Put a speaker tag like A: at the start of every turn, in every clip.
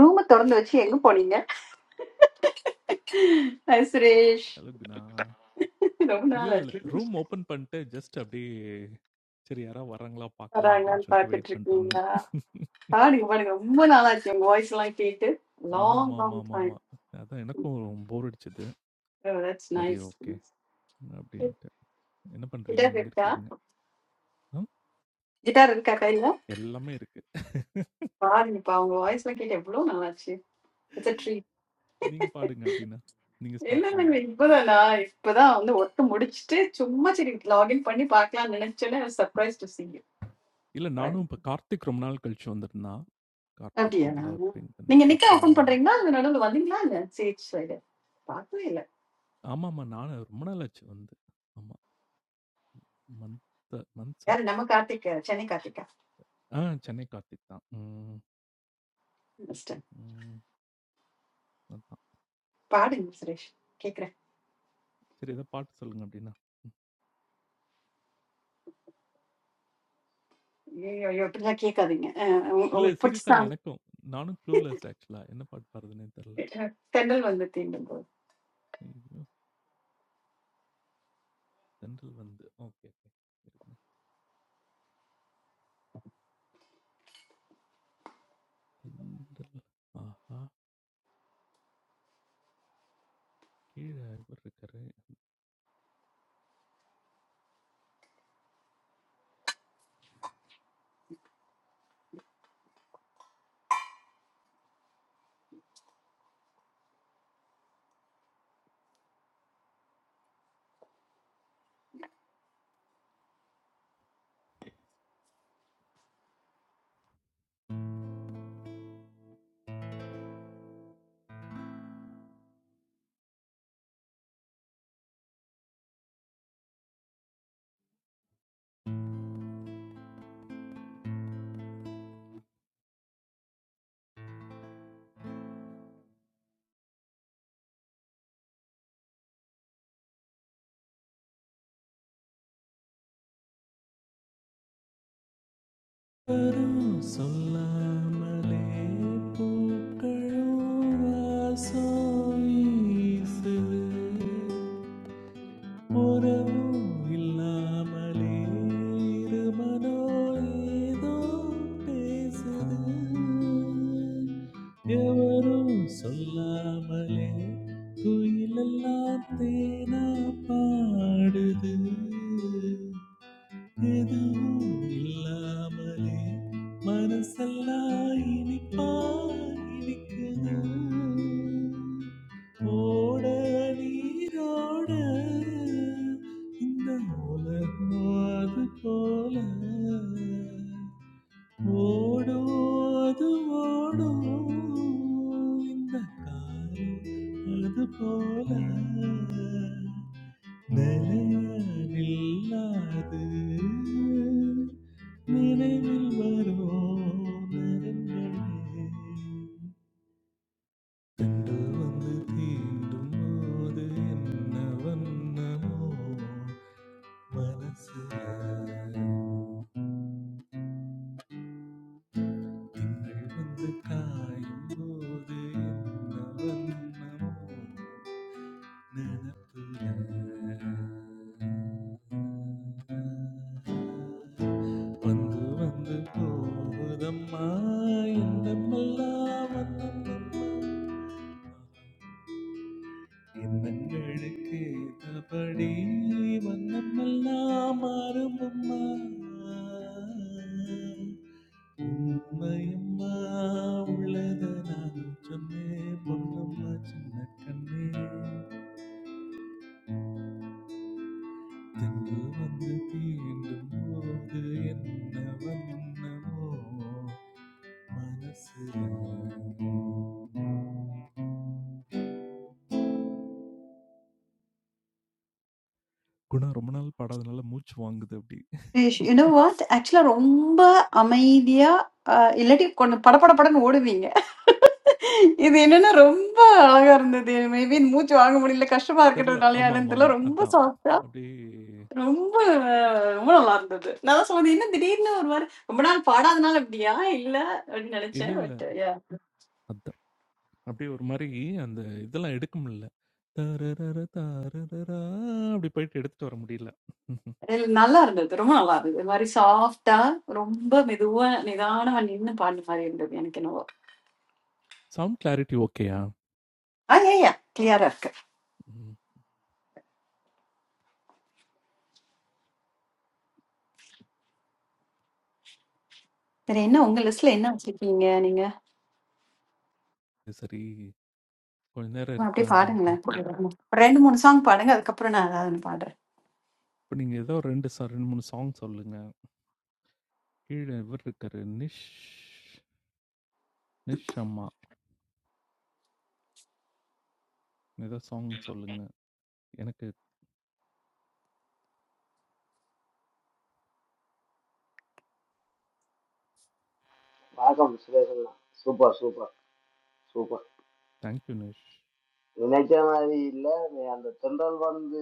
A: ரூம திறந்து வச்சு எங்க போனீங்க ஹாய் சுரேஷ்
B: அழுகுனா
A: ரொம்ப
B: இல்ல,
A: நாள்
B: இல்ல, இல்ல.
A: ஆச்சு
B: ரூம் ஓப்பன் பண்ட்டு ஜஸ்ட் அப்டியே சரி யாரா வராங்களா பார்க்கலாம் அப்டின்னு
A: வராங்களான்னு
B: சொல்லிட்டு வெயிட்
A: பாத்துட்டு
B: பண்ணிட்டுருந்தேன்.
A: இருக்கீங்களா பாருங்க பாருங்க ரொம்ப நாள் ஆச்சு உங்க வாய்ஸ் எல்லாம் கேட்டு லாங் லாங்
B: ஆமாமாமாமாமா.
A: டைம்
B: அதான் எனக்கும் போர் அடிச்சது.
A: ஓ தட்ஸ்
B: சரி
A: நைஸ்
B: ஓகே அப்டின்ட்டு. என்ன பண்றீங்க?
A: கிட்டார்
B: எங்க
A: இருக்கா
B: இருக்கீங்க? ஆ
A: கிட்டார் இருக்கா கையில
B: எல்லாமே இருக்கு.
A: பாருங்கப்பா உங்க வாய்ஸ் எல்லாம் கேட்டு எவ்வளவு நாள் ஆச்சு இட்ஸ் அ ட்ரீட்
B: நீங்க பாடுங்க அப்டின்னா, நீங்க
A: இல்ல
B: ஸ்டார்ட்
A: இல்லைங்க
B: பண்ணுங்க.
A: இப்பதான் நான் இப்பதான் வந்து ஒர்க் முடிச்சிட்டு சும்மா சரி லாகின் பண்ணி பார்க்கலாம்னு நினைச்சேன்னு சர்ப்ரைஸ் டு see
B: இல்ல
A: you
B: நானும் இப்ப கார்த்திக் ரொம்ப நாள் கழிச்சு வந்திருந்தான். கார்த்திக்
A: அப்படியா?
B: இதுல பிங்
A: நீங்க
B: பண்ணுச்சு.
A: நிக்க
B: அப்புறம்
A: ஓபன் பண்றீங்களா? இல்ல நடுவுல வந்தீங்களா என்ன? சேஜ் சைடு. பாக்கவே இல்ல.
B: ஆமாமா நானும் ரொம்ப நாள் ஆச்சு வந்து. ஆமா. மந்த் மந்த்ஸ்
A: யாரு
B: ஆச்சு.
A: நம்ம கார்த்திக், சென்னை கார்த்திகா?
B: ஆ சென்னை கார்த்திக் தான். ம்,
A: மிஸ்டர்.
B: ம். அதான்.
A: பாடுங்க சுரேஷ். கேக்குறேன்.
B: சரி ஏதோ பாட்டு சொல்லுங்க அப்டின்னா. ம்.
A: ஐயையோ, ஐயோ, இப்படிலாம் கேட்காதீங்க. அஹ், உங்க-
B: இல்ல
A: உங்களுக்கு பிடிச்ச
B: சீரியஸாவே
A: song.
B: எனக்கும். நானும் க்ளூலெஸ் ஆக்சுவலா. என்ன பாட்டு பாடுறதுன்னே தெர்ல.
A: தென்றல் வந்து தீண்டும் போது.
B: ஐயோ! தென்றல் வந்து ஓகே, ஓகே. இருங்க. தென்றல் ஆஹா! கீழ இவரு இருக்காரு. வரும் சொல்லாமலே பூக்களும் வாசம் வீசுது. உறவு இல்லாமலே இருமனோ ஏதோ பேசுது எவரும் சொல்லாமலே குயிலெல்லாம் தேனா பாடுது எதுவும் இல்லாமலே மனசெல்லாம் இனிப்பா இனிக்குது ஓட நீரோட இந்த உலகம் அது போல ஓடும் அது ஓடும் இந்த காலம் அது போல நிலையானில்லாது நினைவில் வரும் நிறங்களே திங்கள் வந்து தீண்டும் போது என்ன வண்ணமோ மனசு திங்கள் வந்து காயும் போது என்ன வண்ணமோ நினப்பு வந்து வந்து போகுதம்மா என்னமெல்லாம் வண்ணம் எண்ணங்களுக்கு ஏற்றபடி வண்ணமெல்லாம் மாறும் அம்மா உண்மையம்மா உள்ளத நானும் சொன்னேன் பொன்னம்மா சின்ன கண்ணே தென்றல் வந்து தீண்டும் போது என்ன வண்ணமோ மனசுல குணா ரொம்ப நாள் பாடாதனால மூச்சு வாங்குது அப்படி
A: Suresh, you know what? Actually ரொம்ப அமைதியா, அஹ், இல்லாட்டி கொஞ்சம் படபடபடன்னு ஓடுவீங்க. இது என்னன்னா ரொம்ப அழகா இருந்தது. Maybe இந்த மூச்சு வாங்க முடியல, கஷ்டமா
B: தெரில
A: இருக்கிறதுனாலயா
B: ஆமா
A: என்னன்னு
B: ஆமா
A: தெரியல.
B: ஆமா
A: ரொம்ப
B: அதான்
A: soft ஆ
B: அப்படியே
A: ரொம்ப ரொம்ப நல்லா இருந்தது. நான் தான் சொன்னேன், "என்ன திடீர்னு ஒரு மாரி ரொம்ப நாள் பாடாதனால இப்படியா? இல்ல" அப்படின்னு
B: இல்ல
A: நெனச்சேன். பட்
B: இல்ல
A: யா.
B: அப்படியே ஒரு மாரி அந்த இதெல்லாம் எடுக்க முடியல. தரரர தாரரரா அப்படி போயிட்டு எடுத்துட்டு வர முடியல.
A: நல்லா இருந்தது. ரொம்ப நல்லா இருந்தது. ஒரு மாரி சாஃப்ட்டா, ரொம்ப மெதுவா, நிதானமா நின்னு பாடுன மாரி இருந்தது எனக்கு என்னவோ.
B: சவுண்ட் கிளாரிட்டி ஓகேயா?
A: ஆ யா யா. கிளியரா இருக்கு.
B: ம்.
A: வேற என்ன உங்க லிஸ்ட்ல என்ன வச்சிருக்கீங்க நீங்க?
B: சரி கொஞ்ச நேரம்
A: சும்மா அப்படியே
B: இருக்கலாம் அப்படின்ட்டு.
A: பாடுங்களேன். ஒரு 2, 3 சாங் பாடுங்க. அதுக்கப்புறம் நான் ஏதாவது ஒண்ணு பாடுறேன்.
B: இப்ப நீங்க ஏதோ 2 சா 2, 3 சாங் சொல்லுங்க. கீழ இவரு இருக்காரு நிஷ் நிஷ் அம்மா. ஏதோ சாங் சொல்லுங்க. எனக்கு
C: வணக்கம் சுரேஷண்ணா super super super
B: thank you Nish.
C: நினைச்ச மாதிரி இல்லை நீ அந்த தென்றல் வந்து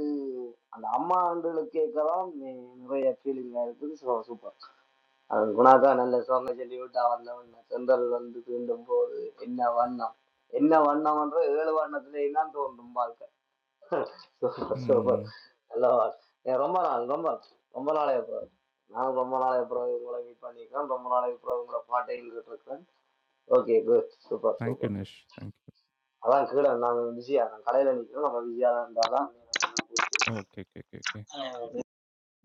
C: அந்த அம்மா ஆண்டுகளுக்கு கேட்கலாம் நீ நிறைய ஃபீலிங்காக இருக்குது ஸோ சூப்பர் அது குணாக்கா நல்ல சாங்க சொல்லி விட்டா வந்தவன் தென்றல் வந்து தீண்டும் போது என்ன வண்ணம் என்ன வண்ணம் என்ற ஏழு வண்ணத்திலே தான் தோன்றும் வாழ்க்கை சூப்பர் சூப்பர்
B: ம்.
C: நல்ல வாழ். ஏ, ரொம்ப நாள் ரொம்ப நாள் ரொம்ப நாளே அப்புறம் நான் ரொம்ப நாளைக்கு பிறகு உங்களை மீட் பண்ணியிருக்கேன் ரொம்ப நாளைக்கு பிறகு உங்களை பாட்டையும் கேட்டிருக்கேன் okay good super super
B: thank you Nish. Thank you.
C: அதான் கீழே நாங்கள் பிஸியாக நான் கடையில் நிற்கிறோம் நம்ம பிஸியாக இருந்தால் தான்
B: ஓகே, ஓகே, ஓகே, ஓகே.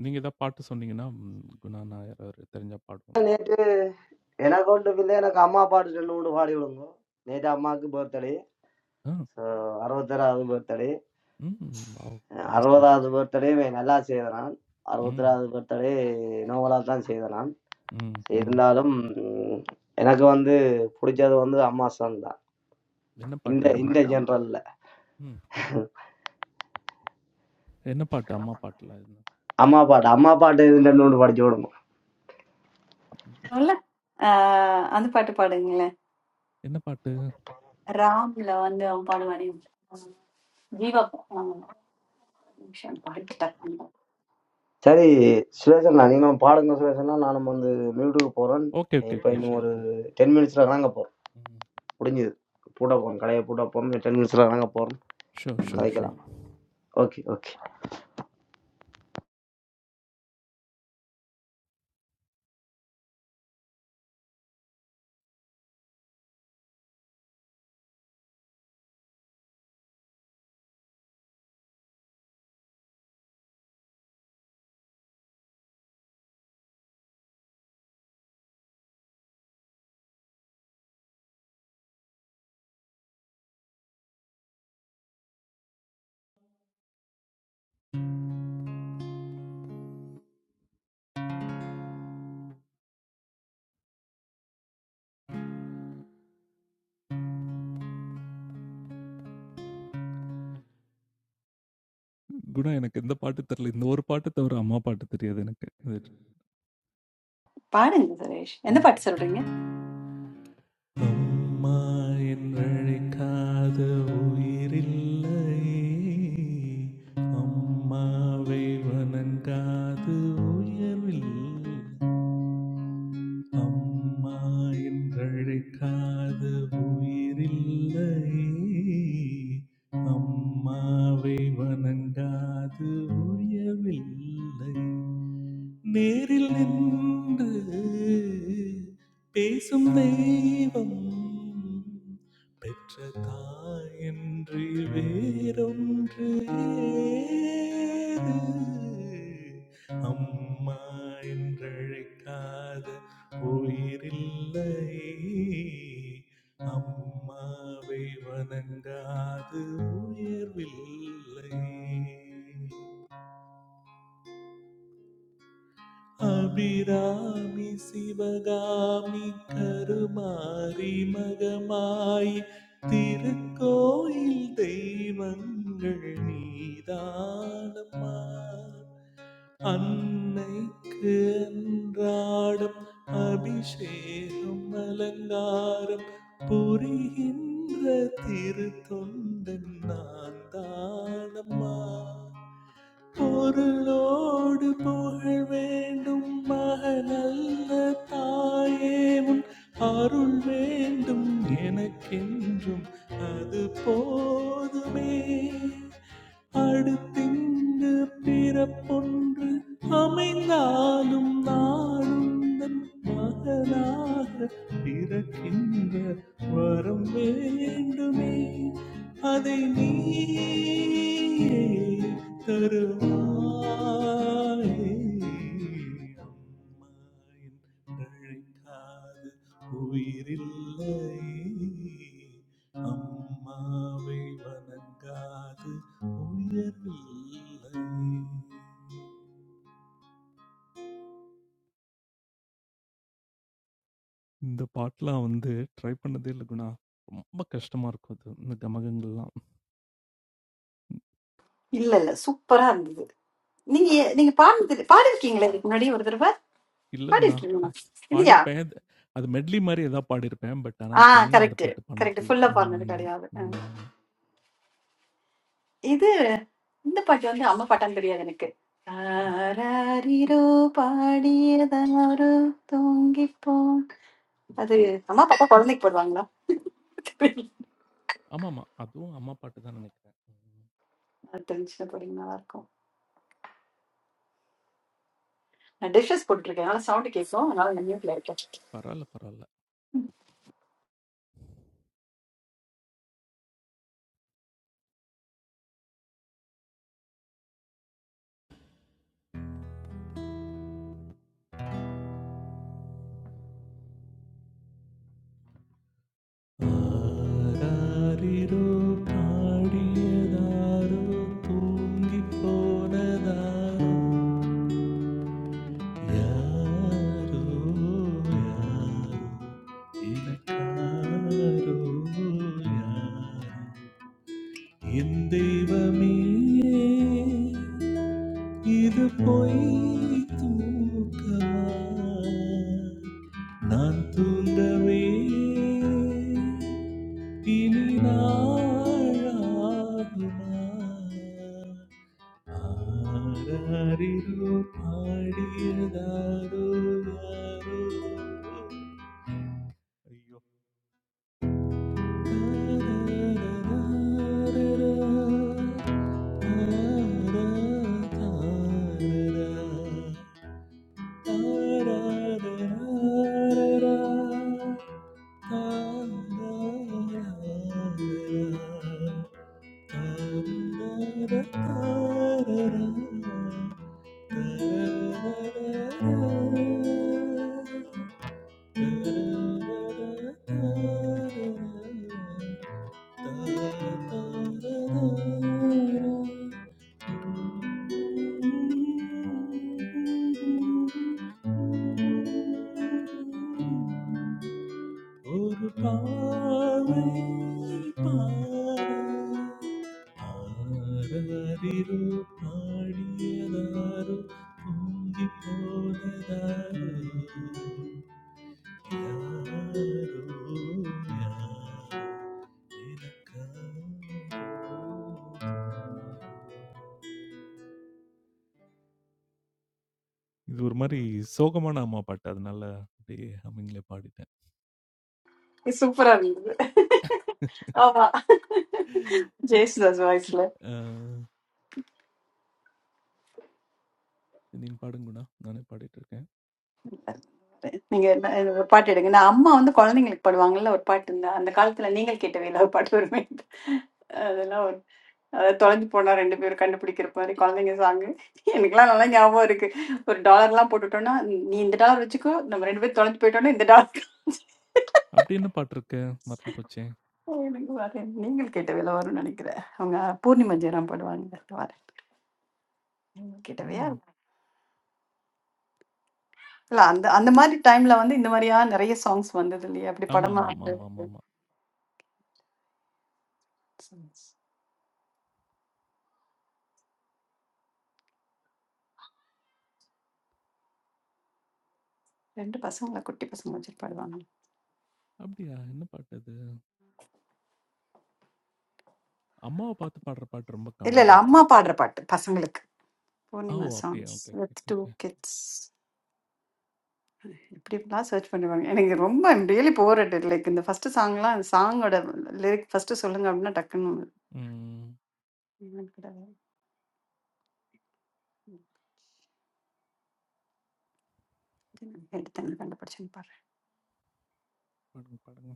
B: நீங்க ஏதாவது பாட்டு சொன்னீங்கன்னா, ம் குணா நாயர் அவரு தெரிஞ்சா பாடுவோம்.
C: நேற்று எனக்கு ஒன்று பிள்ளை எனக்கு அம்மா பாட்டு ரெண்டு மூணு பாடி விடுங்க நேற்று அம்மாவுக்கு பர்த்டே
B: ஆ.
C: ஸோ அறுபத்தேழாவது பர்த்டே
B: ம். வாவ்! பெஸ்ட்
C: அறுபதாவது
B: விஷஸ்.
C: பர்த்டே நல்லா செய்தனான்
B: ம்.
C: அறுபத்தேழாவது பர்த்டே நோவலாக தான் செய்தனான்
B: ம், ம்.
C: இருந்தாலும் உம், எனக்கு வந்து பிடிச்சது வந்து அம்மா சாங் தான்
B: என்ன பாட்டு
C: இந்த
B: அம்மா?
C: இந்த ஜென்ரலில்
B: ம். என்ன பாட்டு அம்மா பாட்டுல? என்ன
C: அம்மா பாட்டு அம்மா பாட்டு இது ரெண்டு மூணு பாடிச்சு விடுங்க
A: நல்ல ஆ, அந்த பாட்டு பாடுங்களேன்.
B: என்ன பாட்டு?
A: ராம்ல வந்து அவன் பாடுவானே. ஜீவா ஆ, ஒரு நிமிஷம் பாட்டு டக்குனு
C: சரி சுரேஷன் நீங்களும் பாடுங்க சுரேஷன்னா நானும் வந்து மியூட்டுக்கு போகிறேன்
B: ஓகே, ஓகே,
C: இப்போ
B: ஓகே.
C: இன்னும்
B: ஷூர்,
C: ஒரு
B: ஷூர், ஷூர்.
C: டென் மினிட்ஸில் நாங்கள் போகிறோம்
B: ம்.
C: முடிஞ்சுது பூட்ட போகணும் கடையை பூட்ட போகணும் டென் மினிட்ஸில் நாங்கள் போகிறோம்
B: ஷூர், ஷூர்,
C: கதைக்கலாம்
B: ஷூர்.
C: ஓகே ஓகே
B: குணா எனக்கு இந்த பாட்டு தெரியல. இந்த ஒரு பாட்டு தவிர அம்மா பாட்டு தெரியாது எனக்கு. இது
A: பாடுங்க சுரேஷ் என்ன
B: ம்.
A: பாட்டு சொல்றீங்க
B: அம்மா என்றழைக்காத உயிரில்லை. அம்மாவை வணங்காது உயர்வில்லை. அம்மா என்றழைக்காத உயிரில்லையே அம்மாவை வணங்காது உயவில்லை நேரில் நின்று பேசும் தெய்வம் பெற்ற தாயின்றி வேறொன்று ஏது? அம்மா என்றழைக்காத உயிரில்லை அம்மாவை வணங்காது உயர்வில்லை அபிராமி சிவகாமி கருமாரி மகமாய் திருக்கோயில் தெய்வங்கள் நீதானம்மா அன்னைக்கு அன்றாடம் அபிஷேகம் அலங்காரம் புரிகின்ற திருத்தொண்டன் நான் தானம்மா பொருளோடு புகழ் வேண்டும் மகனல்ல தாயே உன் அருள் வேண்டும் எனக்கென்றும் அது போதுமே அடுத்திங்கு பிறப்பொன்று அமைந்தாலும் நாளும் தன் மகனாக பிறக்கின்ற வரம் வேண்டுமே அதை நீயே தருவாய் அம்மா என்றழைக்காத உயிரில்லை அம்மாவை வணங்காது உயர்வில்லை இந்த பாட்டெலாம் வந்து ட்ரை பண்ணதே இல்லை குணா ரொம்ப கஷ்டமாக இருக்கும் அது இந்த கமகங்கள்லாம்
A: இல்ல இல்ல சூப்பரா இருந்தது நீங்க நீங்க பாடுனது பாடிருக்கீங்களே இதுக்கு முன்னாடி ஒரு தடவை
B: இல்ல குணா.
A: பாடிருக்கீங்களா இல்லையா
B: பாடியிருப்பேன். அது அது மெட்லி மாரி ஏதாவது பாடியிருப்பேன். பட் ஆனா
A: ஆ
B: தனியா அந்த
A: கரெக்ட்
B: பாட்டு
A: கரெக்ட்
B: பண்ணதில்ல.
A: ஃபுல்லா பாடினது
B: ம்.
A: கிடையாது ஆ.
B: ம்.
A: இது இந்த பாட்டு வந்து அம்மா பாட்டான்னு தெரியாது எனக்கு தாராரிரோ பாடியதாரோ தூங்கிப்போம் அது அம்மா பாப்பா குழந்தைக்கு போடுவாங்களா தெரியல.
B: ஆமாமா. அதுவும் அம்மா பாட்டு தான் நெனைக்கிறேன். ம்.
A: அது தெரிஞ்சுன்னா போடுங்க நல்லா இருக்கும் நான் டிஷஸ் போட்டுருக்கேன் அதனால சவுண்ட் கேட்கும் அதனால நான் மியூட்ல இருக்கேன்
B: பரவால்ல, பரவால்ல. "ஆராரிரோ பாடியதாரோ தூங்கிப் போனதாரோ யாரோ யாரோ எனக்காரோ யாரோ" என் தெய்வமே இது பொய் தூக்கமா நான் தூண்டவே இனி நாளாகுமா ஆராரிரோ பாடியதாரோ யாரோ ஐயோ Da-da-da-da-da. ஒரு பாவை பாடியதாரோ பாடியதாரோ பொங்கி போனதாரோ இது ஒரு மாரி சோகமான அம்மா பாட்டு. அதனால அப்படியே ஹம்மிங்ல பாடிட்டேன்.
A: சூப்பரா இருந்தது ஆமா ஜெயசுதாஸ் வாய்ஸ்ல
B: அ நீங்க பாடுங்க குணா. நானே பாடிட்டு இருக்கேன்.
A: நீங்க என்ன என்ன ஒரு பாட்டு எடுங்க நான் அம்மா வந்து குழந்தைங்களுக்கு பாடுவாங்கல்ல ஒரு பாட்டு இருந்தா அந்த காலத்துல நீங்கள் கேட்டவே இல்லாத பாட்டு வருமே அதெல்லாம் ஒரு அதாவது தொலைஞ்சு போனா ரெண்டு பேரும் கண்டுபிடிக்கிற மாதிரி குழந்தைங்க சாங்கு எனக்குலாம் நல்லா ஞாபகம் இருக்கு ஒரு டாலர்லாம் போட்டுட்டோம்னா நீ இந்த டாலர் வச்சுக்கோ நம்ம ரெண்டு பேரும் தொலைஞ்சு போயிட்டோம்னா இந்த டாலர்
B: அப்படி என்ன பாட்டு இருக்கு? மறந்து போச்சே.
A: எனக்கு வரேன் நீங்கள் கேட்டவையில வரும்னு நினைக்கிறேன் அவங்க பூர்ணிமா ஜெயராம் பாடுவாங்க வரேன் நீங்கள் கேட்டவையா
B: ம்.
A: இல்ல அந்த அந்த மாதிரி டைம்ல வந்து இந்த மாதிரியா நிறைய சாங்ஸ் வந்தது இல்லையா? அப்படி படமா வந்து
B: ஆமாமாமாமாமாமா.
A: சாங்ஸ். 2 பசங்களா? குட்டி பசங்க வச்சுட்டு பாடுவாங்க.
B: அப்படியா? என்ன பாட்டு அது? அம்மாவ பார்த்து பாடுற பாட்டு ரொம்ப
A: இல்ல,
B: கம்மி
A: இல்ல.
B: தான்.
A: அம்மா பாடுற பாட்டு பசங்களுக்கு.
B: ஓ!
A: பூர்ணிமா
B: அப்படியா?
A: Songs
B: okay, okay,
A: with
B: okay,
A: 2
B: okay.
A: Kids. இப்படி எல்லாம் சர்ச் பண்ணுவாங்க. எனக்கு ரொம்ப I'm really bore at like இந்த ஃபர்ஸ்ட் சாங்லாம் அந்த சாங்கோட லிரிக் ஃபர்ஸ்ட் சொல்லுங்க அப்படின்னா டக்குன்னு
B: ம்.
A: என்னன்னு கூட எடுத்தேன் கண்டுபிடிச்சேன்னு பாடுறேன்.
B: பாடுங்க, பாடுங்க.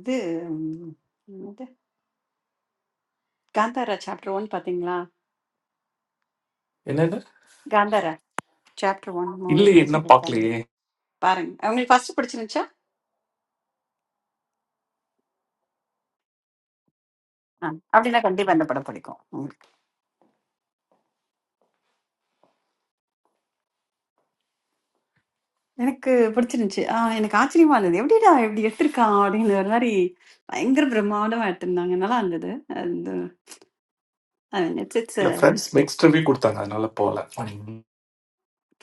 A: இது ம், என்னது? காந்தாரா சாப்டர் ஒன் பாத்தீங்களா?
B: என்னது?
A: காந்தாரா சாப்டர் ஒன் மூவி
B: இல்லையே, இன்னும்
A: ரிலீஸ்
B: பாக்கலையே.
A: பாருங்க உங்களுக்கு ஃபர்ஸ்ட் பிடிச்சிருந்துச்சா ஆ, அப்படின்னா கண்டிப்பா இந்த படம் பிடிக்கும் உங்களுக்கு. எனக்கு பிடிச்சிருந்துச்சு ஆ, எனக்கு ஆச்சரியமா இருந்தது எப்படிடா எப்படி எடுத்திருக்கான் அப்படிங்கிற ஒரு மாதிரி பயங்கர பிரம்மாண்டமா எடுத்திருந்தாங்க நல்லா இருந்தது அந்த இட்ஸ் இட்ஸ்
B: இல்ல ஃபிரெண்ட்ஸ் மிக்ஸ்ட் ரிவ்யூ குடுத்தாங்க. அதனால போல.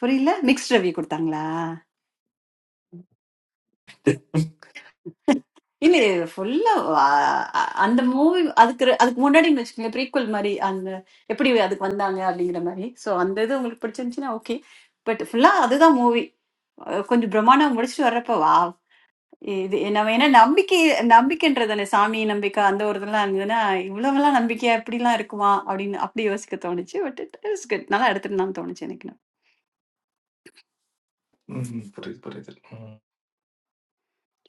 A: புரியல மிக்ஸ்ட் ரிவ்யூ கொடுத்தாங்களா இல்ல ஃபுல்லா அந்த மூவி அதுக்கு ர- அதுக்கு முன்னாடின்னு வச்சுக்கோங்களேன் ப்ரீக்வல் மாதிரி அந்த எப்படி அதுக்கு வந்தாங்க அப்படிங்கிற மாதிரி ஸோ அந்த இது உங்களுக்கு பிடிச்சிருந்துச்சுன்னா ஓகே பட் ஃபுல்லா அதுதான் மூவி கொஞ்சம் பிரம்மாண்டம் முடிச்சுட்டு வர்றப்ப இது நம்ம ஏன்னா நம்பிக்கை நம்பிக்கைன்றது அந்த சாமி நம்பிக்கை அந்த ஒரு இதெல்லாம் இருந்ததுன்னா இவ்வளவெல்லாம் நம்பிக்கையா இப்படிலாம் இருக்குமா அப்படின்னு அப்படி யோசிக்க தோணுச்சு பட் இட் இஸ் குட் நல்லா எடுத்துட்டு நான் தோணுச்சு எனக்கு நான்
B: ம்ஹ்ம். புரியுது, புரியுது. ம்.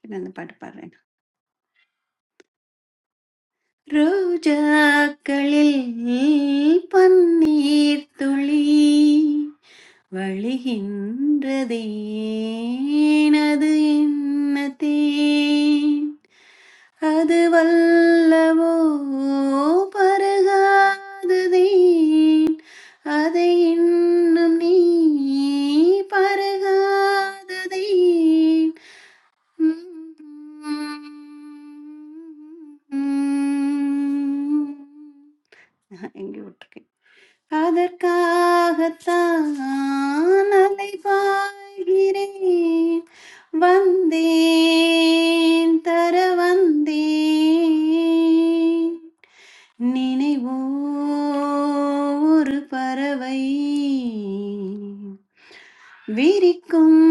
A: சரி, அந்த பாட்டு பாடுறேன் ரோஜாக்களில் பன்னீர் துளி வழிகின்றதே அது என்ன தேன் அது வல்லவோ பருகாததே அதை இன்னும் நீ பருகாததே எங்கே விட்டுருக்கேன் அதற்காகத்தான் அலைபாய்கிறேன் வந்தேன் தர வந்தேன் நினைவோ ஒரு பறவை விரிக்கும்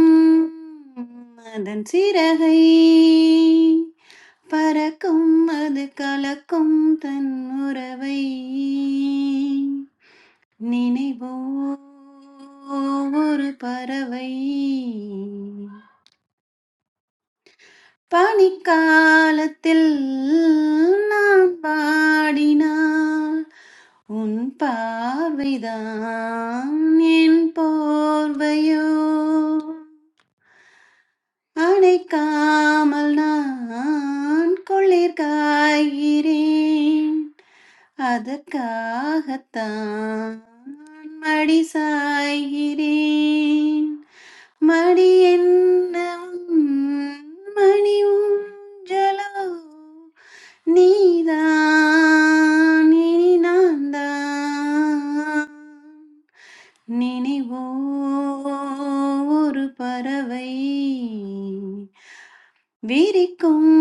A: அதன் சிறகை பறக்கும் அது கலக்கும் தன் உறவை நினைவோ ஒரு பறவை பனிக்காலத்தில் நான் பாடினால் உன் பார்வைதான் என் போர்வையோ அணைக்காமல் நான் குளிர் காய்கிறேன் அதற்காகத்தான் மடி சாய்கிறேன் மடி என்ன உன் மணி ஊஞ்சலோ நீதான் இனி நான்தான் நினைவோ ஒரு பறவை விரிக்கும்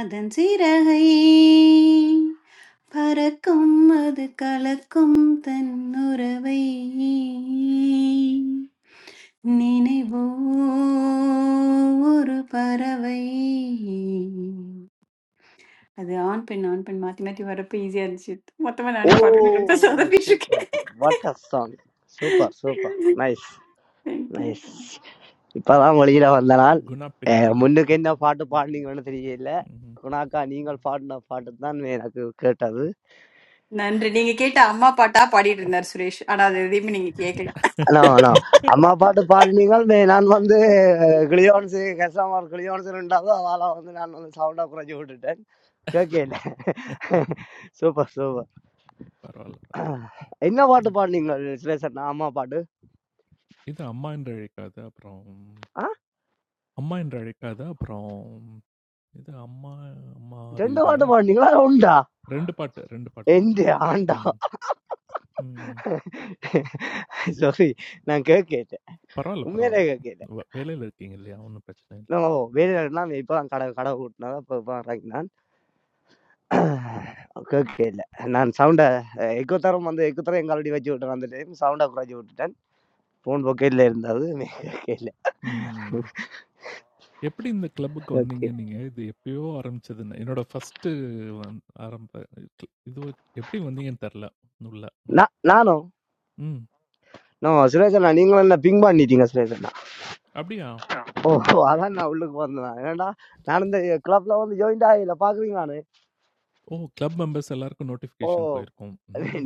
A: அதன் சிறகை பறக்கும் அது கலக்கும் தன் உறவை நினைவோ ஒரு பறவை அது ஆண் பெண் ஆண் பெண் மாத்தி மாத்தி வரப்ப ஈஸியா இருந்துச்சு மொத்தமா
C: ஓ
A: நானே பாட்டு சொதப்பிட்டு இருக்கேன்
C: super what a song super super nice
A: Thank you.
C: Nice இப்பதான் வழியில வந்த நாள்
B: குணா
C: அஹ்
B: பின்னிட்டீங்க.
C: முன்னுக்கு என்ன பாட்டு பாடுனீங்கன்னு தெரியல
B: ம்ஹ்ம்.
C: குணாக்கா நீங்கள் பாடின பாட்டு தான் எனக்கு கேட்டது
A: நன்றி நீங்க கேட்ட அம்மா பாட்டா பாடிட்டு இருந்தார் சுரேஷ் ஆனா அது எதையுமே நீங்க கேட்கல
C: ஆனா ஆனா அம்மா பாட்டு பாடினீங்கள் மே- நான் வந்து கிளியோன்ஸு கெசாமர் கிளியோன்ஸ் ரெண்டாவது அதால வந்து நான் வந்து சவுண்டா குறைஞ்சி விட்டுட்டேன் கேட்கல சூப்பர் சூப்பர்
B: பரவால்ல, பரவால்ல.
C: என்ன பாட்டு
B: ம்.
C: பாடுனீங்க சிலேசன் அம்மா பாட்டு
B: இது அம்மா என்று அழைக்காத. அப்புறம்
C: ஆ
B: அம்மா என்று அழைக்காத. அப்புறம் இது அம்மா அம்மா
C: ரெண்டு
B: ஆருயிரையா
C: பாட்டு பாடினீங்களா உண்டா
B: 2 பாட்டு 2 பாட்டு
C: எந்த
B: பாடுனேன்.
C: ஆண்டா
B: ம். ம்.
C: சாரி நான் கேட்க கேட்டேன்
B: பரவால்ல,
C: உண்மையிலே
B: பரவால்ல.
C: கேட்க கேட்டேன்
B: வ வேலையில இருக்கீங்க இல்லையா? ஒண்ணும் பிரச்சனை இல்ல.
C: ஓ வேலைனா இப்போ தான் கடை கடை கூட்டினா இப்போ இப்போ இறங்கினான் கேட்க இல்லை நான் சவுண்டை எக்கு தரம் வந்து எக்கு தரம் எங்க ஆல்ரெடி வச்சு விட்டேன் அந்த டைம் சவுண்டை குறைச்சி விட்டுட்டேன் ஃபோன் பொக்கெட்டில் இருந்தது கேட்க இல்லை
B: ம். எப்படி இந்த கிளப்புக்கு
C: ஓகே
B: வந்தீங்க நீங்க? இது எப்பயோ ஆரம்பிச்சதுன்னு. என்னோட ஃபர்ஸ்ட்டு வந் ஆரம்ப இது எப்படி வந்தீங்கன்னு தெர்ல உள்ள. ம்.
C: நான் நானும்
B: ம்.
C: நோ சுரேஷண்ணா நீங்களும் என்ன பிங் பண்ணிட்டீங்க சுரேஷண்ணா
B: அப்படியா?
C: ஓ அதான் நான் உள்ளுக்கு வந்தேன் ஏன்னா நான் இந்த கிளப்ல வந்து ஜாயின் ஆகல பாக்குறீங்களான்னு
B: ஓ! கிளப் மெம்பர்ஸ் எல்லாருக்கும்
C: ஓ
B: நோட்டிஃபிகேஷன் போயிருக்கும்.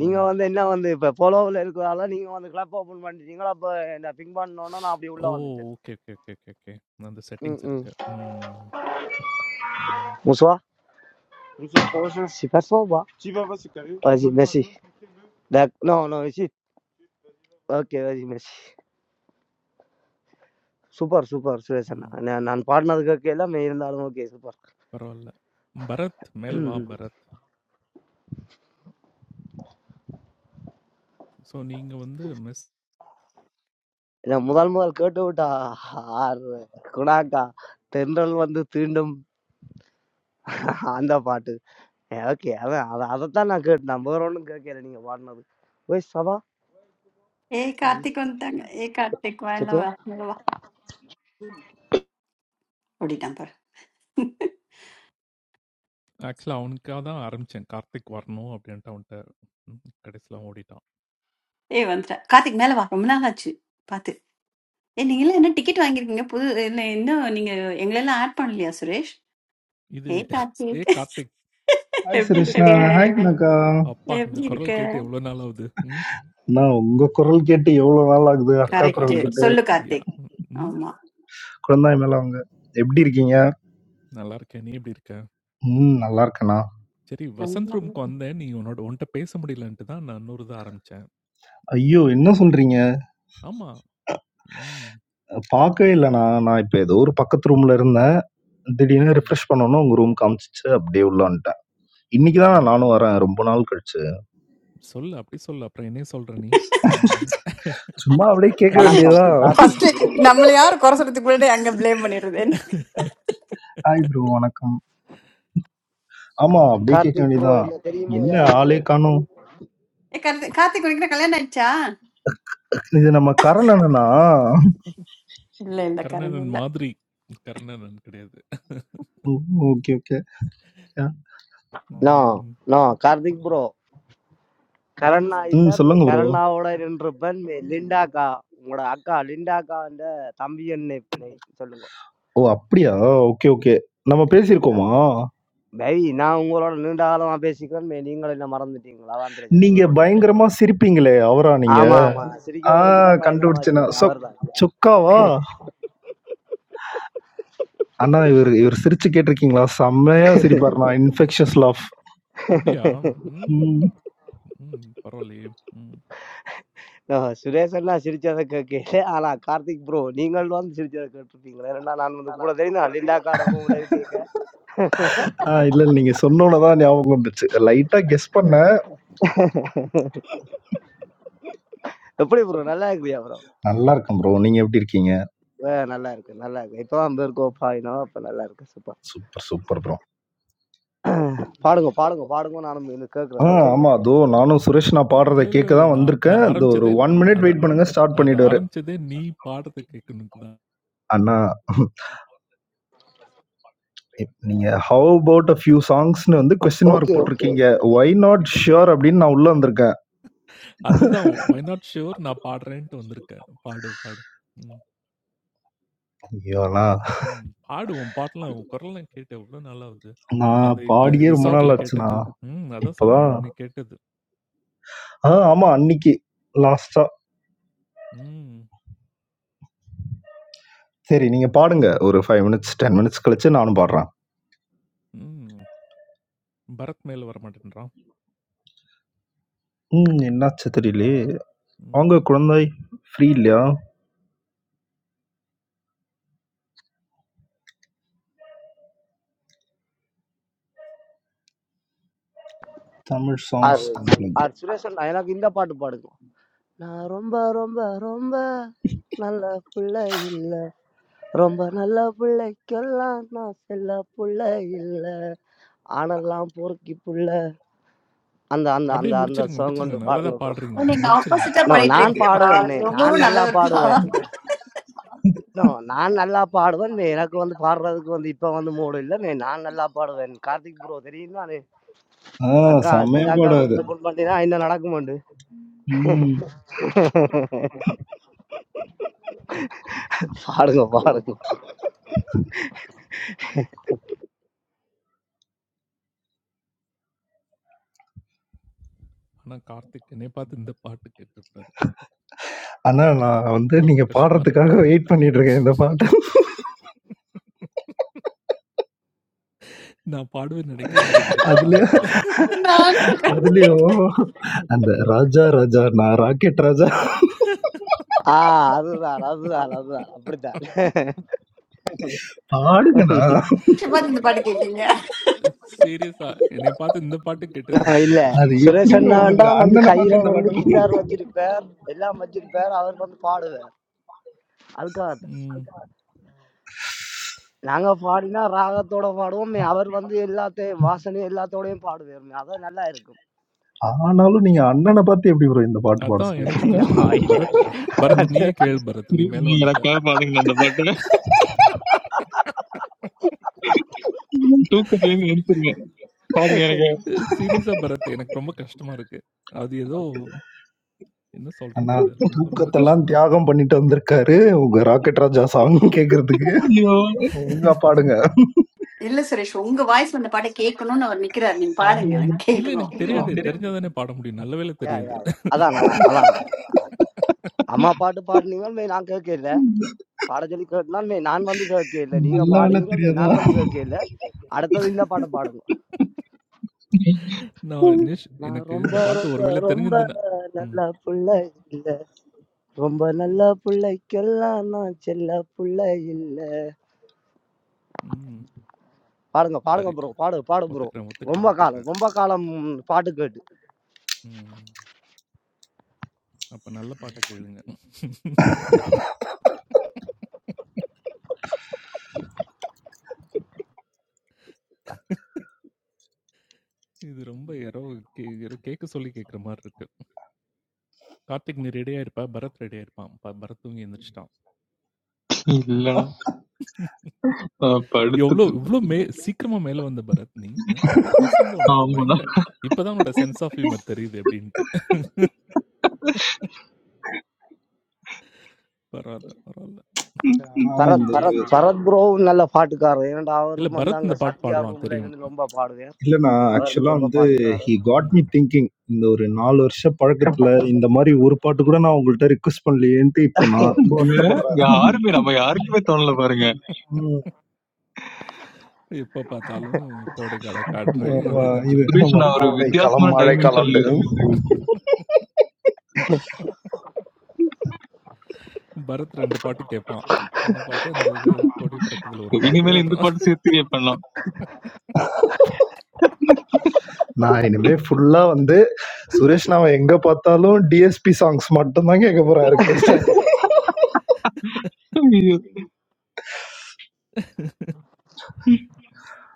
C: நீங்க வந்து என்ன வந்து இப்ப போலோவில் இருக்கிறதால நீங்க வந்து கிளப் ஓபன் பண்ணிட்டீங்களா அப்ப என்ன பிங் பண்ணோன்னா நான் அப்படியே உள்ள
B: ஓ!
C: வந்துட்டேன்
B: okay, okay, okay, okay, okay. அந்த
C: ம்
B: செட்டிங்ஸ்
C: ம்
B: இருக்கு. ம், ம்,
C: மூசுவா சி பர்ஃபார்மா வாஜி மெஸ்ஸி டக் நோ நோ மெஸ்ஸி ஓகே வாஜி மெஸ்ஸி சூப்பர் சூப்பர் சுரேஷ் அண்ணா
B: ம்.
C: நான் நான் பாடினது கேட்க எல்லாமே இருந்தாலும் ஓகே சூப்பர்
B: பரவால்ல. பரத், மேல் வா பரத். ஸோ நீங்க வந்து மிஸ்
C: நான் முதல் முதல் கேட்டு விட்டா ஆர் குணாக்கா தென்றல் வந்து தீண்டும் அந்த பாட்டு ஓகே அதான் அதை அதைத்தான் நான் கேட்டேன் நான் வேற ஒன்றும் கேட்கல நீங்க பாடினது ஓய் சபா
A: ಏ ಕಾರ್ತಿಕ್ ಅಂತಾಗ ಏ ಕಾರ್ತಿಕ್ வா இல்ல
C: சுத்துவா
A: வா மேல வா ஓடிட்டான் பாரு
B: ஆக்சுவலா அவனுக்காக தான் ஆரம்பிச்சேன். கார்த்திக் வரணும் அப்படின்ட்டு அவன்ட்ட ம் கடைசில அவன் ஓடிட்டான்.
A: ஏய் வந்துட்ட கார்த்திக் மேல வா ரொம்ப நாள் ஆச்சு பார்த்து ஏ நீங்க எல்லாம் என்ன டிக்கெட் வாங்கியிருக்கீங்க புது இல்ல இன்னும் நீங்க எங்களெல்லாம் ஆட் பண்ணலையா சுரேஷ்
B: இது
A: Hey
B: ஏ
A: கார்த்திக்
B: கார்த்திக்,
D: ஹாய்
A: எப்படி
D: சுரேஷ்ணா
A: இருக்க
D: ஹாய் கனகா
B: அப்பா இந்த
A: எப்படி இருக்க
B: குரல் கேட்டு எவ்வளோ நாள் ஆகுது? ம்.
D: நான் உங்க குரல் கேட்டு எவ்வளவு நாள் ஆகுது அக்கா குரல்
A: கரெக்ட்
B: அது நான்
D: கேட்டு
A: சொல்லு
B: யா
A: கார்த்திக்
B: ம். ம்,
A: ஆமா
D: குழந்தாய் மேல அவங்க எப்படி இருக்கீங்க
B: நல்லா இருக்கேன். நீ எப்படி இருக்க?
D: ம் நல்லா இருக்கேண்ணா
B: சரி வசந்த் ரூமுக்கு வந்தேன். நீ உன்னோட உன்ட்ட பேச முடியலன்ட்டு தான் நான் இன்னொரு இது ஆரம்பிச்சேன்.
D: ஐயோ என்ன சொல்றீங்க
B: ஆமா. ம்.
D: பார்க்கவே இல்லைண்ணா நான் இப்போ ஏதோ ஒரு பக்கத்து ரூம்ல இருந்தேன் திடீர்னு
B: ம்.
D: ரிஃப்ரெஷ் பண்ணணும் உங்க ரூம் காமிச்சிச்சு அப்படியே உள்ள வந்துட்டேன் இன்னைக்கு
B: ம்.
D: தான் நானும் வரேன் ரொம்ப நாள் கழிச்சு
B: சொல்லு அப்படி சொல்லு. அப்புறம் என்னைய சொல்ற நீ? ம்.
D: சும்மா அப்படியே கேட்க
C: வணக்கம்
D: வேண்டியதா
A: ஃபர்ஸ்ட்
C: கார்த்திக்
A: நம்மள யாரும் குறை சொல்றதுக்கு முன்னாடி அங்க ப்ளேம் பண்ணிடுறது என்ன
D: ஹாய் ப்ரோ வணக்கம் ஆமா
B: ம்.
D: அப்படியே கேட்க
C: கார்த்திக் ப்ரோ
D: வேண்டியதான்
C: என்ன தெரியுமோ
D: என்ன
B: ம்.
C: யாருன்னு
D: ஆளே காணும்
A: ஏ, கார்த்திக் கார்த்திக் உனக்கு என்ன கல்யாணம் ஆயிடுச்சா
D: இது நம்ம கரணனா
A: இல்ல இல்ல கரண்
B: கர்ணனன்
A: இல்ல
B: மாதிரி. கர்ணனன் கிடையாது.
D: ஓகே ஓகே
C: நோ
B: ம்.
C: நோ கார்த்திக் ப்ரோ கரண்ணா இல்ல
D: ம்
C: மே
D: சொல்லுங்க ப்ரோ
C: கரண்ணாவோட ரெண்டு பேர் மே லிண்டாக்கா உங்களோட அக்கா லிண்டாக்கா அந்த தம்பி என்ன சொல்லுங்க
D: ஓ! அப்படியா? Okay, okay. நம்ம பேசியிருக்கோமா?
C: பை நான் உங்களோட நீண்ட காலமா பேசிக்கிறேன் மே நீங்களும் என்ன மறந்துட்டீங்களா அதான் பிரச்சனை
D: நீங்க
C: வேற ஒண்ணும் இல்லை
D: பயங்கரமா சிரிப்பீங்களே! அவரா நீங்க?
C: ஆமா ஆமா நான்
D: ஆ
C: சிரிக்க வலிக்குதான் பயங்கரமா
D: கண்டுபிடிச்சேன் நான்.
C: சிரிப்பேன்
D: சொக்
C: அவர் தான் இல்லையா
D: சொக்காவா? அண்ணா இவரு இவரு சிரிச்சு கேட்டிருக்கீங்களா? செம்மையா சிரிப்பாருண்ணா. Infectious laugh.
B: அப்படியா? ம்.
D: ம்.
B: ம். பரவாயில்லையே! ம்.
C: நோ, சுரேஷ் அண்ணா சிரிச்சதை கேட்கல ஆனா கார்த்திக் ப்ரோ நீங்கள் வந்து சிரிச்சதை கேட்டிருப்பீங்களா ஏன்னா நான் வந்து கூட தெரியும் லிண்டாக்காட ரூம்ல இருக்கேன்
D: ஆ இல்ல, இல்ல. நீங்க சொன்னோன தான் ஞாபகம் வந்துச்சு. லைட்டா கெஸ் பண்ணேன்.
C: எப்படி ப்ரோ நல்லா இருக்கிறியா ப்ரோ
D: நல்லா இருக்கேன் ப்ரோ. நீங்க எப்படி இருக்கீங்க?
C: ஆ நல்லா இருக்கு நல்லா இருக்கு இப்பதான் வந்திருக்கோம் பாயினோம் அப்ப நல்லா இருக்கு சூப்பர்
D: சூப்பர், சூப்பர் ப்ரோ.
C: பாடுங்க பாடுங்க பாடுங்க நானும் இது
D: ஆ
C: கேட்கறேன் ஓகே
D: ஆமா. அதோ நானும் சுரேஷ் நான் பாடுறத
B: இல்ல, இல்ல,
D: கேட்க
B: இல்ல.
D: தான்
B: நான்
D: வந்திருக்கேன்.
B: நான்
D: இந்த ஒரு
B: ஆரம்பிச்சதே
D: 1 மினிட்
B: அதான்.
D: வெயிட் பண்ணுங்க. ஸ்டார்ட்
B: அத
D: பண்ணிடுவாரு.
B: ஆரம்பிச்சதே நீ பாடுறத கேட்கணும்க்கு தான்.
D: அண்ணா இப் நீங்க ஹவ் அபௌட் அ ஃபியூ சாங்ஸ்ன்னு வந்து question mark okay, okay.
C: Okay okay
D: போட்டுருக்கீங்க.
C: ஓகே
D: ஒய் நாட் ஷூர் அப்படின்னு நான் உள்ள வந்திருக்கேன்.
B: அதுதான் வை நாட் ஷூர் நான் பாடுறேன்ட்டு வந்திருக்கேன். பாடு, பாடு. ம்.
D: ஐயோ அண்ணா!
B: ம். பாடு உன் பாட்டெல்லாம் உன் குரல்லாம் கேட்டு எவ்வளோ நாளாவது.
D: நான்
B: அந்த இதுல
D: பாடியே ரொம்ப நாள்
B: ரிசார்ட்ல
D: ஆச்சுண்ணா.
B: கேட்டது. ம். அதான் சொல்றேன்.
D: இப்பதான்
B: அன்னைக்கு கேட்டது.
D: ஆ ஆமா அன்னைக்கு லாஸ்ட்டா.
B: ம்.
D: சரி நீங்க பாடுங்க. ஒரு 5 மினிட்ஸ், 10 மினிட்ஸ் கழிச்சு நானும் பாடுறேன்.
B: ம். பரத் மேல வரமாட்டேன்றான்.
D: ம் என்னாச்சு தெரியலையே!
B: ம்.
D: அவங்க
B: ம்.
D: குழந்தாய் ஃப்ரீ இல்லையா? Tamil songs
C: are
D: unplugged.
C: ஆர் சுரேஷன் எனக்கு இந்த பாட்டு பாடுங்க நான் ரொம்ப ரொம்ப ரொம்ப நல்ல புள்ள இல்ல ரொம்ப நல்ல பிள்ளைக்கெல்லாம் நான் செல்ல புள்ள இல்ல ஆனெல்லாம் பொறுக்கி புள்ள அந்த அந்த
B: அப்படியே
C: அந்த அந்த
B: முடிச்சிருங்க,
C: சாங்
B: முடிச்சிருங்க.
C: கொண்டு
B: நல்லா
C: பாடுங்க
B: தான்
A: ஓ,
B: பாடுறீங்க.
A: நீங்க
B: முடிச்சிருங்க.
A: ஆப்போசிட்டா
C: ப்ரோ
A: பண்ணிட்டு
C: நான்
A: இருக்கீங்கப்பா
C: பாடுவேன்
A: அவர்
C: நான்
A: ரொம்பவும்
C: நல்லா
A: நல்லவர்ப்பா
C: பாடுவேன் நோ நான் நல்லா பாடுவேன். மே- எனக்கு வந்து பாடுறதுக்கு வந்து இப்ப வந்து மூடு இல்ல. நே நான் நல்லா பாடுவேன். கார்த்திக் ப்ரோ தெரியும் தானே?
D: ஆ
C: அக்கா
D: செம்மையா
C: சித்தா அக்கா
D: பாடம்
C: ரூம்
D: அது.
C: ஓப்பன் பண்ணினா என்ன நடக்குமெண்டு.
D: ம்.
C: பாடுங்க, பாடுங்க.
B: ஆனா கார்த்திக் என்னைய பார்த்து இந்த பாட்டு கேட்கக்கூடாது கார்த்திக்.
D: அண்ணா நான் வந்து
B: ரொம்ப
D: நீங்க
B: கஷ்டமா இருக்கு
D: பாடுறதுக்காக
B: கார்த்திக்.
D: வெயிட் பண்ணிட்டு இருக்கேன் இந்த பாட்ட.
B: நான் பாடுவேன்னு நினைக்கிறேன் நீ
D: அதுலயே
B: சான்ஸ் இல்ல.
A: நானும் கார்த்திக்
D: அதுலயும் அந்த ராஜா ராஜா நான் ராக்கெட் ராஜா
C: ஆ அதுதான், அதுதான், அதுதான். அப்படித்தான்.
D: பாடுங்கண்ணா
A: பார்த்து இந்த பாட்டு கேட்டீங்க
B: சீரியஸா என்னைய பார்த்து இந்த பாட்டு
C: ஆ,
B: கேட்டது எனக்கு
C: இல்ல.
B: கொஞ்சம்
D: அது
B: கஷ்டமா இருக்கு.
C: சுரேஷ்
D: எப்படி ப்ரோ
C: அண்ணாண்டா
D: உங்களுக்கு
C: வந்து
D: அண்ணனை
C: கையில
D: பார்த்து இந்த
C: வந்து
D: பாட்டு பாடணும்?
C: கிட்டார் வச்சிருப்பார். எல்லாம் வச்சிருப்பார். அவர் வந்து பாடுவார். அதுக்காகத்தான்.
B: ம்.
C: நாங்க பாடினா ராகத்தோட பாடுவோம். மே அவர் வந்து எல்லாத்தையும் வாசனை எல்லாத்தோடையும் பாடுவார். மே அதான் நல்லா இருக்கும்.
D: ஆனாலும் நீங்க அண்ணனை பார்த்து எப்படி ப்ரோ இந்த பாட்டு பாட
B: அதான் எனக்கும்
C: நோ,
D: சொல்லிருக்கோம்
B: கஷ்டமா இருக்கு.
C: இல்ல,
B: பரத்,
C: இல்ல.
B: பரத் நீயே கேளு பரத். நீ மேல
E: நீங்க
B: வந்துட்ட.
E: எனக்காக பாடுங்க அந்த பாட்டு தூக்கத்திலேயே எழுந்துருவேன் பாடுங்க எனக்கு
B: சீரியஸா பரத், எனக்கு ரொம்ப கஷ்டமா இருக்கு. அது ஏதோ என்ன சொல்றது
D: அண்ணா
B: இது? ரொம்ப ரொம்ப
D: தூக்கத்தெல்லாம்
B: கஷ்டமா இருக்கு.
D: தியாகம் பண்ணிட்டு வந்திருக்காரு உங்க ராக்கெட் ராஜா சாங் கேக்குறதுக்கு
E: ஐயோ
D: ஒழுங்கா பாடுங்க
A: இல்ல சுரேஷ் உங்க வாய்ஸ்ல அந்த பாட்டை கேட்கணும்னு அவர் நிக்கிறாரு நீங்க பாடுங்க
E: ஆமாடா.
A: எனக்கு
B: இல்ல
A: கேட்கணும்
B: எனக்கு தெரியாது. தெரிஞ்சா தானே பாட முடியும். நல்ல வேளை
C: யா,
B: தெரியாது.
C: யா, யா. அதான், அதான், அதான். அம்மா பாட்டு பாடினீங்க மே நான் கேட்க இல்லை பாட சொல்லி கேட்டுனா மே நான் வந்து கேட்க இல்லை நீங்க
D: நல்ல வேலை
C: பாடினீங்க மே
D: தெரியாதா
C: நான் வந்து கேட்க இல்லை அடுத்தது இந்த பாட்டை பாடுங்க
B: நான் நிஷ்
C: நான்
B: எனக்கு
C: ரொம்ப
B: இந்த பாட்டு
C: ரொம்ப
B: ஒரு வேளை
C: ரொம்ப
B: தெரிஞ்சிருந்ததுன்னா ம்,
C: நல்ல புள்ள இல்ல ரொம்ப நல்ல
B: ம்,
C: புள்ளைக்கெல்லாம் நான் செல்ல புள்ள இல்ல
B: ம்.
C: பாடுங்க பாடுங்க
B: சரி.
C: ப்ரோ பாடு பாடு ப்ரோ
B: ஒத்துக்கிறேன், ஒத்துக்கிறேன்,
C: ரொம்ப காலம்
B: ஒத்துக்கிறேன்.
C: ரொம்ப காலம் பாட்டு கேட்டு
B: ம். அப்ப நல்ல பாட்டா கேளுங்க. இது ரொம்ப யாரோ கே யாரோ கேட்க சொல்லி கேட்கிற மாரி இருக்கு. கார்த்திக் நீ ரெடியா இருப்பா? பரத் ரெடியா இருப்பான். ப பரத் தூங்கி எந்திரிச்சுட்டான்.
E: இல்லடா நான்
B: எவ்ளோ
E: படுத்து
B: இவ்ளோ மே சீக்கிரமா மேல வந்த பரத் நீ ஆ? குசும்பு உனக்கு
E: ஆமாடா
B: பயங்கர இப்பதான் உன்னோட சென்ஸ் ஆஃப் ஹியூமர் தெரியுது அப்படின்ட்டு பரவாயில்ல பரவாயில்ல
D: ஆனா இந்த
C: பரத்
B: வந்து
D: பரவாயில்ல.
C: பரத் ப்ரோவும் நல்ல பாட்டுக்காரர் ஏன்னா
B: இல்ல
C: அவரும் வந்து
B: பரத்
C: அங்க
B: இந்த பாட்டு
C: சத்யா
B: பாடுவான்
C: ரூம்ல
B: தெரியும்
C: இருந்து ரொம்ப பாடுவேன்
D: இல்லண்ணா
C: அவரும்
D: ஆக்சுவலா
C: ரொம்ப
D: வந்து ஹி
C: பாட்டுக்காரர்
D: காட்
B: ம்.
D: மீ திங்கிங் இந்த ஒரு நாலு வருஷ பழக்கத்துல இந்த மாதிரி ஒரு பாட்டு கூட நான் உங்கள்கிட்ட ரிக்வஸ்ட் பண்ணலையேன்ட்டு இப்போ நான் ரொம்ப
E: இல்ல
D: வருத்தப்படுறேன்
E: யாருமே நம்ம யாருக்குமே தோணல பாருங்க
B: எப்ப பார்த்தாலும் கோடைக்கால காற்று அது
D: ஆமா,
B: இதுன்னு
D: இது
B: சொல்லிட்டு
E: சுரேஷ்
D: ஆமா,
E: நான் ஒரு
D: கோடை காலம்,
E: வித்தியாசமான டைமென்ஷன்ல
D: மழைக்காலம்ன்ட்டு.
E: யோசிக்கிறேன் சரி.
B: பரத் ரெண்டு பாட்டு கேட்பான் என்ன பாட்டு அந்த இது கோடி பிறக்குதுல ஒரு பாட்டு
E: இனிமேல் இந்த
B: அப்புறம்
E: பாட்டு சேர்த்து பண்ணலாம்
D: நான் இனிமே ஃபுல்லா வந்து சுரேஷ் நான் எங்க பார்த்தாலும் டிஎஸ்பி சாங்ஸ் மட்டும் தான் கேட்க போறேன் ரிக்வெஸ்ட்.
E: ஐயோ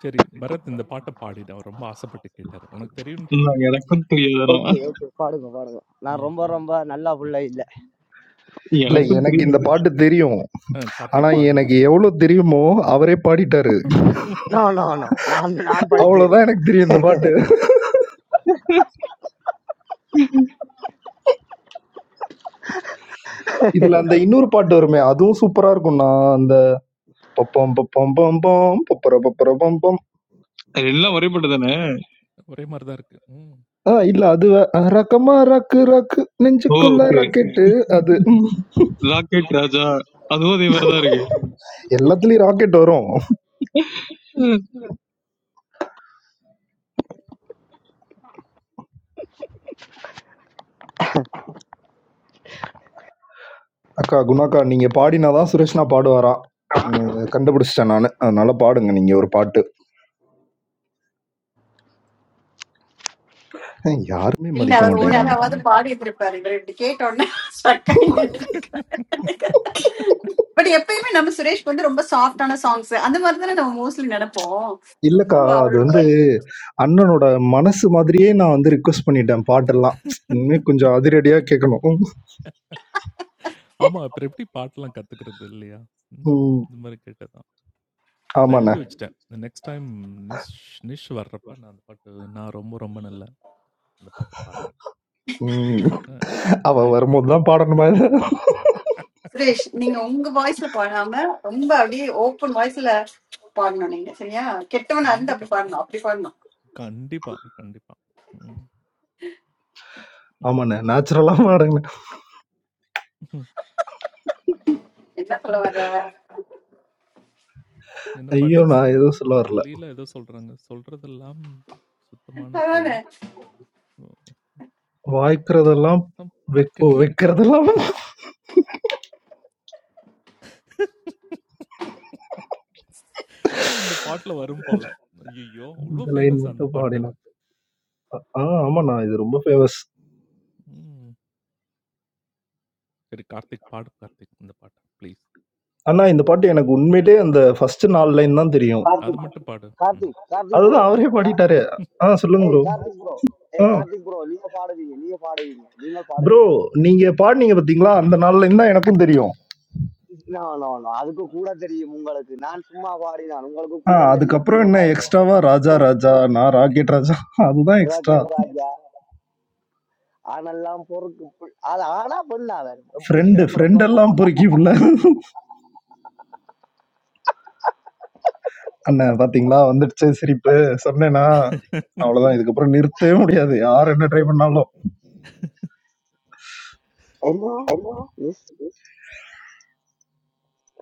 B: சரி பரத் இந்த பாட்டை பாடிட்டான் ரொம்ப ஆசைப்பட்டு கேட்டாரு உனக்கு தெரியும்னு தெரியும்
E: நான் எனக்கும் தெரியாதுடா
C: ஓகே ஓகே பாடுங்க பாடுங்க நான்
B: ம்,
C: ரொம்ப ரொம்ப நல்ல
B: ம்.
C: பிள்ளை
D: இல்ல
E: எனக்கும்
D: எனக்கு இந்த
E: தெரியாது
D: பாட்டு தெரியும்.
B: அ
D: ஆனா
B: கார்த்திக் பாடிடு.
D: எனக்கு எவ்ளோ தெரியுமோ அவரே பாடிட்டாரு.
C: நோ நோ நோ நான் நான் படிக்கவே இல்லை
D: அவ்வளவுதான் எனக்கு தெரியும் இந்த பாட்டு. இதுல அந்த இன்னொரு பாட்டு வருமே, அதுவும் சூப்பரா இருக்கும்ண்ணா. அந்த பப்பம் பப்பம் பம் பம், பப்பர பப்பர பம் பம்.
E: அது எல்லாம் ஒரே பாட்டு தானே
B: ஒரே மாரி தான் இருக்கு. ம்,
D: ஆ இல்ல அது வே- அ, ரக்கமா ரக்கு ரக்கு
E: ஓ
D: நெஞ்சுக்குள்ள
E: ஓகே
D: ராக்கெட்டு அது. ம்,
E: ராக்கெட் ராஜா அதுவும் அதே மாதிரிதான் இருக்கு
D: எல்லாத்துலயும் ராக்கெட் வரும். அக்கா, குணாக்கா நீங்க பாடினா தான் சுரேஷ்ணா பாடுவாராம். ம் கண்டுபிடிச்சிட்டேன் நானு. அதனால பாடுங்க நீங்க ஒரு பாட்டு. அஹ், யாருமே
A: இல்ல
D: மதிக்க
A: அவர்
D: மாட்டேன்.
A: ஒழுங்காவது
B: ம்.
A: பாடி இருந்திருப்பாரு இவர் இப்படி கேட்ட உடனே stuck ஆகி நின்னுட்டு பட் எப்பயுமே நம்ம சுரேஷ்க்கு வந்து ரொம்ப சாஃப்டான சாங்ஸ் அந்த மாதிரி தானே நம்ம மோஸ்ட்லி நினைப்போம்
D: இல்லக்கா,
A: So
D: அது வந்து
A: அவரோட
D: அண்ணனோட மனசு மாதிரியே நான் வந்து ரிக்வெஸ்ட் பண்ணிட்டேன் பாட்டெல்லாம். இனிமே கொஞ்சம் அதிரடியா கேட்கணும்.
B: ஆமா, அப்புறம் எப்படி பாட்டெல்லாம் கத்துக்கிறது இல்லையா? ம்.
D: ம்.
B: இந்த மாரி கேட்டது தான். நான்
D: ஆமாண்ணே.
B: எழுதி வச்சுட்டேன். நெக்ஸ்ட் டைம் நிஷ் நிஷ் வர்றப்ப நான் அந்த பாட்டு நான் ரொம்ப ரொம்ப நல்லா அந்த பாட்ட பாடுறேன். அ,
D: ம்.
B: அ,
D: அவ
B: ஐ
D: வரும்போது தான் பாடணுமா இத?
A: சுரேஷ் நீங்க உங்க வாய்ஸ்ல பாடாம ரொம்ப அப்படியே ஓப்பன் வாய்ஸ்ல பாடணும் நீங்க சரியா கெட்டவனா இருந்து
B: கண்டிப்பா,
A: அப்படி பாடணும் அப்படி பாடணும்
B: கண்டிப்பா, கண்டிப்பா. ம்.
D: ஆமாண்ணே. நேச்சுரலா பாடுங்க.
A: என்ன சொல்ல வர
B: என்ன
D: ஐயோ!
B: பாட்டு? ஸ்
D: நான் எதுவும் சொல்ல வரல.
B: லீலா ஏதோ சொல்றாங்க. சொல்றதெல்லாம் சுத்தமான பொய்.
A: அதானே
D: வாய்க்கிறதெல்லாம்
B: நம்
D: வெக் ஓ!
B: பக்கத்துல
D: வெக்கிறதெல்லாம்
B: ஓ! இந்த பாட்டுல வரும் போல. ஐயய்யோ! அவ்ளோ
D: இந்த லைன்
B: ஃபேமஸா அந்த
D: மட்டும்
B: பாட்டு.
D: பாடினா. ஆ
B: ம்,
D: ஆமாண்ணா. இது ரொம்ப ஃபேமஸ்.
B: ம். சரி கார்த்திக் பாடு கார்த்திக் இந்த பாட்ட ப்ளீஸ்.
D: அண்ணா, இந்த பாட்டு எனக்கு உண்மையிலேயே அந்த ஃபர்ஸ்ட் 4 லைன் தான் தெரியும்.
B: அத
C: கார்த்திக்
B: மட்டும் பாடு. ம்.
C: கார்த்திக் கார்த்திக் ப்ரோ
D: அதுதான் அவரே
C: கார்த்திக்
D: பாடிட்டாரு.
C: bro.
D: ஆ சொல்லுங்க
C: ஏய்
D: ப்ரோ.
C: கார்த்திக் ப்ரோ
D: ஆ
C: ஏய் கார்த்திக் ப்ரோ நீங்க பாடுவீங்க நீங்க பாடுவீங்க நீங்க
D: ப்ரோ
C: பாடுவீங்க
D: நீங்க பாடுனீங்க பார்த்தீங்களா? அந்த 4 லைன் தான் எனக்கும் தெரியும்.
C: நோ நோ நோ அதுக்கு கூட தெரியும் உங்களுக்கு நான் சும்மா பாடினான் உங்களுக்கு
D: ஆ
C: கூட தெரியும்
D: அதுக்கப்புறம்
C: நீங்க
D: என்ன
C: பாடுங்க
D: எக்ஸ்ட்ராவா ராஜா ராஜா, நான் ராக்கெட் ராஜா அதுதான்
C: சொல்வா
D: எக்ஸ்ட்ரா.
C: கேட்கறாங்க ஆனெல்லாம் பொறுக்கு புல்- அது ஆனா பெண்ணா வேற எப்படி
D: ஃப்ரெண்டு ஃப்ரெண்டெல்லாம் பொறுக்கி உள்ள. அண்ணன் பார்த்தீங்களா வந்துடுச்சு சிரிப்பு. சொன்னேனா? அவ்வளோதான் இதுக்கப்புறம் நிறுத்தவே முடியாது. யார் என்ன ட்ரை பண்ணாலும்.
C: என்ன மிஸ்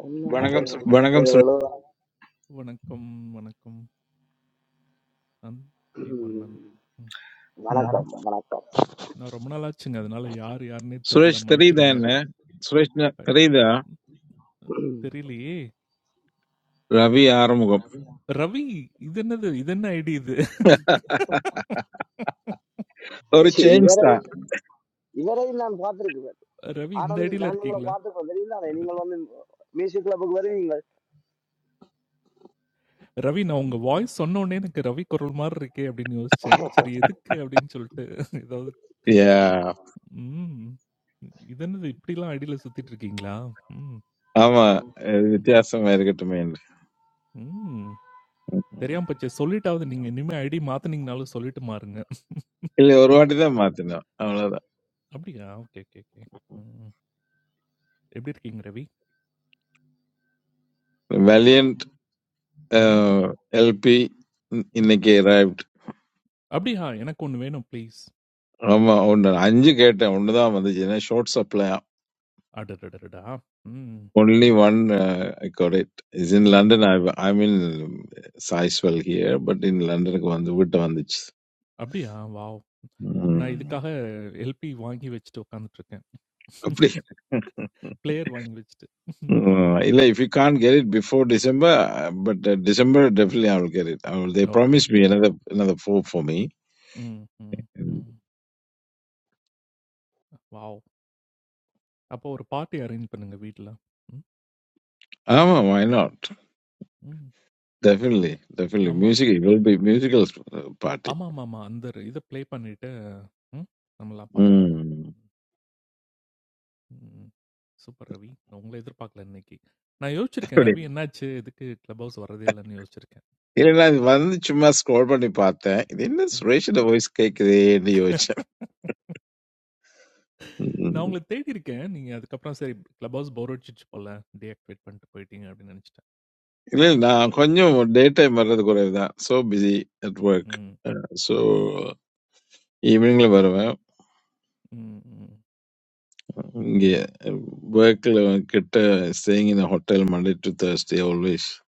C: என்ன
F: But I think
C: ஏதோ
F: Suresh
C: ஒரு-
B: வணக்கம், வணக்கம். நந்திவண்ணன்.
C: ம்.
B: ம்.
C: வணக்கம் வணக்கம்
B: நான் ரொம்ப நாள் ஆச்சுங்க. அதனால யார் யாருன்னே தெர்ல.
F: Suresh Thrida
B: மன்னிச்சிடுங்க.
F: and Suresh
B: அ
F: Thrida
B: ம் தெரியலையே!
F: Ravi Arumugam.
B: ரவி. இது என்னது? இது என்ன ஐடி இது?
F: Or a change
C: இவரை
F: star.
C: இவரை நான் பார்த்திருக்கிறேன்
B: ரவி இந்த
C: ஆனந்த்
B: ஐடில
C: நான் உங்களை
B: இருக்கீங்களா?
C: பார்த்துக்கோ தெரியுங்களா
B: அட
C: நீங்கள் வந்து மியூசிக் கிளப்புக்கு வருவீங்கள்
B: ரவி நான் உங்க வாய்ஸ் சொன்னோனே எனக்கு ரவி குரல் மாரி இருக்கே அப்டின்னு யோசிச்சேன். சரி எதுக்கு அப்டின்னு சொல்ட்டு ஏதாவது
F: Yeah,
B: ம். இது என்னது இப்படிலாம் ஐடியில சுத்திட்டு இருக்கீங்களா? ம்,
F: Ama. It's
B: ம்,
F: a famous American name.
B: ம். தெரியாம போச்சே. சொல்லிட்டாவது நீங்க இனிமே ஐடி மாத்துனீங்கனாலும் சொல்லிட்டு மாறுங்க.
F: It was one of them, wasn't it?
B: அப்படியா? Okay, okay, okay. ம். எப்படி இருக்கீங்க ரவி?
F: Valiant
B: ம்,
F: LP. In
B: ம்.
F: the arrived.
B: அப்படியா? எனக்கு ஒண்ணு வேணும் ப்ளீஸ்.
F: Ama, only 50.
B: அடடடடா! ம்,
F: Only one. Correct. Is in
B: ம்.
F: London. I, I'm in Saiswell here, but in London, I'm only
B: அப்படியா? வாவ்! நான்
F: one.
B: இதுக்காக எல்பி வாங்கி வச்சுட்டு உட்காந்துட்டு இருக்கேன்.
F: Correct.
B: பிளேயர் வாங்கி வச்சுட்டு.
F: Uh, if you can't get it before December, uh, but uh, December definitely I will get it. I will, they
B: okay,
F: promised
B: okay.
F: me another another four for me.
B: ம், ம்,
F: Mm.
B: ம். Wow! அப்போ ஒரு party arrange பண்ணுங்க வீட்ல. ம்,
F: Ah, why not?
B: ம்.
F: Definitely, definitely.
B: ஆமா.
F: Music it will be musical uh, party.
B: ஆமாமாமா. அந்த இத ப்ளே பண்ணிட்டு, ம் நம்மலாம் பார்ட்டி பண்ணலாம்.
F: Mm.
B: ம். சூப்பர் ரவி. நான் உங்கள எதிர்பார்க்கல இன்னைக்கு. நான் யோசிச்சிருக்கேன்,
F: அப்படி.
B: ரவி என்னாச்சு? எதுக்கு கிளப் ஹவுஸ் வரதே இல்லன்னு யோசிச்சிருக்கேன்.
F: இல்லைன்னா இது வந்து சும்மா ஸ்க்ரோல் பண்ணி பார்த்தேன் இது என்ன
B: ம்.
F: சுரேஷோட வாய்ஸ் கேட்குதேன்னு யோசிச்சேன் ம்.
B: நான் உங்கள தேடி இருக்கேன். நீங்க அதுக்கப்புறம் சரி கிளப் ஹவுஸ் போர் அடிச்சிச்சு போல. டீஆக்டிவேட் பண்ணிட்டு போயிட்டீங்க அப்படின்னு நெனச்சுட்டேன்.
F: இல்லை நான் கொஞ்சம் டே டைம் வர்றது குறைவு தான் ஸோ பிஸி அட் ஒர்க்
B: ம்,
F: ஸோ ஈவினிங்ல வருவேன்
B: ம், ம்.
F: Yeah, work uh, get uh, staying in a hotel Monday to Thursday always.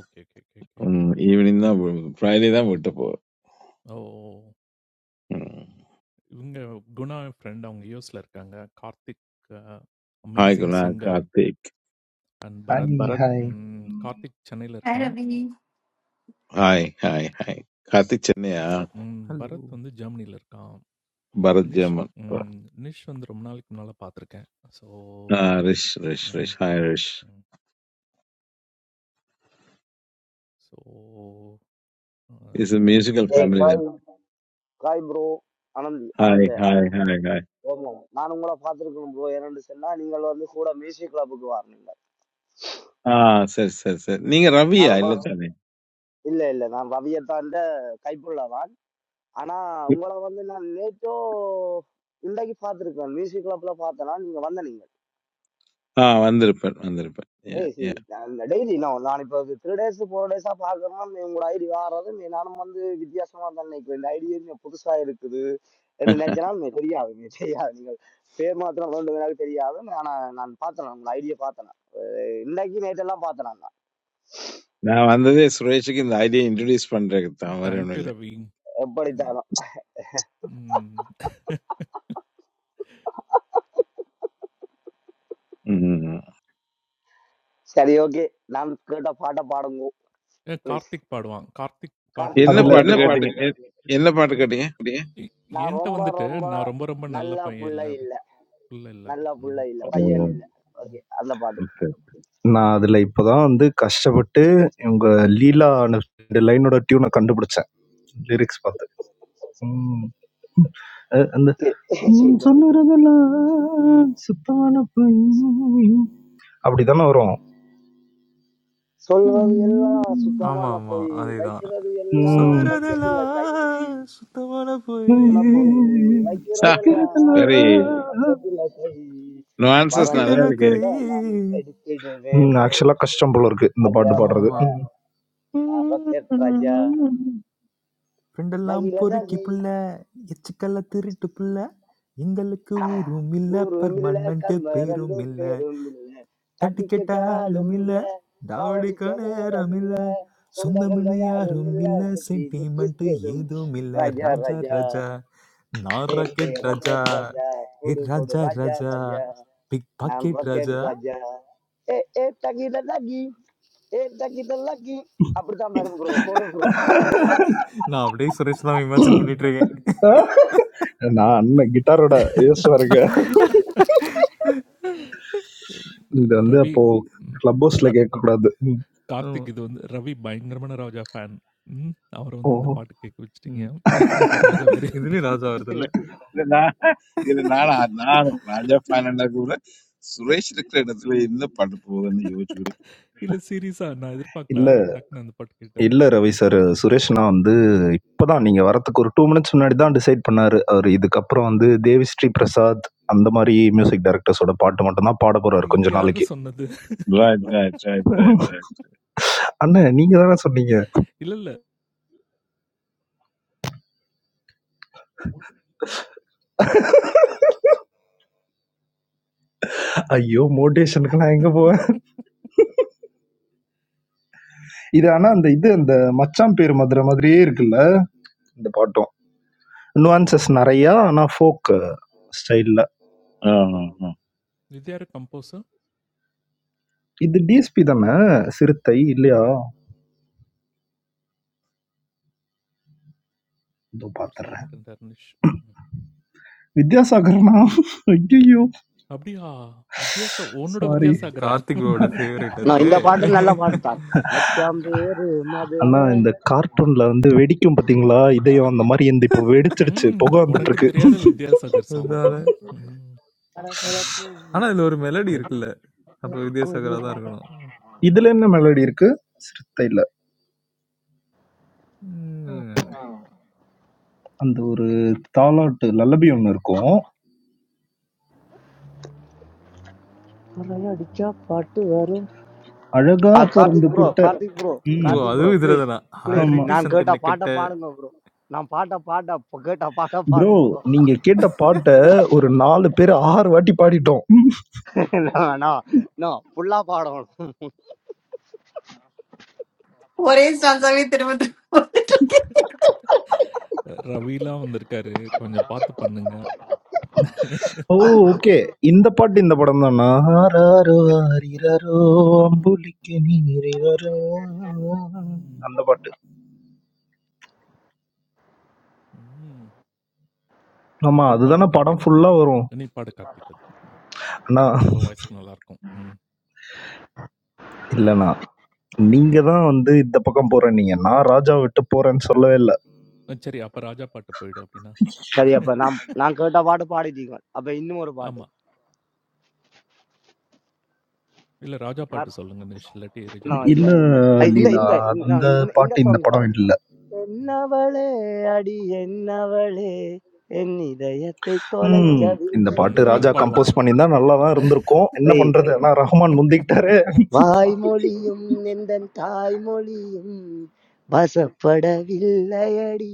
B: Okay, okay, okay, okay.
F: Um, evening na Friday na விட்டு போ.
B: ஓ! ஓ! ஓ.
F: Mm.
B: இவங்க குணா ஃப்ரெண்ட் அவங்க யூஎஸ்ல இருக்காங்க. கார்த்திக் அ
F: Hi
B: amazing
F: Guna,
B: singer
F: Karthik.
B: And
D: hi
B: Bharath
D: Bharath hi.
B: ம், கார்த்திக் சென்னையில இருக்கான்.
A: அழவி.
F: Hi, hi, hi. Karthik Chennaiya,
B: ம்,
E: ஹலோ
B: பரத் வந்து ஜெர்மனில இருக்கான்.
F: Bharat
B: நிஷ்
F: Jaman.
B: ம், நிஷ் வந்து ரொம்ப நாளைக்கு முன்னால பார்த்துருக்கேன். ஸோ
F: Ah, Rish, Rish,
B: ம்,
F: Rish. Hi,
B: ம்,
F: Rish.
B: ம். ஸோ அ,
F: It's a
B: அதான்
F: musical
C: ஏய்
B: இன்ட்ரோடக்ஷன்.
F: family then.
C: காய் காய் bro Anand
F: Hi,
C: Anand
F: hi,
C: ஆனா
F: hi, hi.
C: ஓமம் நான் உங்களை பார்த்துருக்கணும் ப்ரோ ஏன்னு சொன்னா நீங்கள் வந்து கூட மியூசிக் கிளப்புக்கு வரணுங்க
F: Ah, சரி சரி சரி. நீங்க
C: நான்
F: ரவியா இல்ல
C: உங்களை
F: தானே?
C: இல்ல இல்ல நான் ரவியத்தாண்ட கைப்புள்ளவான் ஆனா உங்களை வந்து நான் நேற்றோ இன்றைக்கு பார்த்துருக்கேன் மியூசிக் கிளப்ல பார்த்தனா நீங்க வந்தனீங்க
F: ஆ வந்திருப்பேன் வந்திருப்பேன். Yeah,
C: ஏய் சி
F: yeah.
C: அந்த டெய்லி நான் நான் இப்போ த்ரீ டேஸ் ஃபோர் டேஸாக பார்க்குறேன்னா உங்களோட ஐடி வாடுறது நீ நானும் வந்து வித்தியாசமாக தான் நினைக்கிறேன் இந்த ஐடி புதுசாக இருக்குது என்ன நினைச்சனாலும் நீ தெரியாது நீ தெரியாது நீங்கள் பேர் மாத்திரம் ரெண்டு பேராக தெரியாது ஆனால் நான் பார்த்தேன் உங்களோட ஐடியை பார்த்தேன் இன்னைக்கு நேற்றெல்லாம் பார்த்தேன் நான்
F: நான் வந்ததே சுரேஷுக்கு இந்த ஐடியா இன்ட்ரடியூஸ் பண்றதுக்கு தான் வேற ஒண்ணும்
B: தேங்க்யூ ரவி. ம்,
C: எப்படித்தானோ
B: ம்.
F: இல்ல.
C: சரி ஓகே நான் கேட்ட பாட்டை பாடுங்க
B: ஏ,
C: ப்ளீஸ்
B: கார்த்திக் பாடுவான். கார்த்திக்
C: கார்த்திக்
B: பாடுறியா?
D: அத்
F: என்ன
C: ப்ரோ
F: பாட்டு
C: நான்
F: கேட்டீங்க எ- என்ன பாட்டு கேட்டீங்க
B: எ-
C: நான்
B: என்கிட்ட
C: ரொம்ப
B: வந்துட்டு
C: ரொம்ப
B: நான் ரொம்ப ரொம்ப நல்ல
C: நல்ல
B: பையன்
C: புள்ள
B: இல்ல அப்படி.
C: இல்லை
B: இல்ல இல்ல.
C: நல்ல புள்ள
B: ம்.
C: இல்லை பையன்
F: ஓ
C: இல்லை ஓகே அந்த பாட்டு
F: ஓகே
D: நான் அதில இப்ப தான் வந்து கஷ்டப்பட்டு உங்க லீலா அந்த 2 லைனோட டியூன கண்டுபிடிச்சேன். லிரிக்ஸ் பார்த்து. ம். அது அந்த
C: Okay.
D: ம் சொல்லுறதெல்லாம் சுத்தமான பொய். அப்படித்தானே வரும்.
C: சொல்றது எல்லாம்
E: ஆமா
C: சுத்தமான
E: ஆமா
C: பொய்
E: அதேதான்
C: வைக்கிறது எல்லாம்
D: ம்.
C: வைக்கிறதுல கை
E: சொல்லுறதெல்லாம் சுத்தமான போய்
C: ஆனா பொய் வைக்கிறதெல்லாம்
D: வைக்கிறதெல்லாம்
F: வெரி
C: வைக்கிறதுல கை
F: nuances நல்லா
C: பரங்கள்
E: பாக்கெட்டுல
F: இருக்கு
E: கை
C: கூட நான்
D: ம்.
C: எடுத்திடுவேன் இல்லை
D: ஆக்சுவலா கஷ்டம் போல இருக்கு. இந்த
C: ராஜா
D: பாட்டு
E: ஆமா
D: பாடுறது.
E: ஆமா
D: ம்.
C: நான் ராக்கெட் ராஜா
E: ஃப்ரெண்டெல்லாம்
C: நகில
E: பொறுக்கி
C: நகி
E: புள்ள எச்சுக்கல்ல திருட்டு புள்ள எங்களுக்கு ஊரும் இல்ல
C: ஊரும் இல்ல
E: பர்மனண்ட்
C: கர்ம
E: பேரும்
C: ரெண்டு
E: இல்ல
C: பேரும் இல்ல
E: தட்டி
C: கட்டிக்க
E: கேட்டாலும்
C: காலும்
E: இல்ல
C: இல்ல
E: தாவடிக்க
C: காவடிக்க நேரம்
E: நேரம் இல்ல
C: இல்ல சொந்த பந்த
E: சொந்தம்னு
C: யாரும்
E: யாரும்
C: இல்ல
E: இல்ல
C: சுத்தி விட்டு
E: சென்டிமெண்ட்
C: தெரும்
E: ஏதும் இல்ல
C: ராஜா
E: ராஜா
C: ராஜா
E: ராஜா நான்
C: ஏ ஏ
E: ராக்கெட் ராஜா
C: ராக்கெட் ராஜா
E: ஏ
C: போடு போடு
E: ராஜா
C: ராஜா
E: ராஜா
C: ராஜா
E: பிக்
C: நான்
E: பாக்கெட்
C: ராக்கெட்
E: ராஜா
C: ராஜா ஏ ஏ தகித லகி ஏ தகித லகி அப்படித்தான் மேடம் ப்ரோ போடு ப்ரோ
E: நான் அப்படியே சுரேஷ் தான் இமேஜின் பண்ணிட்டு இருக்கேன்
D: நான் அண்ணன் கிட்டாரோட யோசிச்சு பாருங்க. இது வந்து
B: ரவி
D: அப்போ
B: ம்,
D: கிளப் ஹவுஸ்ல
B: ர-
D: கேட்கக்கூடாது. ம்.
E: ஆமா.
B: கார்த்திக் இது வந்து ரவி பயங்கரமான ராஜா ஃபேன் ம் அவரை
D: ஓ!
B: வந்து இந்த பாட்டு கேட்க வச்சுட்டீங்க
E: ம்.
B: ராஜா வேற
E: இதுலயும் ராஜா வருது
F: இல்ல,
E: இல்ல
F: இது நான் இது நான் நான் ராஜா ஃபேனண்டா கூட சுரேஷ் இருக்கிற இடத்துல என்ன பாட்டு போகுதுன்னு யோசிச்சுக்கிட்டு
B: இல்ல சீரியஸா நான் எதிர்பார்க்கல அவர் டக்குன்னு அந்த பாட்டு கேட்டாரு
D: இல்ல ரவி சார். சுரேஷ் அண்ணா வந்து இப்பதான் நீங்க வரதுக்கு ஒரு 2 மினிட்ஸ் முன்னாடி தான் டிசைட் பண்ணாரு. அவரு இதுக்கப்புறம் வந்து தேவிஸ்ரீ பிரசாத் அந்த மாரி மியூசிக் டைரக்டர்ஸோட பாட்டு மட்டும் தான் பாட போறாரு
B: இது
D: கொஞ்ச
B: யாரு
D: நாளைக்கு.
B: சொன்னது
F: ரைட் ரைட் ரைட் ரைட்
D: அண்ணன் நீங்க தானே சொன்னீங்க.
B: இல்ல இல்ல
D: ஐயோ! மோட்டிவேஷனுக்கு நான் எங்க போவேன்? இது ஆனா அந்த இது அந்த மச்சான் பேரு மதுரை மாதிரியே இருக்குல்ல, இந்த பாட்டும். நுவான்சஸ் நெறையா ஆனா ஃபோக் ஸ்டைல்ல.
F: ரைட்
B: இது யாரு கம்போசர்
D: இது டிஎஸ்பி தானே? சிறுத்தை இல்லையா? இதோ
B: இவர் சொல்ல
D: பாத்துடுறேன்.
B: மாட்டேன் நிஷ் ம்.
D: வித்யாசாகர்னா ஐயையோ!
B: அப்படியா வித்யாசா உன்னோட
D: சாரி.
B: வித்யாசாகரா
E: கார்த்திக் ப்ரோட ஃபேவரட்
C: நான்
E: ஆச்சே
C: இந்த பாட்டு நல்ல பாட்டு தான் மச்சான் பேரு
D: அண்ணா,
C: மதுரை
D: இந்த கார்ட்டூன்ல வந்து வெடிக்கும் பார்த்தீங்களா? இதயம் அந்த மாரி இந்த இப்போ வெடிச்சிடுச்சு.
B: ம்
D: புக
B: உனக்கு
D: வந்துட்டுருக்கு.
B: தெரியாத வித்யாசாகர் சாங்
E: அதனால
B: ம் ம்.
C: பளபளக்கும்
E: ஆனா இதுல ஒரு மெலடி இருக்குல்ல அப்ப வித்யாசாகரா தான்
C: குதிரை
E: இருக்கணும்
D: இதுல என்ன மெலோடி இருக்கு? சிறுத்தைல.
E: ம், இல்லைங்க
D: அந்த ஒரு தாலாட்டு லல்லபி ஒண்ணு இருக்கும்.
C: அடிச்சா பாட்டு வரும்
D: அழகா
C: ஆ
D: பொறந்து
C: கார்த்திக் ப்ரோ
D: புட்ட
C: கார்த்திக் ப்ரோ
E: ஓ
D: ம்.
C: கார்த்திக் ப்ரோ
E: அதுவும் இதுல
C: ப்ளீஸ்
E: தானா
C: ப்ளீஸ்
D: ஆமா.
E: ஆரடி
C: நான் கேட்ட
E: சந்தன
C: பாட்டை
E: கட்ட
C: பாடுங்க ப்ரோ நான் பாட்ட பாட்ட கேட்ட பாட்ட
D: ப்ரோ
C: பாடுங்க
D: நீங்க கேட்ட பாட்ட ஒரு 4 பேர் 6 வாட்டி பாடிட்டோம்.
C: நோ நோ ஃபுல்லா பாடணும்
A: ஒரே சாங்ஸாவே திரும்ப திரும்ப வந்துட்டு இருக்கு.
B: ரவிலாம் வந்திருக்காரு கொஞ்சம் பார்த்து பண்ணுங்க
D: ஓ! ஓகே. இந்த பாட்டு இந்த படம் தானா? ஆராரோ ஆரிராரோ அம்புலிக்கு நீரிவரோ.
B: ம்
D: அந்த பாட்டு.
B: ம்.
D: ஆமா.
B: அது பாடு
D: அதுதானே படம்
B: கார்த்திக்
D: ஃபுல்லா வரும்.
B: நீ பாடு கார்த்திக் அது
D: அண்ணா,
B: ஓ! வாய்ஸ்க்கு நல்லாருக்கும். ம்.
D: இல்லண்ணா. நீங்க தான் வந்து இந்த பக்கம் போறேன்னீங்க. நான் ராஜா விட்டு போறேன்னு சொல்லவே இல்ல.
B: சரி அப்ப ராஜா பாட்டு போயிடு அப்டின்னா.
C: சரி அப்ப நான் நான் கேட்ட பாட்டு பாடிட்டீங்க அப்ப இன்னும் ஒரு பாட்டு
B: ஆமா. இல்ல ராஜா பாட்டு
C: கர்-
B: சொல்லுங்க நிஷ். இல்லாட்டி ரிஜெக்ட்
C: நான் இல்ல
D: இல்ல
B: பண்ணிடுவோம்.
C: ஐ, இந்த
D: லீலா,
C: இந்த
D: அந்த
C: நான் இந்த இந்த
D: பாட்டு இந்த
C: சாங்
D: படம்
C: பாடும்
D: இல்ல.
B: ம்.
C: என்னவளே அடி என்னவளே என் இதயத்தை
D: ம். இந்த
C: தொலைக்கவில்லை
D: பாட்டு
B: ம். அது
D: ராஜா
B: பாடுவான்.
D: கம்போஸ் பண்ணியிருந்தா நல்லா தான் இருந்திருக்கும். என்ன
C: ஏய்,
D: பண்றது? ஆனா ரஹ்மான் முந்திக்கிட்டாரு.
C: வாய்மொழியும் எந்தன் தாய்மொழியும் வசப்படவில்லை அடி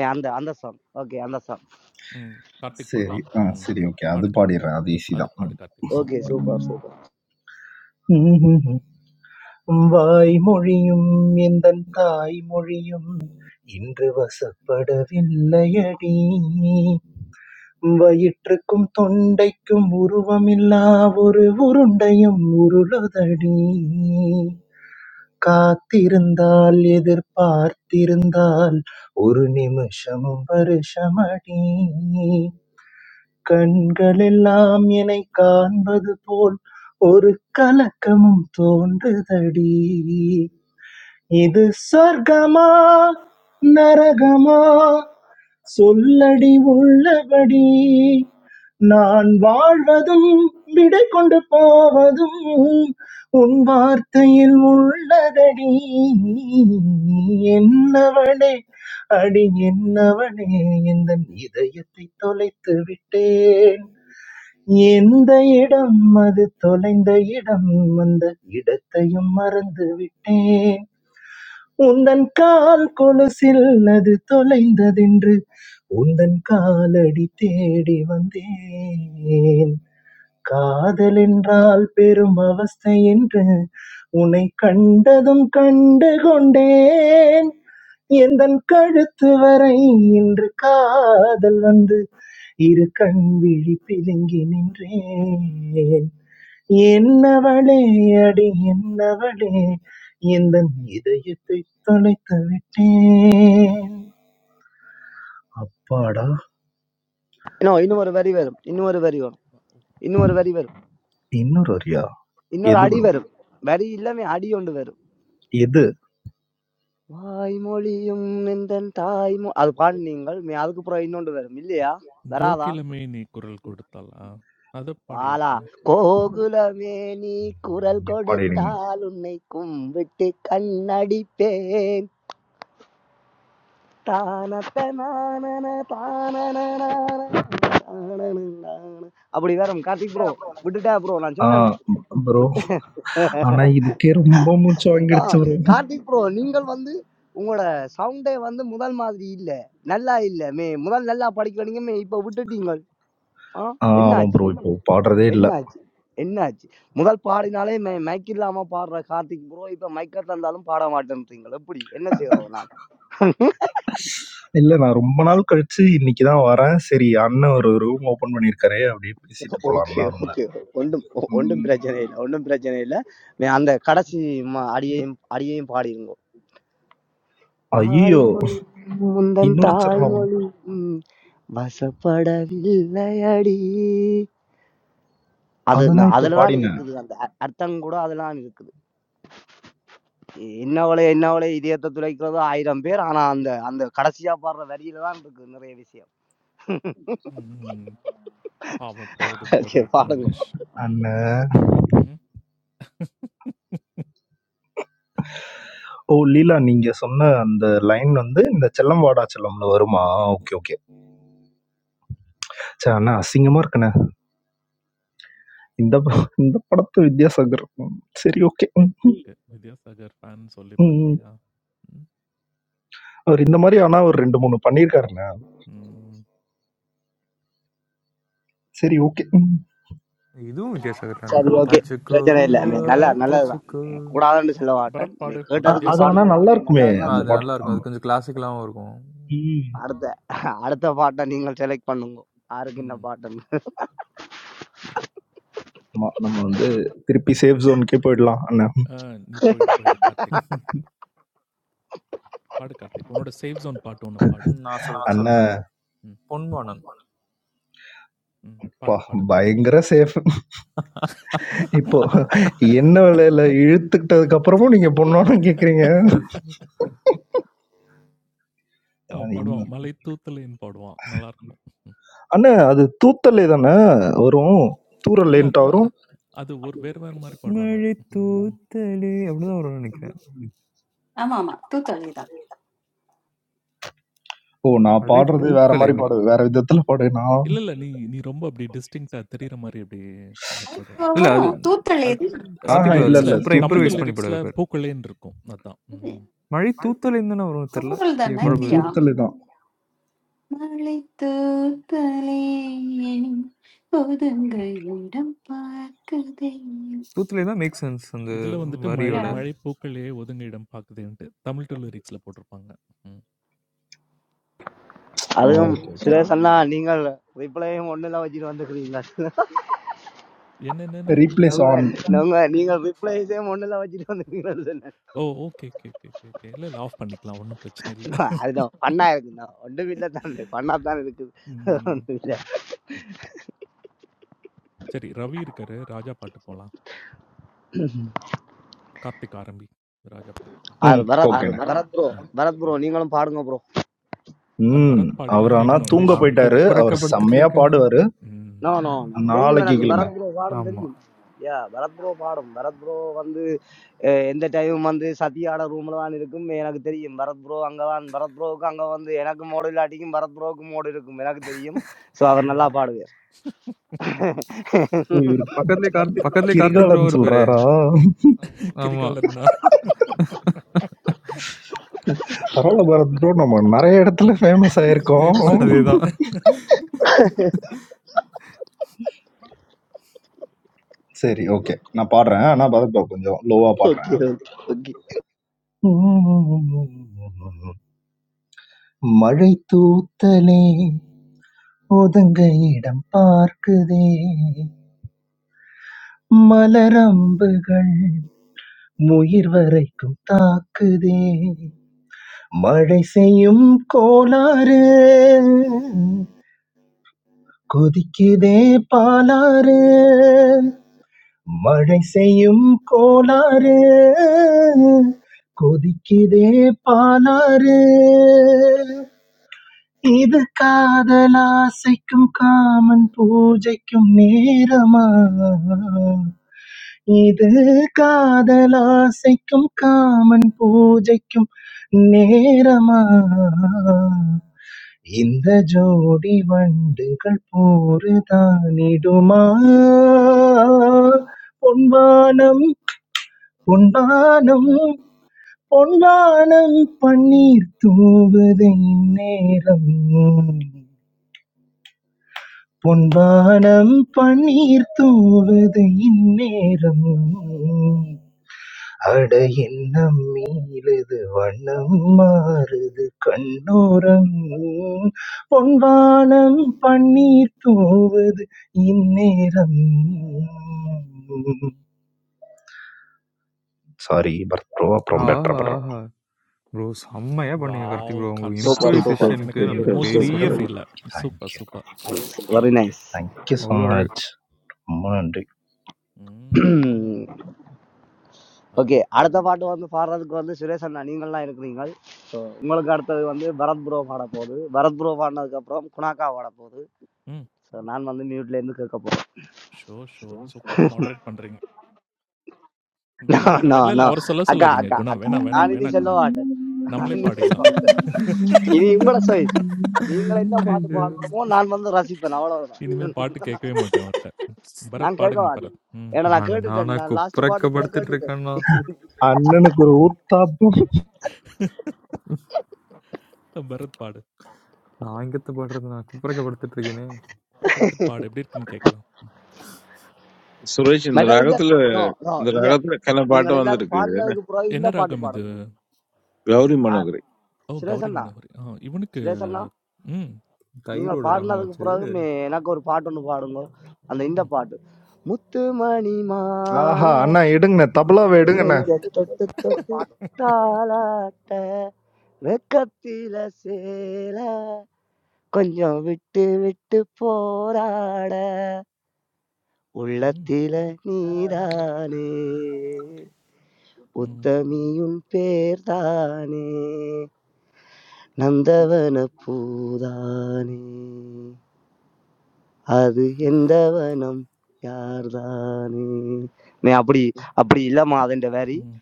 C: ஏய், அந்த அந்த சாங் ஓகே அந்த சாங்
B: ம். கார்த்திக்
D: சரி.
B: பாடுவான்.
D: ஆ
B: ம்.
D: சரி, ஓகே. அது
B: பாடு கார்த்திக்.
D: பாடிடுறேன். அது ஈஸி
B: அது பாடு
D: தான்.
B: Karthik.
C: Okay
B: super
C: super
B: Karthik.
C: Super
D: ம். வாய்மொழியும் எந்தன் தாய்மொழியும் இன்று வசப்படவில்லையடி வயிற்றுக்கும் தொண்டைக்கும் உருவமில்லா ஒரு உருண்டையும் உருளுதடி. காத்திருந்தால் எதிர்பார்த்திருந்தால் ஒரு நிமிஷமும் வருஷமடி. கண்களெல்லாம் என்னை காண்பது போல் ஒரு கலக்கமும் தோன்றுதடி இது சொர்க்கமா நரகமா சொல்லடி உள்ளபடி நான் வாழ்வதும் விடை கொண்டு போவதும் உன் வார்த்தையில் உள்ளதடி என்னவனே அடி என்னவனே இந்த இதயத்தை தொலைத்து விட்டேன் எந்த இடம் அது தொலைந்த இடம் அந்த இடத்தையும் மறந்து விட்டேன் உந்தன் கால் கொலுசில் அது தொலைந்ததென்று உந்தன் காலடி தேடி வந்தேன் காதல் என்றால் பெரும் அவஸ்தை என்று உன்னை கண்டதும் கண்டு கொண்டேன் எந்தன் கழுத்து வரை இன்று காதல் வந்து இரு கண் விழி பிதுங்கி நின்றேன் என்னவளே அடி என்னவளே இந்த இதயத்தை தொலைத்து விட்டேன் அப்பாடா
C: இன்னும் இன்னும் ஒரு வரி வரும் இன்னும் ஒரு வரி வரும் இன்னும் ஒரு வரி வரும்
D: இன்னொரு வரியா
C: இன்னொரு
D: எது
C: அடி
D: ப்ரோ
C: வரும் வரி இல்லாம அடி ஒன்று வரும்
D: எது
C: വായ്മൊഴിയും നിന്തൻ തായ്മൊ അത് പാടി നിങ്ങൾ അതുക്കപ്പുറം ഇന്നോണ്ട് വരും ഇല്ലയാ വരാതാ
B: கோகிலமே நீ குரல் கொடுத்தால். ஆ. அத
C: വാലാ
B: பாடியாச்சே.
C: கோகுலமே நீ குரல்
D: இங்க பாடிடுங்க
C: கொடுத்தால் உன்னை கும்பிட்டு கண்ணடிப்பேன் தானத்தனான அப்படி வேற கார்த்திக் ப்ரோ விட்டுட்டா ப்ரோ நான்
D: ஆ
C: சொன்னேன்
D: ப்ரோ ஆனா இதுக்கே ரொம்ப மூச்சு
C: அதான்,
D: வாங்கிடுச்சு ப்ரோ
C: கார்த்திக் ப்ரோ நீங்கள் வந்து உங்களோட சவுண்டே வந்து முதல் மாதிரி இல்ல நல்லா இல்ல மே முதல் நல்லா படிக்கிறீங்க மே இப்ப விட்டுட்டீங்க ஆ
D: ஆமா
C: என்னாச்சு
D: ப்ரோ இப்போ பாடுறதே இல்ல
C: என்னாச்சு என்னாச்சு முதல் பாடினாலே மை மைக் இல்லாம பாடுற கார்த்திக் ப்ரோ இப்ப மைக்க தந்தாலும் பாட மாட்டேன்றீங்களா எப்படி என்ன செய்யறது நான்
D: இல்ல நான் ரொம்ப நாள் கழிச்சு இன்னைக்கு தான் வரேன் சரி அண்ணன் ஒரு ரூம் ஓபன் பண்ணிருக்காரு அப்படியே பேசிட்டு போலாம்னு
C: ஓகே
D: தான்
C: ஓகே ஒன்றும் ஒன்றும்
D: வந்தேன்
C: பிரச்சனை இல்லை ஒன்றும் பிரச்சனை இல்லை நீ அந்த கடைசி ம- அடியையும் அடியையும் பாடிருங்க
D: ஐயோ
C: வாய்மொழி முந்தன்
D: இன்னொரு சரணம்.
C: தாய்மொழி உம், வசப்படவில்லை அடி அது
D: அதுதான்
C: நான்
D: இப்ப
C: அதுலதான்
D: பாடினேன்.
C: இருக்குது அந்த அ- அர்த்தம் கூட அதெல்லாம் இருக்குது இன்னவளே இன்னவளே இதயத்தை துளைக்கிறது ஆயிரம் பேர் ஆனா அந்த அந்த கடைசியா பாடுற வரியில தான் இருக்கு நிறைய விஷயம்
B: ம். பாவம் போதும் போதும்
C: சரி
B: விட்டுருங்க
C: பாடுங்க
B: நிஷ். ம்.
D: அண்ட்
B: ம்.
D: ஓ! லீலா நீங்க சொன்ன
B: Uh,
D: அந்த லைன் வந்து, இந்த செல்லம் வாடா செல்லம்ல வருமா? Okay, okay. ச்சே! அண்ணா அசிங்கமா இருக்குண்ணே. இந்த ப இந்த படத்த வித்யாசாகர் ம். சரி ஓகே. ம்,
B: ஓகே. வித்யாசாகர் ஃபேன் சொல்லி
D: ம், ம்.
B: பல்லையா? ம்.
D: அவரு இந்த மாரி ஆனா ஒரு 2, 3 பண்ணியிருக்காருண்ணே.
B: ம்.
D: சரி ஓகே. ம்.
E: இதுவும் வித்யாசாகர் தானே
C: சரி ஓகே
E: தச்சுக்கோ
C: பிரச்சனை
B: சரி
C: இல்லை
B: வேற
C: நீ
B: பாடுங்க.
C: நல்லா நல்லதுதான்
E: தச்சுக்கோ
C: நீ கூடாதுன்னு சொல்ல மாட்டேன்
B: பரத்
C: நீ
B: பாடு. ஒரு
D: அ
C: கேட்டதுக்கு
D: அது ஆனா
B: வித்யாசாகர் பாட்டு.
C: பாடினதுக்கு
D: நல்லா
C: நீ
D: இருக்குமே!
C: நல்லவன்னு
E: ஆ,
C: தான்
D: அந்த
E: அது
D: பாட்டு.
E: நல்லா
C: சொல்லுவோம்
D: ஆ.
E: இருக்கும் அது கொஞ்சம் கிளாசிக்கலாகவும் இருக்கும்
D: ம்.
C: அடுத்த அடுத்த பாட்டை நீங்கள் செலக்ட் பண்ணுங்க யாருக்கு என்ன
B: ம்.
C: பாட்டுன்னு
B: சரி.
D: ஆமா. நம்ம வந்து திருப்பி சேஃப் ஜோனுக்கே போயிடலாம் அண்ணே.
B: ஆ நீ போயிடு, போயிடு கார்த்திக். பாடு கார்த்திக். உன்னோட சேஃப் ஜோன் பாட்டு ஒண்ணு பாடு.
E: ம், நான்
D: ஆ,
E: சொல்றேன்
D: அண்ணே, சொல்லுங்க.
B: ம்.
E: பொன்மானம்
B: ம்.
D: அப்பா!
B: பாடு, பாடு. ம்.
D: பயங்கர சேஃப். இப்போ என்ன வெலையில இழுத்துக்கிட்டதுக்கு அப்புறமும் நீங்க பொண்ணோன்னு கேட்குறீங்க.
B: அவன் பாடுவான். மலை தூத்தலேன்னு பாடுவான். நல்லாருக்கும்.
D: அண்ணே, அது தூத்தல்லே தான வரும்?
B: இல்ல அது
D: தூறல்லேன்ட்டா வரும்?
B: அது ஒரு வேற வேற மாரி பாடுவாங்க.
E: மழை
B: ம்.
E: தூத்தலே அப்படிதான் வரும் நினைக்கிறேன்
A: ஆமா ஆமா தூத்தளே தான்
D: ஓ! நான்
E: மழை
D: பாடுறது வேற மாரி
E: பூக்கலைவா
D: பாடுவேன். வேற விதத்துல பாடுவேனா?
B: இல்ல, இல்ல. நீ நீ ரொம்ப அப்படி டிஸ்டிங்க்ட்டா தெரியிற மாரி அப்படி இத பாடு.
E: இல்ல அது
A: வரும் தூத்தளே
B: அது
A: தான்.
D: ஆஹா,
E: கார்த்திக் பிரதர்
D: இல்ல,
E: இல்லை
B: லிரிக்ஸ்ல
D: இல்ல.
E: சூப்பராக
B: தமிழ்
D: தூத்தலு
B: டூ
E: இம்ப்ரவைஸ்
D: தான்.
E: பண்ணி படம்
B: லிரிக்ஸ்ல
E: இருப்பார்
B: பூக்களேன்னு இருக்கும். அதான். ம்.
E: மழை தூத்தலைன்னு வரும் தெரில
A: கூறல்
E: ஐயோ
A: தானே
D: ம்.
E: குழப்பு
A: இல்லையா
D: தூத்தலு தான்.
A: மலைத்தூத்தலே எனும் ஒதுங்கள் இடம் பார்க்கதையும்
E: தூத்தலை தான் மேக் சென்ஸ் அந்த
B: இதுல வந்துட்டு மழை
E: வரியோட
B: மழை பூக்களே ஒதுங்க இடம் பாக்குதேன்ட்டு தமிழ் டூ லிரிக்ஸ்ல போட்டிருப்பாங்க. ம்.
D: ஓ!
C: அதுவும்
D: ஓகே, ஓகே.
C: சுரேஷன்னா
B: ம்.
C: நீங்கள் ரிப்ளையும் ஒண்ணுல வச்சுட்டு வந்துக்கிறீங்களா
B: என்னென்னன்னு?
D: ரீப்ளேஸ் ஆன்.
C: நீங்க நீங்க ரிப்ளைஸையும் ஒண்ணுல வச்சுட்டு வந்துக்கிறீங்களா
B: ஓ! Okay, okay, okay, okay, okay. இல்ல, இல்ல. ஆஃப் பண்ணிக்கலாம். ஒண்ணும் பிரச்சனை இல்ல.
C: அதுதான் பண்ணா இருக்குண்ணா ஒன்றும் இல்லை தான் பண்ணா தான் இருக்குது
B: ம்.
C: ஒன்றும் இல்லை
B: சரி, ரவி இருக்காரு. ராஜா பாட்டு போலாம். கார்த்திக் ஆர்&பி. ராஜா பாட்டு.
C: ஆர்
D: ம். ஓ.
C: பரத் பரத் ப்ரோ
B: ம்.
C: பரத் ப்ரோ
B: ம்.
C: நீங்களும் பாடுங்க ப்ரோ
B: அ
D: ம்.
B: பரத்
D: அவரு
B: பாடிலாம்
D: ஆனா
E: ம்,
B: கேட்கணும்.
D: தூங்க
B: "உன்மேஷ்
E: நான்
B: வெயிட் பண்ணு."
D: போயிட்டாரு. அவரு
E: குப்புறக்கப்படுத்திட்டு
D: செம்மையா
E: இருக்கேங்க
D: பாடுவாரு.
B: ம்.
C: நோ நோ
E: ம்,
C: நோ தெரியும்
D: நாளைக்கு
C: எனக்கு
D: கேளுங்க.
C: பரத் ப்ரோ பாடும்
E: ஆமா
C: தெரியும் யா பரத் ப்ரோ பாடும் பரத் ப்ரோ வந்து அஹ், எந்த டைம் வந்து சத்யாட ரூம்ல தான் இருக்கும் எனக்கு தெரியும் பரத் ப்ரோ அங்க தான் பரத் ப்ரோவுக்கு அங்க வந்து எனக்கு மோடு இல்லாட்டிக்கும் பரத் ப்ரோவுக்கு மோடு இருக்கும் எனக்கு தெரியும் ஸோ அவர்
B: ம்.
C: நல்லா பாடுவார்
D: ஓ! இவரு பக்கத்துலயே கார்த்திக் ப்ரோ.
E: பக்கத்துலேயே கார்த்திக் ப்ரோவும்
D: கிரிகாலன்
E: இருப்பாரு
D: சொல்றாரா?
E: ஆமா
B: கிரிகாலன் தான்.
D: பரவாயில்ல பாரத் ப்ரோ. நம்ம நெறைய இடத்துல ஃபேமஸ் ஆயிருக்கோம்.
B: ஃபேமஸா இருக்கீங்க.
E: அதேதான்
D: சரி, ஓகே. நான் பாடுறேன். ஆனா பாரத் ப்ரோ கொஞ்சம் லோவா
C: ஓகே
D: பாடுறேன்.
C: ஓகே ஓகே
D: மழை தூத்தலே ஒதுங்க இடம் பார்க்குதே மலரம்புகள் முயிர் வரைக்கும் தாக்குதே மழை செய்யும் கோளாறு கொதிக்குதே பாலாறு மழை செய்யும் கோளாறு கொதிக்குதே பாலாறு இது காதலாசைக்கும் காமன் பூஜைக்கும் நேரமா இது காதலாசைக்கும் காமன் பூஜைக்கும் நேரமா இந்த ஜோடி வண்டுகள் போருதானிடுமா பொன்வானம் பொன்வானம் பொன்வானம் பன்னீர் தூவுதை நேரம் பொன்வானம் பன்னீர் தூவுது இந்நேரம் அட எண்ணம் மீளுது வண்ணம் மாறுது கண்ணோரம் பொன்வானம் பன்னீர் தூவுது இந்நேரம் சாரி பரத் ப்ரோ அப்புறம் பெட்டர்
E: ஆஹா
D: பண்ணுறோம்
E: ஆஹா ப்ரோ செம்மையா பண்ணீங்க கார்த்திக்
B: வாவ்!
E: ப்ரோ உங்க
B: கார்த்திக்
C: சூப்பர் சூப்பர்
F: சூப்பர்
E: இம்ப்ரூவைசேஷனுக்கு
B: எனக்கு
E: நான்
F: சூப்பர்
C: சூப்பர்
B: எமோஜிஸ் விட
C: சூப்பர்
E: பெரிய
F: சூப்பர்
E: ஃபேன்
B: முடியல. Super,
D: thank you
B: super.
C: Nice very nice
D: thank you so
E: அவ்வளோ அழகு
D: மச் ரொம்ப நன்றி
B: ம்.
C: ஓகே
B: அருமை,
C: அடுத்த
B: அருமை.
C: பாட்டு வந்து பாடுறதுக்கு வந்து சுரேஷ் அண்ணா நீங்கள்லாம் இருக்கிறீங்க உங்களுக்கு அடுத்தது வந்து பரத் ப்ரோ பாட போகுது பரத் ப்ரோ பாடினதுக்கப்புறம் குணாக்கா பாட போகுது
B: ம்.
C: ஸோ நான் வந்து மியூட்ல இருந்து கேட்க போறேன்
B: ஷோர், ஷோர். சூப்பரா மாடரேட் பண்றீங்க.
C: No,
B: வேணா, வேணா.
C: no,
B: இல்ல, இல்ல.
C: no.
B: அவர சொல்ல
C: அக்கா
B: சொல்லாதீங்க
C: அக்கா
B: குணா.
C: அக்கா
B: வேணா, வேணா,
C: நான் இனி
B: வேணா
C: செல்ல
B: குணா.
C: மாட்டேன் நான்
B: நம்மளே
C: இனி செல்ல
B: பாடிடலாம்.
C: மாட்டேன் இனி உங்களோட சைஸ் நீங்கள் என்ன பாட்டு
E: ஐயோ.
C: பாடணுமோ நான் வந்து ரசிப்பேன் அவ்வளவுதான்
B: இனிமே பாட்டு கேட்கவே மாட்டேன் அவர்ட்ட. பரத்
C: நான் கேட்க
B: பாடுங்க
C: மாட்டேன்
B: பரத். ம்.
C: ஏன்னா நான்
E: அண்ணாண்ணா
C: கேட்டுட்டேன் நான் லாஸ்ட் பாட்டு கூட
E: குப்புறக்கப்படுத்திட்டு
C: கேட்டுட்டேன்
E: இருக்கேன்னா
D: அண்ணனுக்கு ஒரு ஊத்தாப்பம்
B: பரத் பாடு.
E: நான் இங்கத்தை பாடுறது நான் குப்புறக்கப்படுத்திட்டு இருக்கேனே
B: அப்புறம் படுத்துட்டு பாடு எப்படி இருக்குன்னு கேட்கலாம். ம்.
F: Suresh, இந்த
C: மற்றது இங்க
F: ராகத்துல
C: நோ நோ
F: இந்த
C: இங்க
F: ராகத்துல கன பாட்டு
C: நீங்கள் எல்லாரும்
F: வந்திருக்கு என்ன
C: பாடினதுக்கு பிறகு
B: என்ன
C: இந்த பாட்டு
B: ராகம் இது?
C: பாடணும்
F: கௌரி
C: ஆ
F: மனோகரி
B: ஓ!
C: சுரேஷ்
B: கௌரி
C: அண்ணா
B: மனோகரி. ஆ இவனுக்கு
C: சுரேஷ் அண்ணா
B: ம்,
C: நீங்கள்
E: தைரோட ரகம்
C: பாடினதுக்கு
E: வச்சேன்
C: பிறகு எனக்கு ஒரு பாட்டு ஒன்று பாடுங்க அந்த இந்த
B: ம்,
C: பாட்டு முத்து மணி
D: ஆஹா
C: மாலை
D: அண்ணா எடுங்கண்ணே தபலாவை எடுங்கண்ணே
C: நெஞ்ச தொட்டு தொட்டு தாளாட்ட வெக்கத்தில சேல கொஞ்சம் விட்டு விட்டு போராட
B: ம்,
C: உள்ளத்தில நீதானே
B: ம்,
C: உத்தமியும் பேர்தானே நந்தவன பூதானே அது எந்த வனம் யார்தானே நே, அப்படி அப்படி இல்லைம்மா அதுன்ற வேரி
B: ம்,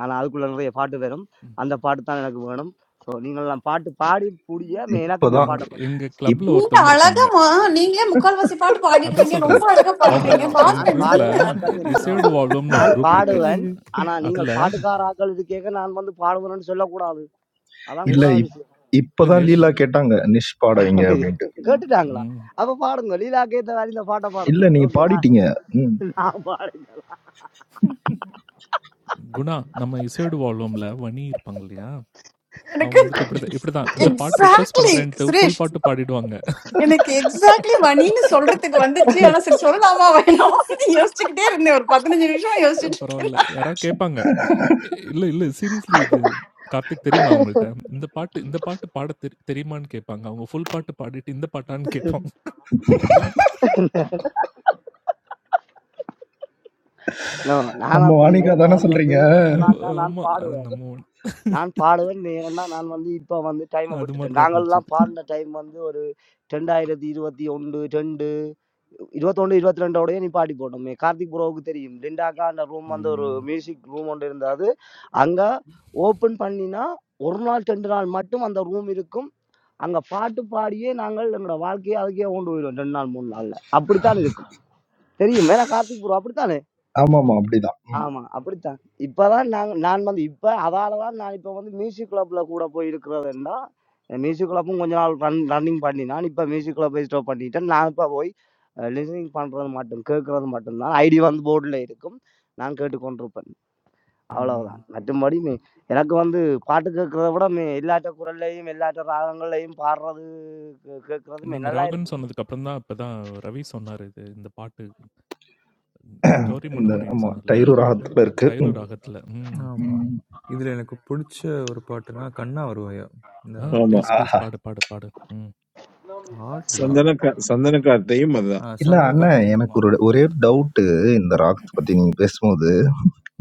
C: ஆனால் அதுக்குள்ள நிறைய பாட்டு வரும்
B: ம்.
C: அந்த பாட்டு தான் எனக்கு வேணும் ஸோ நீங்கள் நான் பாட்டு பாடி புடிய மே- எனக்கு இந்த
D: இப்போதான்
B: எங்க
C: பாட்டை படி
B: எங்க
D: இப்
B: கிளப்ல
A: நீங்க
B: ஒருத்தவங்க இருப்பாங்க.
A: அழகமா நீங்களே முக்கால்வாசி பாட்டு
B: அதான்
A: பாடிடுறீங்க ரொம்ப
B: சொல்றேன்.
A: அழகா
C: No,
B: அவங்க
C: no,
A: பாடுறீங்க
B: எங்க
A: பாடுற
C: நான்
B: குரூப்ல
C: பாடுவேன்
A: என்னதுன்னு
B: இ
C: அதைத்தாங்க no.
B: இசையோடு வாழ்வோம்னு ஒரு
C: நான்
B: குரூப் இருக்கு.
C: பாடுவேன் ஆனா நீங்கள்
B: அதுல
C: பாட்டுக்கார ஆக்கள் இது கேட்க நான் வந்து பாடுவேன்னு சொல்லக்கூடாது அதான்
D: இல்ல
B: நிஷ்
C: கூடாத
D: இப்
C: விஷயம்
B: இல்ல
D: இப்பதான்
B: நிஷ்,
D: லீலா கேட்டாங்க நிஷ் பாடவீங்க அப்படின்ட்டு
C: கேட்டுட்டாங்களா
B: ம்
C: அப்ப பாடுங்க லீலாக்கு ஏத்த மாதிரி இந்த பாட்டை பாடுங்க
D: இல்ல நீங்க
C: ஓகே நான்
D: பாடிட்டீங்க ம்.
C: நான் பாடுறேன்.
B: குணா நம்ம இசையோடு வாழ்வோம்ல வனி இருப்பாங்க இல்லையா? அவங்க
A: எனக்கு
B: வந்துட்டு இப்படிதான் இப்படிதான் இந்த பாட்டு ரிக்வெஸ்ட்
A: எக்ஸாக்ட்லி
B: பண்றேன்ட்டு ஃபுல்
A: சுரேஷ்
B: பாட்டு பாடிடுவாங்க.
A: எனக்கு எக்ஸாக்ட்லி மணின்னு சொல்றதுக்கு வந்துச்சு ஆனா சரி சொல்லலாமா வேணாம் யோசிச்சுக்கிட்டே இருந்தேன் ஒரு பதினஞ்சு நிமிஷம்
B: அ
A: யோசிச்சுட்டு இருக்கேன்
B: பரவால்ல. யாராவது கேட்பாங்க. "எ இல்ல, இல்ல சீரியஸ்லி இது கார்த்திக் தெரியுமா அவங்கள்ட்ட? இந்த பாட்டு இந்த பாட்டு பாட தெரி தெரியுமான்னு?" கேட்பாங்க. அவங்க ஃபுல் பாட்டு பாடிட்டு, இந்த பாட்டான்னு கேட்பாங்க. ஐயோ!
C: நோ நான்
D: நம்ம
C: அப்படி இல்லை
D: வாணிகா தானே
C: நான் வந்து
D: சொல்றீங்க
B: அ
C: நாக்கா நான்
B: ஆமா. அது
C: பாடுவேன்
B: நம்ம ஒண்ணு.
C: நான் பாடுவேன் நீ ஏன்னா நான் வந்து இப்போ வந்து டைமை
B: அது மாரி
C: விட்டுட்டேன்
B: தான் இருந்துச்சு
C: நாங்கள்லாம்
B: இது.
C: பாடின டைம் வந்து ஒரு ரெண்டாயிரத்தி இருபத்தி ஒன்று ரெண்டு இருபத்தொன்று இருபத்தி ரெண்டோடய நீ பாடி போட்டோமே கார்த்திக் ப்ரோவுக்கு தெரியும் டெண்டாக்கா அந்த ரூம் வந்து ஒரு
B: ம்.
C: மியூசிக் ரூம் ஒன்று இருந்தது அங்கே ஓப்பன் பண்ணினா ஒரு நாள் ரெண்டு நாள் மட்டும் அந்த ரூம் இருக்கும் அங்கே பாட்டு பாடியே நாங்கள் எங்களோட வாழ்க்கையை அதுக்கே கொண்டு போயிடுவோம் ரெண்டு நாள் மூணு நாளில் அப்படித்தான் இருக்கும் தெரியும் வேற கார்த்திக் ப்ரோ அப்படித்தான்
D: ஆமா ஆமா அப்படிதான் ம்.
C: ஆமா அப்படித்தான் இப்பதான் நான் நான் வந்து இப்ப அதாலதான் நான் இப்ப வந்து மியூசிக் கிளப்ல கூட போய் இருக்கிறதுன்னா மியூசிக் கிளப்பும் கொஞ்ச நாள் ரன் ரன்னிங் பண்ணி நான் இப்ப மியூசிக் கிளப்பை ஸ்டாப் பண்ணிட்டேன் நான் இப்ப போய் லிசனிங் பண்றது மட்டும் கேட்கறது மட்டும்தான் ஐடி வந்து போர்டில் இருக்கும் நான் கேட்டுக்கொண்டிருப்பேன்
B: ம்.
C: அவ்வளவுதான் மற்றபடி மி- எனக்கு வந்து பாட்டு கேட்கறத விட மி- எல்லாட்ட குரல்லையும் எல்லாட்ட ராகங்கள்லையும் பாடுறது கேட்கறதுமே
B: நீங்க
C: நல்லா இருக்கும்
B: ராகம்ன்னு சொன்னதுக்கு அப்புறம் தான், இப்பதான் ரவி சொன்னாரு இது இந்த பாட்டு. கௌரி
D: இந்த
B: மனோஹரின்னு
D: ஆமா
B: சொன்னார் இல்லையா
D: டைரு
B: அந்த பாட்டு?
D: ராகத்துல இருக்கு
B: தைரு
D: ம்.
B: ராகத்துல. ம்,
E: ஆமா.
B: ம்.
D: ம்.
E: இதுல எனக்கு புடிச்ச ஒரு பாட்டுன்னா, கண்ணா வருவாயா, இந்த
B: ஆ
F: ஆமா
E: ராகத்துல.
B: ப்ளீஸ், ப்ளீஸ்
D: ஆஹா.
B: பாடு, பாடு, பாடு. ம்.
E: பாடுறதா?
F: சந்தன கா- சந்தன காத்தையும்
E: ஆ
F: அதுதான்
D: இல்ல
E: சந்தன
D: அண்ணன்
E: காற்றுங்க.
D: எனக்கு
E: ஆமா.
D: ஒரு ஒரே டவுட் இந்த ராகத்தை பத்தி நீங்க பேசும்போது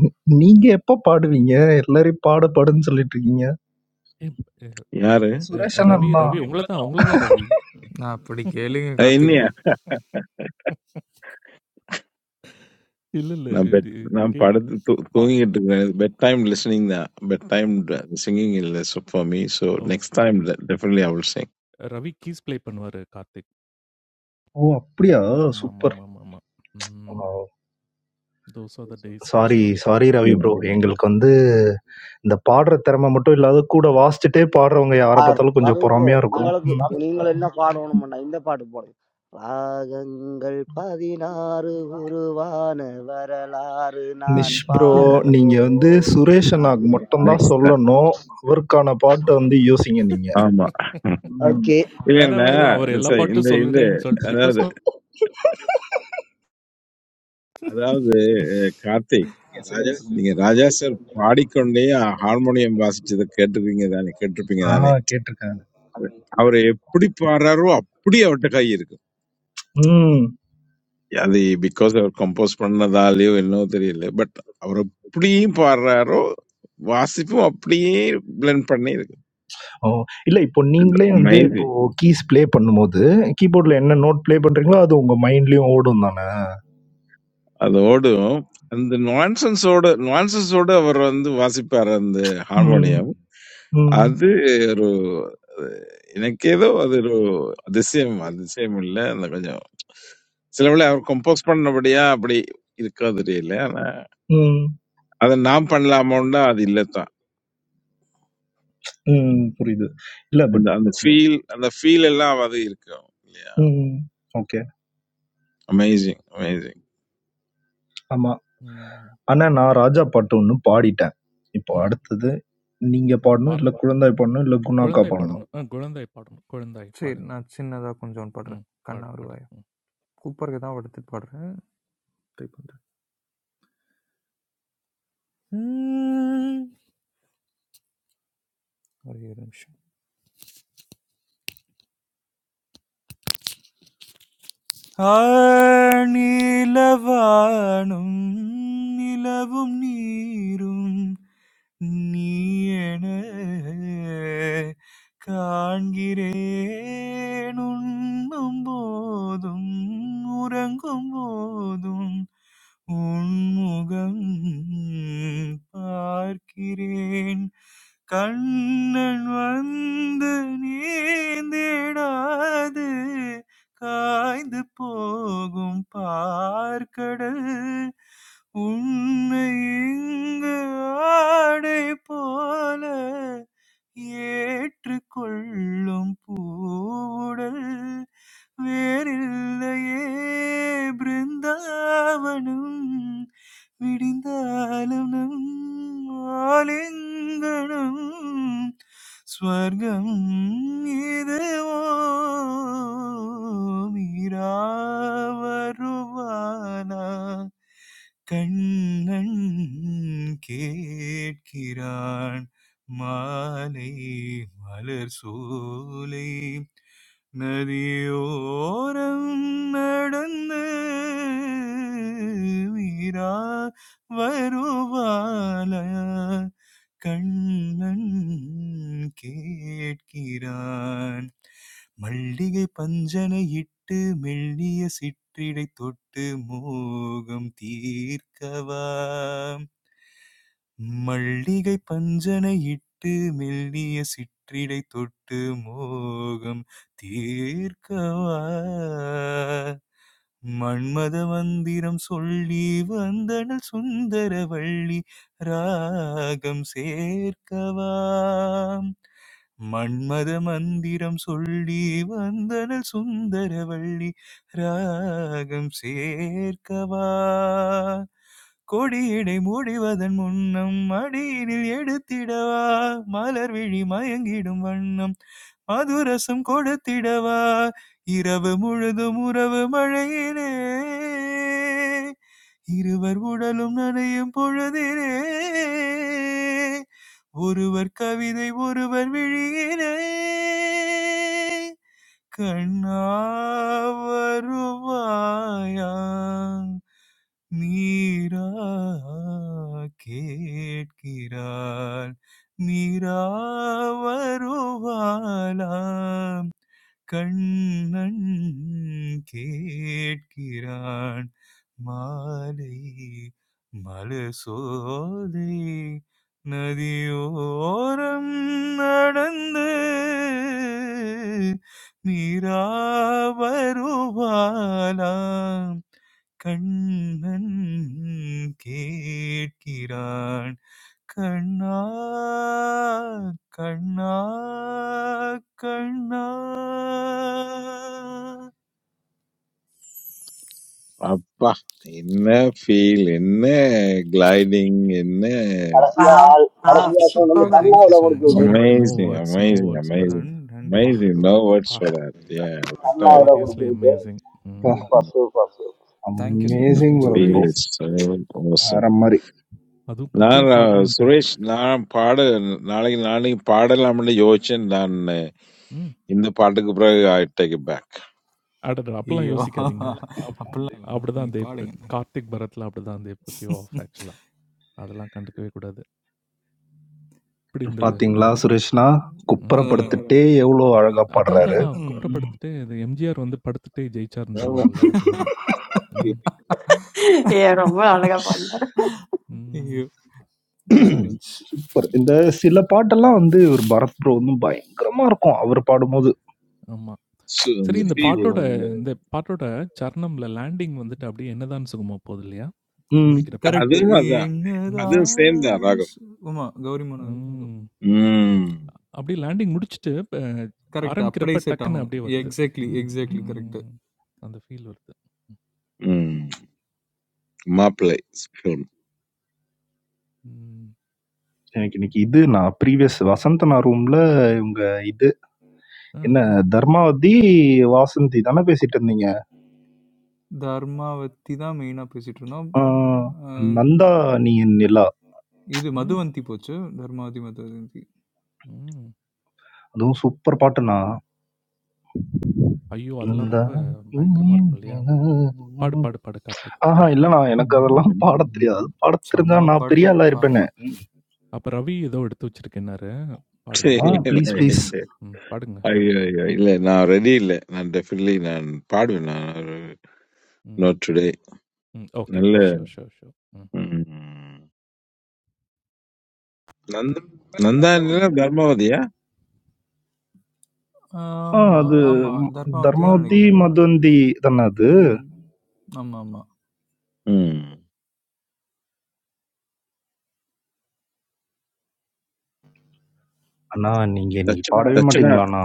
D: நீ- நீங்க எப்ப பாடுவீங்க எல்லாரையும் பாடு பாடுன்னு சொல்லிட்டு இருக்கீங்க
B: எப் எ
F: யாரு
D: சுரேஷ்
B: அ ரவி,
D: அண்ணன் தான்
B: ரவி உங்கள தான் உங்கள தான் ரவி.
E: நான் அப்படி கேளுங்க
F: அஹ்
E: கார்த்திக்
F: இன்னையா
E: ப்ரோ.
B: இல்ல, இல்ல.
F: நான் பெட்
B: இது
F: நான்
B: கேக்
F: படுத்து தூ-
B: பா
F: தூங்கிட்டு இருக்கேன் பெட் டைம் லிசனிங் தான் பெட் டைம் சிங்கிங் இல்ல ஃபார் மீ ஸோ
B: ஓ!
F: நெக்ஸ்ட் டைம்
B: சரி, சரி.
F: Definitely I will sing
B: Ravi keys play பண்ணுவாரு கார்த்திக்.
D: ஓ அப்படியா
B: ஸோ ஆமா, ஆமா,
D: சூப்பர்
B: ஆமா, ஆமா, ஆமா. ம். Those are the days
D: sorry,
B: actually.
D: Sorry Ravi bro. எங்களுக்கு வந்து இந்த பாடுற திறமை மட்டும் இல்லாத, கூட வாசிச்சுட்டே பாடுறவங்க யார
C: ஆர்
D: பார்த்தாலும் கொஞ்சம்
C: ரவி ப்ரோ
D: பொறாமையா இருக்கும்.
C: உங்களுக்கு நீங்கள் என்ன பாடணும்னா இந்த பாட்டு போடுங்க ராகங்கள் பதினாறு உருவான வரலாறு நான்
D: நிஷ் ப்ரோ,
C: பாடும்
D: நீங்க வந்து
C: போது
D: சுரேஷ் அண்ணாக்கு மட்டும் தான்
F: நெக்ஸ்ட்
C: அறிவாயம்
F: டைம்
D: சொல்லணும். அவருக்கான பாட்ட வந்து யோசிங்க நீங்க.
F: ஆமா
D: ம்.
C: ஓகே
B: வேணா,
F: இல்லைன்னா
C: ஓகே
B: வேணா. அவர் எல்லா
F: சரி, இந்த
B: பாட்டும்
F: இந்த
B: சொல்லுறேன்னு சொல்லிட்டு ரிக்வெஸ்ட்
F: அதாவது
B: பண்
F: அதாவது அஹ், கார்த்திக் நீங்க ராஜா சார் பாடிக்கொண்டே ஹார்மோனியம் வாசிச்சதை கேட்டிருக்கீங்க தானே கேட்டிருப்பீங்க
D: ஆ
F: தானே
D: கேட்டுருக்கேன்.
F: அவர் எப்படி பாடுறாரோ அப்படி அவர்கிட்ட கை இருக்கு
D: ம்.
F: அது பிகாஸ் அவர் கம்போஸ் பண்ணதாலேயோ என்னவோ தெரியல பட் அவர் எப்படியும் பாடுறாரோ வாசிப்பும் அப்படியே பிளெண்ட் பண்ணி இருக்கு
D: ஓ! இல்ல இப்போ நீங்களே வந்து இப்போ
F: அமேசிங்
D: கீஸ் ப்ளே பண்ணும்போது, கீபோர்ட்ல என்ன நோட் ப்ளே பண்றீங்களோ, அது உங்க மைண்ட்லயும் ஓடும் தானே?
F: அதோடும் அந்த நான்சன்ஸோட நான்சன்ஸோட அவர் வந்து வாசிப்பார் அந்த
D: ம்.
F: ஹார்மோனியம்
D: ம்.
F: அது ஒரு எனக்கு ஏதோ அது ஒரு அதிசயம் அதிசயம் இல்ல அந்த கொஞ்சம் சில வேளை அவர் கம்போஸ் பண்ணபடியா அப்படி இருக்காது தெரியல ஆனா
D: ம்.
F: அதை நாம் பண்ணலாமோன்னா அது இல்ல
D: ம்.
F: And
D: புரியுது. இல்ல but
F: the feel, and the feel of love, Adhirko. Yeah,
D: ம்.
F: amazing, amazing.
D: ஆமா.
B: ம்.
D: ஆனா, நான் ராஜா பாட்டு ஒண்ணு பாடிட்டேன். இப்போ
B: ம்.
D: அடுத்தது நீங்க
B: அ
D: பாடணும், இல்ல
B: பாரத்
D: குழந்தை பாடணும், இல்ல குணா அக்கா
B: குழந்தாய்
D: பாடணும்.
B: பாடணும். அ குழந்தாய் பாடணும். குழந்தாய்
E: சரி,
B: பாடு.
E: நான் சின்னதா கொஞ்சம் ஒன்று
B: ம்.
E: பாடுறேன்.
B: பாடு,
E: கண்ணா
B: பாடு.
E: வருவாயா.
B: ம்.
E: கூப்பருக்கு தான் எடுத்துட்டு பாடுறேன். ட்ரை பண்றேன். ம். ஒரே ஒரு நிமிஷம். ஆணிலவானும் நிலவும் நீரும் நீயன காண்கிறேன் உண்ணும் போதும் உறங்கும் போதும் உன்முகம் பார்க்கிறேன் கண்ணன் வந்து நீந்திடாது காய்ந்து போகும் பார்க்கடல் உன்னை இங்கு ஆடை போல ஏற்றுக்கொள்ளும் பூவுடல் வேறில்லையே பிருந்தாவனம் விடிந்தாலும் நம் ஆலிங்கனம் സവരകം ഇദുവോ മിരാ വരുവാനാ കണകിടകിരാണ മാലയി മലരു സൂലയി നതിയോ ഓരം നടനത്നത് വിരാ വരുവവാലയാ വരുവാന് വരുവവാന് വരുവാന് கண்ணன் கேட்கிறான் மல்லிகை பஞ்சனை இட்டு மெல்லிய சிற்றிடை தொட்டு மோகம் தீர்க்கவா மல்லிகை பஞ்சனை இட்டு மெல்லிய சிற்றிடை தொட்டு மோகம் தீர்க்கவா மன்மத மந்திரம் சொல்லி வந்தனள் சுந்தரவள்ளி ராகம் சேர்க்கவாம் மன்மத மந்திரம் சொல்லி வந்தனள் சுந்தரவள்ளி ராகம் சேர்க்கவா கொடியினை மூடிவதன் முன்னம் மடியினில் எடுத்திடவா மலர் விழி மயங்கிடும் வண்ணம் மதுரசம் கொடுத்திடவா இரவு முழுதும் உறவு மழையிலே இருவர் உடலும் நனையும் பொழுதிலே ஒருவர் கவிதை ஒருவர் விழியிலே கண்ணா வருவாயா மீரா கேட்கிறாள் மீரா வருவாளா கண்ணன் கேட்கிறான் மாலை மலசோலை நதியோரம் நடந்து மீரா வருவாளாம் கண்ணன் கேட்கிறான் கண்ணா கண்ணா கண்ணா
F: Papa, इन्हे feel, इन्हे gliding, इन्हे
C: கடைசியா
A: Wow.
C: கடைசியா சொன்னது
E: தேங்க்யூ
C: கண்ணாவில கொடுத்து
B: Bharath no
F: amazing,
B: words, no
F: amazing,
B: words
F: amazing,
B: Bharath.
E: நன்றி
B: பா!
E: Ravi
F: amazing.
E: Bro
F: No words
B: பா!
F: for that. Yeah, what a
C: கண்ணாவில
B: சீரியஸ்லி
C: கொடுத்து விட்டு
B: அமேசிங்.
D: அப்பா!
B: ம்.
C: Super super
E: thank you so much
D: amazing
E: means
B: எவ்ளோ
D: work
E: a lot
D: bro.
F: feel
B: easy.
F: is awesome.
D: வேற மாரி.
B: அதுவும்
F: Now,
B: குட்டியா
E: நன்றிகள்
B: பாடுறேன்ட்டு.
F: Suresh, now I'm par, now I'm, now I'm paral. I'm
B: ம்.
F: going to take
B: அடடா! அப்பல்லாம்
E: ஐயோ
B: யோசிக்காதீங்க.
E: அப்படிலாம் இல்லைண்ணா
B: அப்படிதான்
E: நீங்கள்
B: தே
E: பாடுங்க
B: கார்த்திக் பரத்ல அப்படிதான் தே புட் யூ ஆஃப் ஆக்சுவலா. அதெல்லாம் கண்டுக்கவே கூடாது. இப்படி இருந்தது
D: பாத்தீங்களா
B: பரத்.
D: சுரேஷ்ண்ணா?
B: ம்.
E: அதில்
D: குப்புறப்படுத்திட்டே எவ்ளோ அழகா
B: அதான் அதான்
E: ம்
D: பாடுறாரு.
B: அதான்.
E: ம்
B: குப்புறப்படுத்துட்டு இந்த எம்ஜிஆர் வந்து படுத்துட்டு ஜெயிச்சார்ன்னு சொல்லுவாங்க இல்லையா? அது
F: back.
B: மாரி. ம்.
A: ஏ ரொம்ப அழகா பாடினாரு
B: ம்.
E: ஐயோ தேங்க்யூ ஸோ மச்
D: சூப்பர். இந்த சில பாட்டெல்லாம் வந்து இவரு பரத் ப்ரோ வந்து பயங்கரமா இருக்கும். அவரு பாடும்போது.
B: ஆமா.
F: So
B: சரி
F: the
B: இந்த
E: ஆஹா
B: பாட்டோட
F: feeling, uh,
B: இந்த பாட்டோட சரணம்ல லேண்டிங் வந்துட்டு அப்படியே என்னதான் சுகமா போகுது இல்லையா?
D: ம்.
B: முடிக்கிறப்ப.
F: I
E: correct
F: didn't have that. I
B: ம்.
F: didn't say that.
E: என்னதான்
F: Raghav.
E: சு- ஆமா கௌரி மனோ
B: ம்.
F: Mm.
B: அப்படியே லேண்டிங் முடிச்சுட்டு ப
E: கரெக்ட். அப்படியே
B: ஆரம்பிக்கிறப்ப
E: செட்
B: டக்குன்னு
E: ஆகும்.
B: அப்படியே வருது.
E: எக்ஸாக்ட்லி,
B: ம்,
E: எக்ஸாக்ட்லி கரெக்ட்.
B: ம். அந்த ஃபீல் வருது.
F: Mm. My place film.
B: ம்,
D: எனக்கு இன்னைக்கு இது நான் ப்ரீவியஸ் வசந்தனா ரூம்ல இவங்க இது
B: அ,
D: என்ன தர்மாவதி, வாசந்தி தானே பேசிட்டு இருந்தீங்க?
E: தர்மாவத்தி தான் மெயினா பேசிட்டு இருந்தோம்.
D: ஆ,
E: அ
D: நந்தா నీ நிலா.
E: இது
B: ம்,
E: மதுவந்தி போச்சு. தர்மாவதி, மதுவந்தி.
B: ம்.
D: அதுவும் சூப்பர் பாட்டுண்ணா.
B: ஐயோ! அதெல்லாம்
D: நந்தா
B: ரொம்ப
D: நீ
B: பயங்கரமா
D: என்
B: இருக்கும் இல்லையா?
D: நிலா.
B: பாடு, பாடு, பாடு கார்த்திக்.
D: ஆஹா,
B: ம்.
D: இல்லண்ணா. எனக்கு அதெல்லாம் பாடத் தெரியாது. பாடத் தெரிஞ்சா
E: செம்ம
D: நான்
E: பாட்டு.
D: பெரிய ஆளா
E: பா
D: இருப்பேனே! ம்.
B: அப்ப ரவி ஏதோ எடுத்து வச்சிருக்கேன்னாரு. பாடுங்க.
D: ஆ
B: ம்,
D: ப்ளீஸ்,
B: ம்,
D: ப்ளீஸ்.
B: ம். பாடுங்க ரவி.
F: ஐயோ ஐயோ இல்ல நான் ரெடி இல்ல நான் டெஃபினெட்லி நான் பாடுவேன் நான்
B: ம்,
F: நோட் டுடே
B: ம். ஓகே,
F: நல்ல
B: ஓகே. Sure, sure, sure. ம்.
F: ம். நந்தானில தர்மவதியா
D: ஆ
E: ஆமா,
D: அது
E: ஆமா.
D: ம்
E: தர்மாவதி தான்
D: தர்மாவதி
E: நெனைக்கிறேன்.
D: மதுவந்தி தான அது?
E: ம். ஆமாமா.
F: ம்.
D: அண்ணா, நீங்க பாடவே
F: தட்சிணா
D: மாட்டீங்களாண்ணா?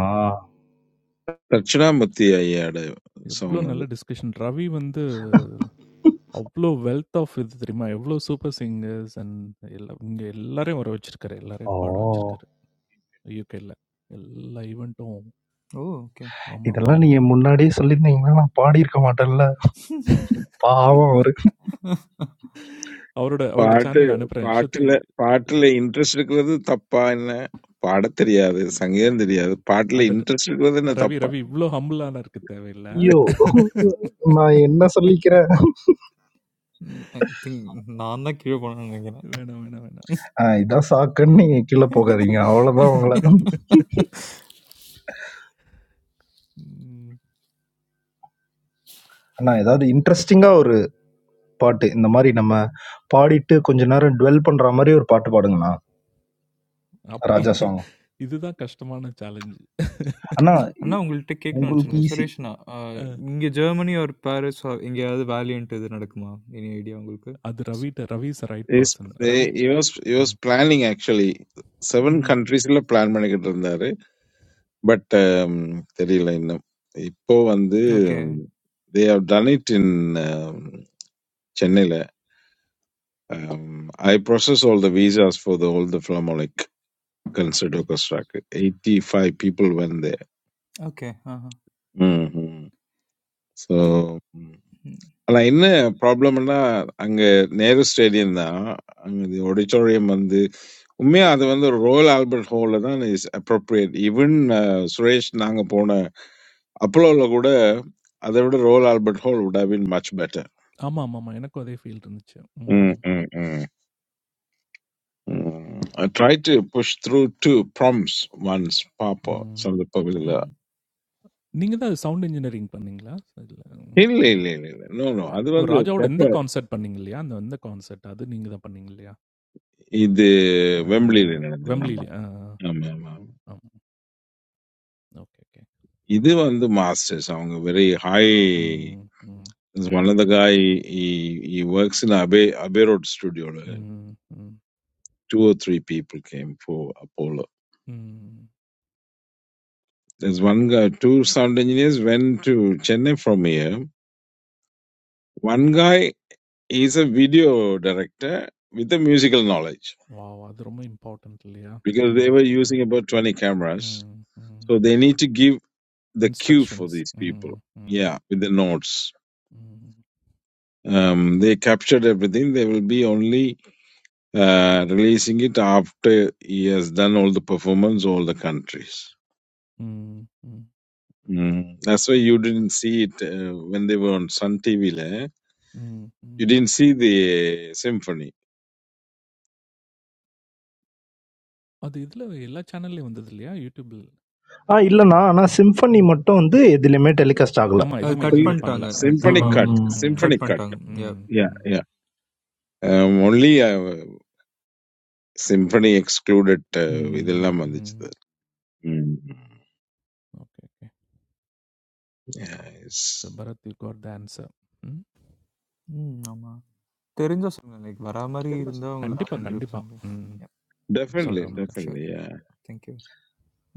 F: தட்சிணாமூர்த்தி ஐயாட
B: எவ்ளோ
F: சாங்
B: நல்ல
F: அது
B: டிஸ்கஷன். ரவி வந்து அவ்ளோ வெல்த் ஆஃப் இது தெரியுமா? எவ்ளோ சூப்பர் சிங்கர்ஸ் அண்ட் எல்லா இங்க எல்லாரையும் வர வச்சிருக்காரு.
D: ஓ!
B: எல்லாரையும் பாட வச்சிருக்காரு. யூகேல. எல்லா ஈவென்ட்டும்
E: ஓ! ஓகே.
B: ஆமா, ஆமா,
D: இதெல்லாம்
B: ஆமா,
D: நீங்க
B: ஆமா.
D: முன்னாடியே சொல்லியிருந்தீங்கன்னா, நான் பாடியிருக்க மாட்டேன்ல. பாவம் அவரு.
B: அவரோட அவரோட
F: Part,
B: சேனல் அனுப்புறேன்.
F: part
B: ஸ்ருதி
F: le,
B: அ
F: part le
B: Shruti
F: interest le kwa the tapa na padthriya, sangiyan driya. Part le
B: அடட!
F: interest le kwa the na
B: Ravi,
F: tapa.
B: Ravi இவ்ளோ ஹம்பிளாலாம் இருக்க தேவையில்ல.
D: ஐயோ! நான் என்ன சொல்லிக்கிறேன்?
E: ஐ திங்க் நான் தான் கீழ போனேன்னு நெனைக்கிறேன்.
B: வேணாம்.
D: ஆ இதான் சாக்குன்னு நீங்க கீழ போகாதீங்க. அவ்வளோதான் உங்கள. அண்ணா ஏதாவது இன்ட்ரஸ்டிங்கா ஒரு பாட்டு, இந்த மாரி நம்ம பாடிட்டு கொஞ்ச நேரம் டுவெல் பண்ற மாரி ஒரு பாட்டு பாடுங்கண்ணா.
B: அப்ப
D: ராஜா சாங்.
B: இதுதான் கஷ்டமான சே
D: அண்ணா இ
E: அண்ணா உங்கள்ட்ட கேட்கணும்னு
D: உங்களுக்கு
E: நெனச்சிருந்தேன்.
D: ஈஸி.
E: சுரேஷ் அண்ணா, அ
B: அ
E: இங்க ஜெர்மனி ஆர் பாரிஸ் ஆர் எங்கேயாவது வேலியன்ட் இது நடக்குமா? எனி ஐடியா உங்களுக்கு?
B: அது ரவிட்ட Ravi is a right
F: Yes,
B: person. Ravi
F: there was there was
B: ம்.
F: planning actually. Seven
E: ம்ஹ்ம்.
F: countries le planning ke tohndarre. But, teri le na. Ipo
E: okay.
F: ande they have done it in Chennai le. I process all the visas for the whole the flamalik concert orchestra. Eighty five people went there.
E: Okay. ஆஹா.
F: hmm
E: து
F: So.
E: ம்.
F: ஆனா என்ன ப்ராப்ளம்னா அங்க Nehru stadium தான் அங்க auditorium வந்து உண்மையா அது வந்து ஒரு ரோயல் ஆல்பர்ட் ஹால்ல தான் இஸ் அப்ரோப்ரியேட் ஈவன் சுரேஷ் நாங்க போன அப்போலோல கூட அதை விட royal Albert hall would have been much better
B: ஆமா, ஆமாமா. எனக்கும் அதே ஃபீல் இருந்துச்சு. ம், ம்.
F: I try to push through to Brahms once பார்ப்போம்
B: ம்.
F: சந்தர்ப்பங்களில்
E: ம்ஹ்ம்.
B: நீங்க தான் சவுண்ட் இன்ஜினியரிங் பண்ணீங்களா? இல்ல ம்,
F: இல்லை
B: இது
F: இல்லை இல்லை இல்லை நோ நோ
B: அ
F: அது வந்து
B: ராஜாவோட இந்த
F: ப்ராப்பர்
B: கான்செர்ட் பண்ணீங்க இல்லையா? அந்த இந்த கான்செர்ட் அது நீங்க தான் பண்ணீங்க இல்லையா?
F: இது
B: ஆ
F: வெம்பிளியில் நடந்தது
B: வெம்ப்ளில.
F: ஆமா
B: ஆ, ஆ.
F: ஆமா ஆமா
B: ஆமா. Okay, okay.
F: இது வந்து masters. அவங்க very high.
B: ம், ம்,
F: There's one of the guy he he works in Abbey Abbey Road studio. ல.
B: ம், ம்,
F: Two or three people came for Apollo.
B: ம்.
F: There's one guy. Two sound engineers went to Chennai from here. One guy is a video director with the musical knowledge
B: wow! அது ரொம்ப important இல்லையா?
F: because they
B: ம்,
F: were using
B: ம்,
F: about 20 cameras.
B: ம்,
F: So
B: ம்.
F: they need to give the cue for
B: instructions.
F: these people.
B: ம், ம்,
F: Yeah, with the notes.
B: ம்,
F: Um, they captured everything. There will be only uh, releasing it after he has done all the performance, all the countries.
B: ம், ம்,
F: Mm. That's why you didn't see it uh, when they were on Sun TV. Le.
B: ம்,
F: You
B: ம்.
F: didn't see the symphony.
B: அது இதுல எல்லா சேனல்லயும் வந்தது இல்லையா? YouTubeல்.
D: ஆ இல்லண்ணா.
B: ம்,
D: ஆனா சிம்ஃபனி
B: ம்.
D: மட்டும் வந்து எதுலயுமே டெலிகாஸ்ட் ஆகல.
B: ஆமா.
E: அது
B: எதுவுமே
E: கட்
F: Well,
B: எதுலயுமே பண்ணல.
E: பண்ட்டாங்க.
B: அ கட்
D: ம்,
F: Symphony
E: ஆமா.
D: ம்,
F: cut.
B: பண்ணிட்டாங்க.
D: ம்.
B: ம்,
F: Symphony
E: கட்
F: cut.
E: பண்ட்டாங்க.
B: ம்,
E: யப்.
F: Yeah,
B: ம்,
F: yeah. Um, only uh, symphony excluded. Uh,
B: ம்,
F: ഇതെല്ലാം
B: ம்.
F: വന്നിച്ചത്. Mm.
B: Okay, okay.
F: yeah, it's
B: so, Bharat you got the answer. ம்.
E: ம். ஆமா. தெரிஞ்சா சொல்லுங்க. லைக் வரா மாரி இருந்தா உங்களுக்கு
B: கண்டிப்பா,
E: கண்டிப்பா
B: கண்டிப்பா.
E: சொல்றேன்.
B: ம்.
E: யப்.
F: definitely,
B: சொல்றவனுக்கு.
E: Sure.
F: definitely. Yeah.
E: Thank you.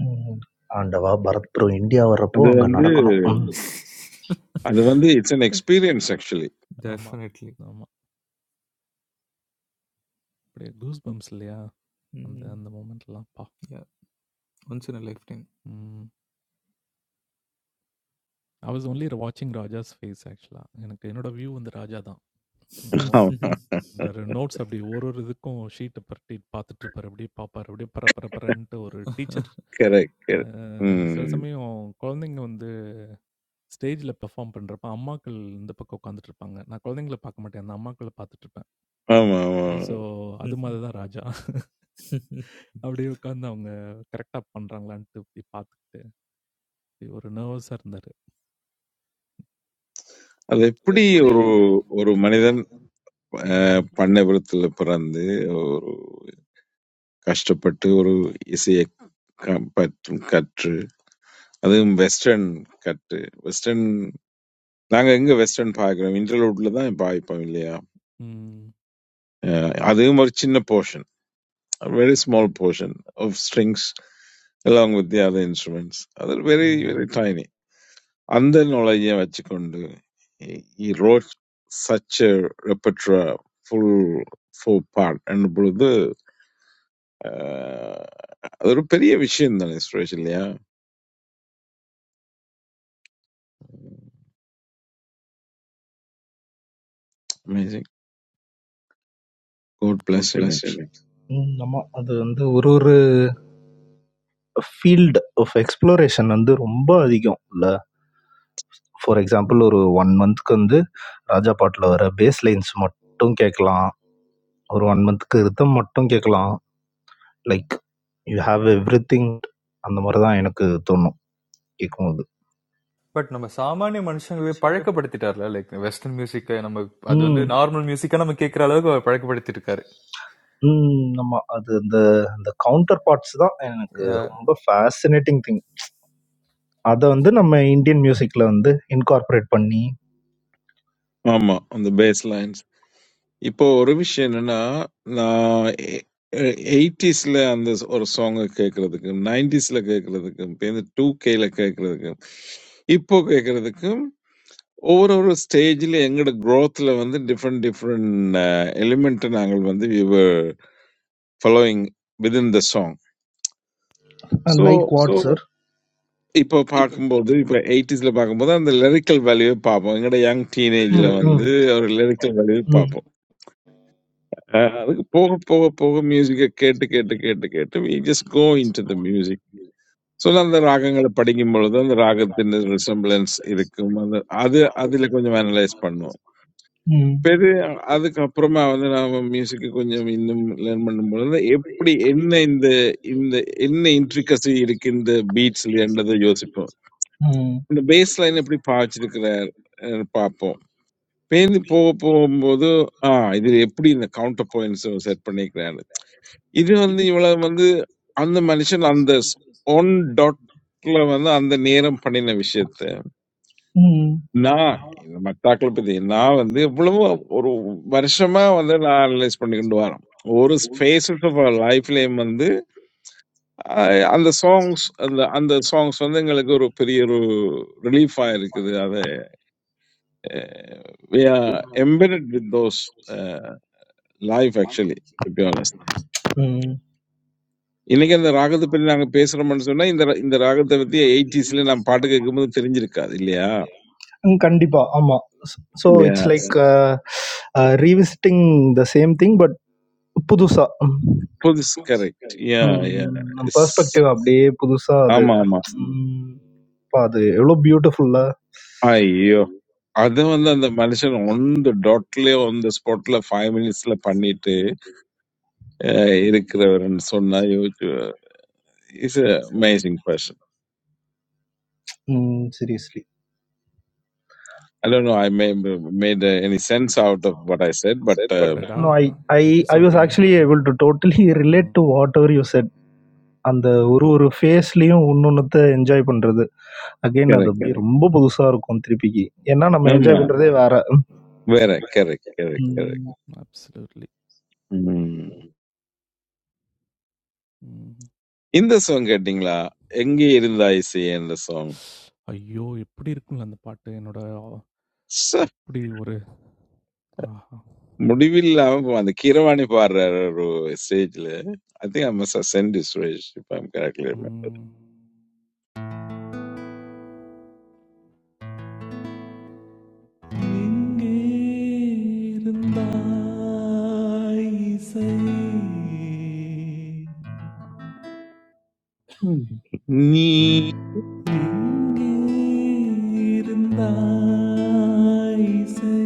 D: ம். ஆண்டவா! பரத் ப்ரோ இந்தியா வர்றப்போ
F: அது
D: அங்க
F: வந்து- அது வந்து It's an experience actually.
B: ஆமா,
E: டெஃபினெட்லி.
B: ஆமா. அப்படியே கூஸ் பம்ப்ஸ் இல்லையா? அந்த
E: ம்.
B: அந்த மொமெண்ட்லாம் அப்பா!
E: Yep. Once in a lifetime.
B: ம். ஐ வாஸ் ஒன்லி வாட்சிங் ராஜாஸ் ஃபேஸ் ஆக்சுவலா. எனக்கு என்னோட வியூ வந்து ராஜா தான். மொத்
F: Oh,
B: நோட்ஸ் அப்படி ஒரு ஒரு இதுக்கும் ஷீட்ட புரட்டி பார்த்துட்டு இருப்பாரு. அப்படியே பார்ப்பாரு. அப்படியே பர பர பரன்ட்டு ஒரு டீச்சர்
F: correct,
B: அ
F: correct.
B: சில
F: Mm.
B: சமயம் குழந்தைங்க வந்து ஸ்டேஜ்ல பெர்ஃபார்ம் பண்றப்ப, அம்மாக்கள் இந்த பக்கம் உட்காந்துட்டு இருப்பாங்க. நான் குழந்தைங்கள பார்க்க மாட்டேன். அந்த அம்மாக்கள பார்த்துட்டு இருப்பேன்.
F: अम्म अम्म
B: ஸோ
E: பட்
B: அது மாதிரி தான் ராஜா. அப்படியே உட்காந்து அவங்க கரெக்ட்டா பண்றாங்களான்ட்டு இப்படி பார்த்துக்கிட்டு ஒரு நர்வஸா இருந்தாரு.
F: अदूपडी एक ओर ओर मनोजन
B: ம்,
F: पढ़ने वाले तले परंदे ओ कष्टपट्टी ओर इसे एक कम पट्ट कट्र अदूम western कट्टे western लांग अंगे western फाइग्राम इंटरलोट लेता है बाई पानी लिया
B: ம்,
F: अदूम और चिन्ना portion a very small portion of strings along with the other instruments अदू very
B: ம்.
F: very tiny And the knowledge Olayevachikondu, he he wrote such a repertoire, full four part, and brother, uh, ഒരു பெரிய விஷயம் தானே സുരേഷ് இல்லையா? Amazing. God bless him actually.
D: ம். ஆமா. அது வந்து ஒரு ஒரு ஃபீல்ட் ஆஃப் எக்ஸ்ப்ளோரேஷன் வந்து ரொம்ப அதிகம் இல்ல? ஃபார் எக்ஸாம்பிள் ஒரு ஒன் மந்த்துக்கு வந்து ராஜா பாட்டில் வர பேஸ் லைன்ஸ் மட்டும் கேட்கலாம் ஒரு ஒன் மந்த்துக்கு ரிதம் மட்டும் கேட்கலாம் லைக் யூ ஹாவ் எவ்ரிதிங் அந்த மாதிரி தான் எனக்கு தோணும் கேட்கும்போது
E: நம்ம சாமானிய மனுஷங்கள பழக்கப்படுத்திட்டார்ல. லைக் வெஸ்டர்ன் மியூசிக்க நம்ம அது வந்து
D: ம்
E: நார்மல் மியூசிக்கா நம்ம கேட்கிற அளவுக்கு அவர் பழக்கப்படுத்திருக்காரு.
D: ம் ஆமாம் அது அந்த அந்த கவுண்டர் பார்ட்ஸ் தான் எனக்கு
E: ய
D: ரொம்ப ஃபேசினேட்டிங் திங் அதை வந்து நம்ம இந்தியன் மியூசிக்கில் வந்து இன்கார்பரேட் பண்ணி
F: ஆமா, on the bass lines. Ipo ஒரு விஷயம் என்னன்னா, நான் எ- எ- 80s ல அந்த ஒரு song அ 90s ல கேக்குறதுக்கும், பின்ன 2K ல கேக்குறதுக்கும், இப்போ கேக்குறதுக்கும் Over a stage, le, एंगडे growth लव वंदे different different element अंगल वंदे we were following within the song. So
D: like sir
F: इप्पर भाग म बोलते इप्पर 80s ल भाग म बोलते लर्कल value पावो एंगडे young teenage ल वंदे और लर्कल value पावो. अ लग पोग पोग पोग music के केट केट केट केट म इ just go into the music. So नल द राग अंगल पढ़ीगी म लोग द राग अंतिम resemblance इरिक म द आदि आदि लेको जो analyse पानो.
D: ம்
F: பெரிய அதுக்கப்புறமா வந்து நாம மியூசிக்கு கொஞ்சம் இன்னும் லேர்ன் பண்ணும்பொழுது எப்படி என்ன இந்த இந்த என்ன இன்ட்ரிகசி இருக்கு இந்த பீட்ஸ்ல என்றதை யோசிப்போம்
D: ம்
F: இந்த பேஸ் லைன் எப்படி பாய்ச்சிருக்கிறார் பார்ப்போம் பேந்து போக போகும்போது ஆ இது எப்படி இந்த கவுண்டர் பாயிண்ட்ஸ் செட் பண்ணிக்கிறாரு இது வந்து இவ்வளவு வந்து அந்த மனுஷன் அந்த ஒன் டாட்ல வந்து அந்த நேரம் பண்ணின விஷயத்த
D: ம்
F: Na matthaklope thei na vandhi. Although one, one year may have done a lot of things for you. One face of our life, man, the songs, the songs, those things are a relief for you. I am embedded with those uh, life, actually, to be honest.
D: ம்
F: In the songs, we are talking about. Now, in the songs, we are talking about the 80s. We are talking about the
D: ம். கண்டிப்பா. ஆமா. ஸ் so it's
F: 80s.
D: Like uh uh revisiting the same thing but புதுசா. ம்.
F: Is that correct? Yeah, yeah.
D: ம். நம்
F: It's
D: perspective அப்படியே புதுசா அது.
F: ama ama.
D: ம். அப்பா அது எவ்வளோ பியூட்டிஃபுல்லா.
F: Iyo, that one that Malaysian on the dot level on the spot level five minutes level, done it. Eirik Reverend said, "Iyo is an amazing person."
D: ம். Seriously.
F: I don't know. I may made any sense out of what I said, but
B: அடடா!
D: No I I
B: எப்படி
D: I was
B: சொல்ட்டீங்க?
D: Actually
B: ம்,
D: able to totally relate
B: ம்.
D: To whatever you said. அந்த ஒரு ஒரு ஃபேஸ்லயும் ஒன்னொன்னுத்த என்ஜாய் பண்றது. அகைன் அது
F: correct.
D: அப்படியே கண்டிப்பா. ரொம்ப புதுசா இருக்கும் திருப்பிக்கு. ஏன்னா நம்ம
F: No,
D: என்ஜாய் பண்றதே வேற.
F: correct. Correct. Correct. Correct.
D: ம்.
B: அப்சல்யூட்லி. ம்.
F: This song, that you la, how did you like this? This song.
B: ஐயோ! எப்படி இருக்கும்ல அந்த பாட்டு. என்னோட அ- அப்படி ஒரு ஆஹா!
F: Mudibil la, I remember that Kiranani Parra ro stage le. I think I must ascend this stage if I am correct.
B: ம். எங்கே இருந்தாய் இசை? எங்கே இருந்தாய் இசை?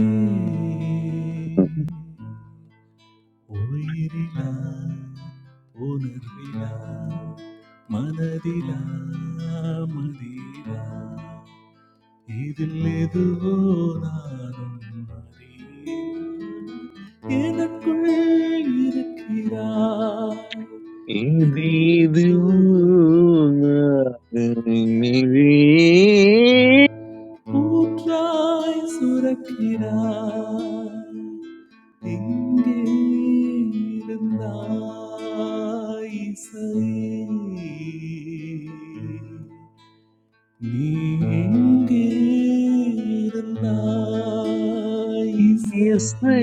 B: உயிரில உணர்வில மனதில மதியில இதில் எதுவோ நானும் அறியேன். எனக்குள் இருக்கிறாய் எங்கிருந்தோ எனக்குள் கூற்றாய் சுரக்கிறாய் எங்கே இருந்தாய் இசையே? நீ எங்கே இருந்தாய் இசையே?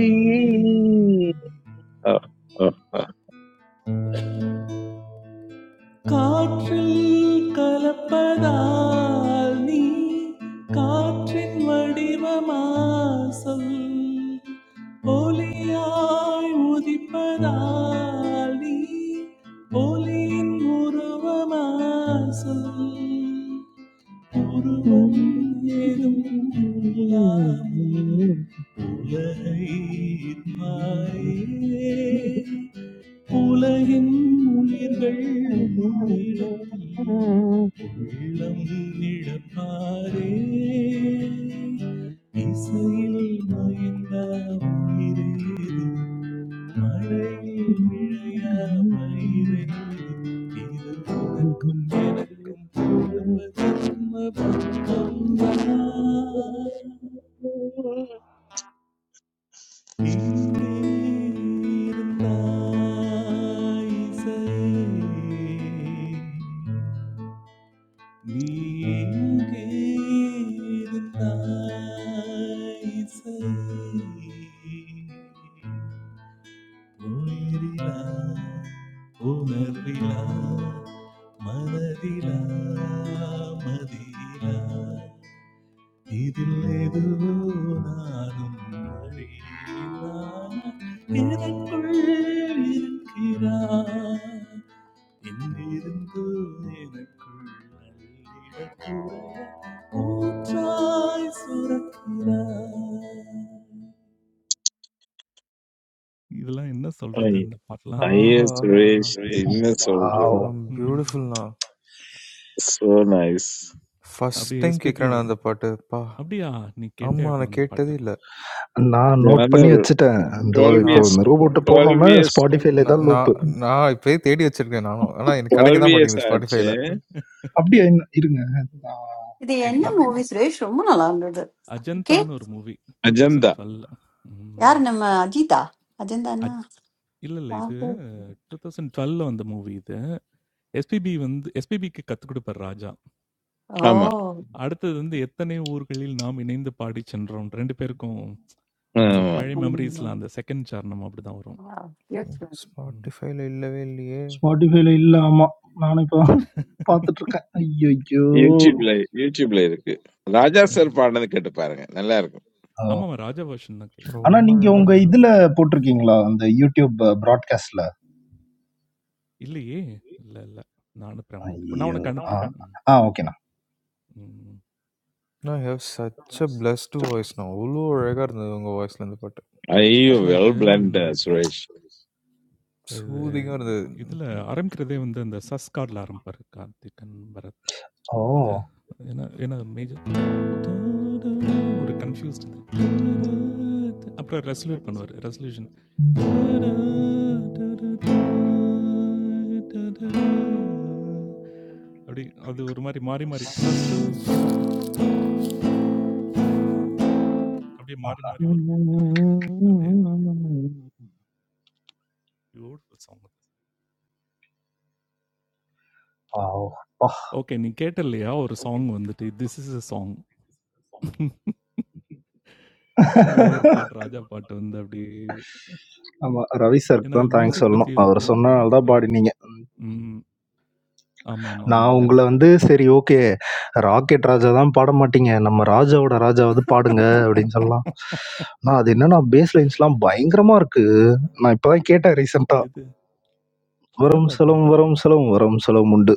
B: காற்றில் கலப்பதால் நீ காற்றின் வடிவமா சொல் ஒலியாய் உதிப்பதால் நீ ஒலியின் உருவமா சொல் உருவம் ஏதும் இல்லாமல் உலகை மாறே உலகின் உயிர்கள் உன்னிடத்தில் உள்ளம் இழப்பாரே இசையில் மயங்கா உயிரேது மழை விழையா பயிரை இது உனக்கும் எனக்கும் பூர்வ கர்ம பந்தம் தான். உணரிலா உணர்விலா மனதிலா மதியிலா இதில் எதுவோ நானும் அறியலாம் இதற்குள் இருக்கிறார் எங்கிருந்தோ எனக்குள் அள்ளிடக்கூட ஊற்றாய் சுரக்கிறார் இதெல்லாம் என்ன
F: നീ
B: சொல்றது இந்த பாட்டெல்லாம்
F: I
B: ம்?
F: used to
E: ஆஹா!
F: reach in the soldier.
D: Wow!
E: நம்
B: ம்.
E: பியூட்டிஃபுல்ண்ணா
F: So nice.
E: ஃபர்ஸ்ட்
B: அப்படியே
E: டைம்
B: எஸ்பிபியும்
E: கேட்குறேண்ணா அந்த
B: வரும்.
E: பாட்டு. அப்பா!
B: "அப்படியா! நீ கேட்டே
E: ஆமா
B: ஆகணும்
E: நான்
B: இந்த பாட்ட."
E: கேட்டதே இல்ல.
D: நான்
F: The
D: நோட் பண்ணி
F: other
D: வச்சுட்டேன். இதோ
F: 12
D: இப்போ
E: நான்
F: years,
D: இந்த ரூம் விட்டு
F: 12
D: போனோனே
F: years,
D: Spotifyல
E: நான்
D: தான் லூப்பு.
E: நான் நான் இப்பயே தேடி வச்சிருக்கேன் நானும். ஆனா எனக்கு கிடைக்க
F: 12
E: தான்
F: years
E: மாட்டேங்குது
F: ஆச்சு.
E: Spotifyல.
D: அப்படியா என்ன? இருங்க. நான்
A: இது
D: தேடி
A: என்ன
E: எ
B: ம்.
D: பார்க்கறேன்.
A: மூவி சுரேஷ் ரொம்ப நல்லா இருந்தது
B: அஜந்தான்னு ஒரு மூவி
F: அஜந்தா.
B: 2012
A: யார்
B: ம்.
A: நம்ம அஜிதா அஜந்தானா
B: அஜ் இல்ல, இல்ல. இது
A: யாரு?
B: 2012 வந்த மூவி இது. எஸ்பிபி வந்து எஸ்பிபிக்கு கத்துக் கொடுப்பாரு ராஜா.
A: ஓ
F: ஆமா.
B: அடுத்தது வந்து எத்தனை ஊர்களில் நாம் இணைந்து பாடிச் சென்றோம். 2 பேருக்கும் அந்த
F: ஆமா.
B: பழைய மெமரீஸ்ல
A: உம்.
B: அந்த 2ண்ட் சரணம் அப்படிதான் வரும்.
A: Yes, ma'am.
B: ம்.
E: Spotifyல இல்லவே இல்லையே!
D: Spotifyல இல்ல ஆமா. நானும் இப்போ பார்த்துட்டு இருக்கேன். ஐயையோ!
F: YouTubeல, YouTubeல இருக்கு. ராஜா சார்
B: கண்டிப்பா.
E: ம்.
F: பாடினது கேட்டு பாருங்க. நல்லா இருக்கும்.
D: ஓ.
B: ஆமாமா. ராஜா வெர்ஷன் தான் கேட்கணும்.
D: ஆனா
E: ரொம்ப
D: நீங்க
E: அழகா
B: ம்.
D: உங்க
E: இருந்ததுண்ணா.
D: இதுல போட்டிருக்கீங்களா? அந்த YouTube ப்ராட்காஸ்ட்ல?
B: இல்லையே! இல்ல, இல்ல. நான் அனுப்புறேன் உனக்கு. நான்
D: ஐயோ!
B: உனக்கு
D: ஆ.
B: அனுப்புறேன். ம்.
D: ஆ ஓகேண்ணா.
B: ம்.
E: அண்ணா you have such a blessed வாய்ஸ்ண்ணா. அவ்ளோ அழகா இருந்தது உங்க வாய்ஸ்ல இந்த பாட்டு.
F: ஐயோ,
B: ஆக்சுவலா
F: well
B: இது
F: blend,
B: ம்,
F: சுரேஷ்.
B: இது
E: சூதிங்கா இருந்தது.
B: இதுல
E: ம்.
B: ஆரம்பிக்கிறதே வந்து அந்த சஸ் கார்ட்ல ஆரம்பிப்பாரு கார்த்திகன் பரத்.
D: ஓ!
B: அது ஏன்னா ஏன்னா மேஜர் ஒரு கன்ஃபியூஸ்ட் இது. அப்புறம் ரெசல்யூட் பண்ணுவார் ரெசல்யூஷன் அப்படி அது ஒரு மாதிரி மாறி மாறி ஃபர்ஸ்ட்
E: ம்.
B: அப்படியே மாறி மாறி வரும் அப்படியே பியூட்டிஃபுல் சாங்
D: ஆ, ஓ.
B: ஓகே நீ கேட்ட இல்லையா ஒரு சாங் வந்துட்டு திஸ் இஸ் அ சாங் ஏதோ ஒரு பாட்டு, ராஜா பாட்டு வந்து அப்படியே
D: ஆமா. ரவி
B: ஏன்னா
D: சார்க்கு
B: அது
D: தான் தேங்க்ஸ்
B: மியூசிக் பத்தி
D: சொல்லணும். அவர்
B: இருக்கும்.
D: சொன்னனால தான்
B: ம் ராஜா
D: பாடினீங்க.
B: ம். ஆமாமாமா.
D: நான் உங்கள
B: கரெக்ட்டு.
D: வந்து சரி ஓகே. ராக்கெட் ராஜா தான் பாட மாட்டீங்க.
B: ம்.
D: நம்ம ராஜாவோட ராஜாவாவது பாடுங்க அப்டின்னு சொல்லலாம். ஆனா அது என்னன்னா பேஸ் லைன்ஸ்லாம் பயங்கரமா இருக்கு. நான் இப்ப தான் கேட்டேன் ரீசென்ட்டா.
B: எது? என்ன
D: வரும்
B: பாட்டு?
D: செலவும் வரும் செலவும் வரும் செலவும் உண்டு.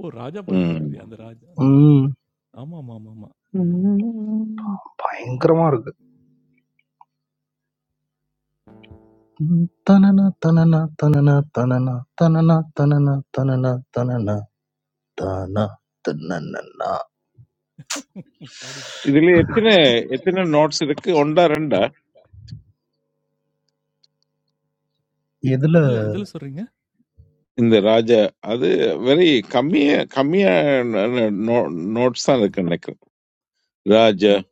B: ஓ! ராஜா பாட்டு
F: ம்.
B: சொல்றியா? அந்த ராஜா ம்.
D: ம்.
B: ஆமாமாமாமா. ம்.
D: பயங்கரமா இருக்கு. ம். தனனா தனனா தனனா தனனா தனனா தனனா தனனா தனனா தானா தன்னன்னா.
B: பாடிடு.
F: இதுல எத்தனை எத்தனை நோட்ஸ் இருக்கு ஒன்றா ரெண்டா
D: இதுல
B: எதுல எதுல சொல்றீங்க?
F: In the raja, that very Kamiya Kamiya notes are taken.
B: ஆமா,
F: Raja,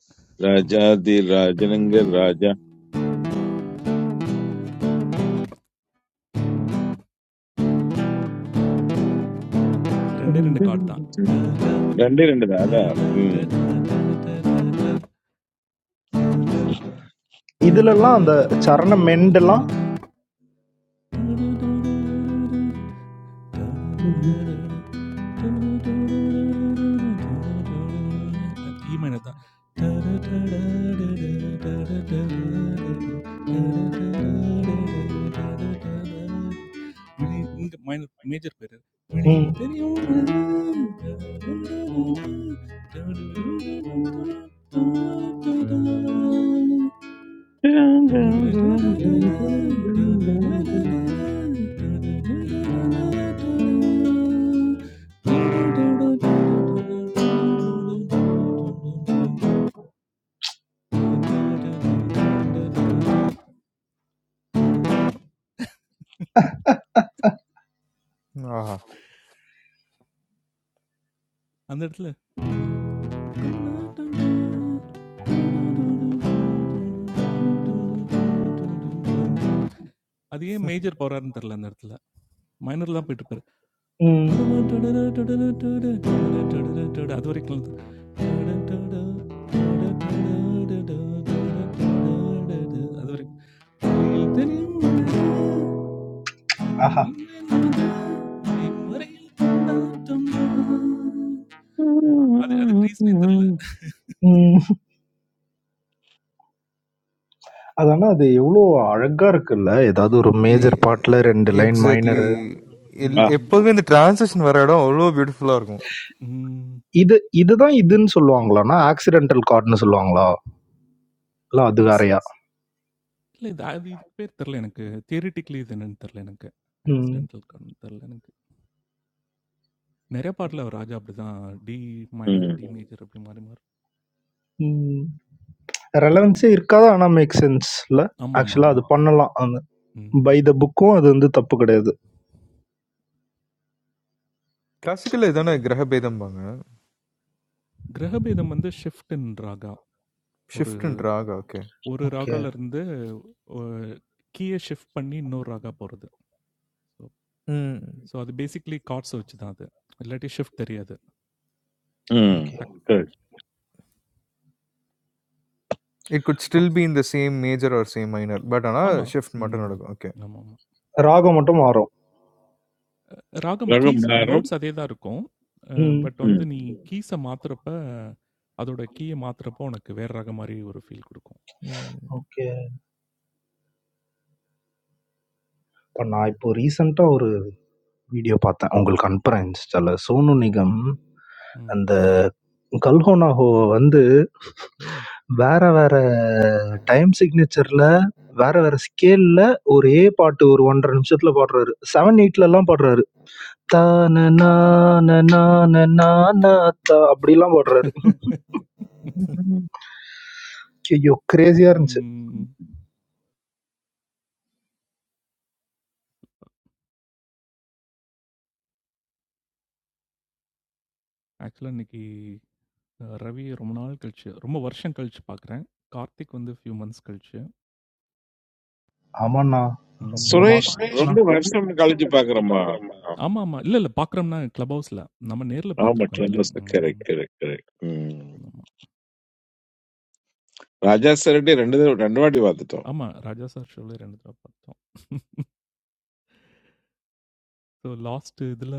B: ஆமா.
F: Rajaadi, Raja Nengal, Raja.
B: 2 2 chord தான்.
F: रंडी रंडी राजा हम्म
D: இதுலலாம் அந்த சரணம் எண்டுலாம்
B: ഈ മഴത്ത മേജർ പേര് വിളിയിൽ
D: ம்.
B: തെറിയും அந்த
E: ஆஹா!
B: இடத்துல அது ஏன் மேஜர் போறாருன்னு தெரியல அந்த இடத்துல மைனர்லாம் போயிட்டு இருப்பாரு
D: ம்.
B: அது வரைக்கும் அது வரைக்கும் உன்னில் தெரியும்
D: ஆஹா.
B: அது அதுக்கு ரீசனே தெரில
D: அது ஆனா அது எவ்ளோ அழகா இருக்குல்ல. ஏதாவது ஒரு
E: இல்லையே!
D: மேஜர் பார்ட்ல 2 லைன்
E: எக்ஸாக்ட்லி.
D: மைனரு.
E: எல்
F: आ
E: எப்போதுமே இந்த ட்ரான்சிஷன் வர இடம் அவ்ளோ பியூட்டிஃபுல்லா இருக்கும்.
D: இது இதுதான் இதுன்னு சொல்லுவாங்களான்னா, ஆக்சிடென்டல் கார்ட்ன்னு சொல்லுவாங்களா? இல்ல அது
B: ஆக்சி
D: வேறையா?
B: இல்லை இது அது இதுக்கு பேர் தெரில எனக்கு தியரிட்டிக்கலி இது என்னன்னு தெரில எனக்கு
D: ம்.
B: ஆக்சிடென்டல் கண் தெரில எனக்கு நிறைய பாட்டில் அவர் ராஜா அப்படிதான் டி மைனர் டி மேஜர் அப்படி மாறி மாறும்
D: ம். ரெலவன்ஸே இருக்காது. ஆனா மேக் சென்ஸ் இல்ல?
B: ஆமாம் ஆமாம்
D: ஆக்சுவலா அது
B: ஆமாம்
D: பண்ணலாம். அந்த பை த புக்கும் அது வந்து தப்பு கிடையாது.
E: கிளாசிக்கல்ல இதானே கிரகபேதம்பாங்க.
B: கிரகபேதம் வந்து ஷிஃப்ட் இன் ராகா ஒரு
E: ஷிஃப்ட் அண்ட் ராகா ஓகே.
B: ஒரு
D: ஓகே.
B: ராகால இருந்து ஒ கீய ஷிஃப்ட் பண்ணி இன்னொரு ராகா போறது. ஸோ
E: ம்.
B: ஸோ அது பேசிக்கலி கார்ட்ஸ வச்சு தான் அது. இல்லாட்டி ஷிஃப்ட் தெரியாது. நீ
F: हम्म
D: ஓகே.
B: டக்
F: कर
E: it could still be in the same major or same minor. But ஆனா
B: ஆமா.
E: ஷிஃப்ட் மட்டும்
B: ம்.
E: நடக்கும். ஓகே.
B: ஆமாமா.
D: ராகம் மட்டும் மாறும்.
B: ராகம்
F: लगभग
B: கீஸ்
F: बारम
B: நோட்ஸ் அதே தான் இருக்கும். அ
D: ம்.
B: பட் வந்து
F: हम्म
B: நீ கீஸ மாத்துறப்ப, அதோட கீய மாத்துறப்போ உனக்கு வேற ராகம் மாரி ஒரு ஃபீல் குடுக்கும்.
E: ம்.
D: ஓகே. இப்ப நான் இப்போ ரீசென்ட்டா ஒரு வீடியோ பார்த்தேன். உங்களுக்கு அனுப்புறேன் இன்ஸ்டால. சோனு நிகம்
B: ம்.
D: அந்த கல்ஹோனா ஹோவ வந்து
B: ம்.
D: வேற வேற டைம் சிக்னேச்சர்ல வேற வேற ஸ்கேல்ல ஒரு ஏ பாட்டு ஒரு 1 1/2 நிமிஷத்துல பாடுறாரு. 7, 8 எல்லாம் பாடுறாரு. தா ந நா ந நா ந நா நா தா அப்படிலாம் பாடுறாரு. ஐயோ! கிரேஸியா இருந்துச்சு.
B: ம். ஆக்சுவலா இன்னைக்கு அ ரவிய ரொம்ப நாள் கழிச்சு, ரொம்ப வருஷம் கழிச்சு பாக்குறேன். கார்த்திக் வந்து ஃபியூ மந்த்ஸ் கழிச்சு.
D: ஆமாண்ணா. ரொம்ப
B: ம்.
D: ம்.
F: सुरेश
D: மாஸ்.
F: बहुत भावसंग कालीजी पागल है माँ
B: ஆமாமா. இல்ல, இல்ல. பார்க்குறோம்னா கிளப் ஹவுஸ்ல. நம்ம நேர்ல
F: हाँ
B: பார்த்துருக்கோம்.
F: मटन
B: இதுல
F: दोस्त करेक्ट
B: ம்
F: करेक्ट करेक्ट हम्म
B: ஆமா.
F: Raja Siradee, two days, two days, I went
B: ஆமா, ராஜா சார் ஷோல 2 தடவ பார்த்தோம். ஸோ லாஸ்ட் இதுல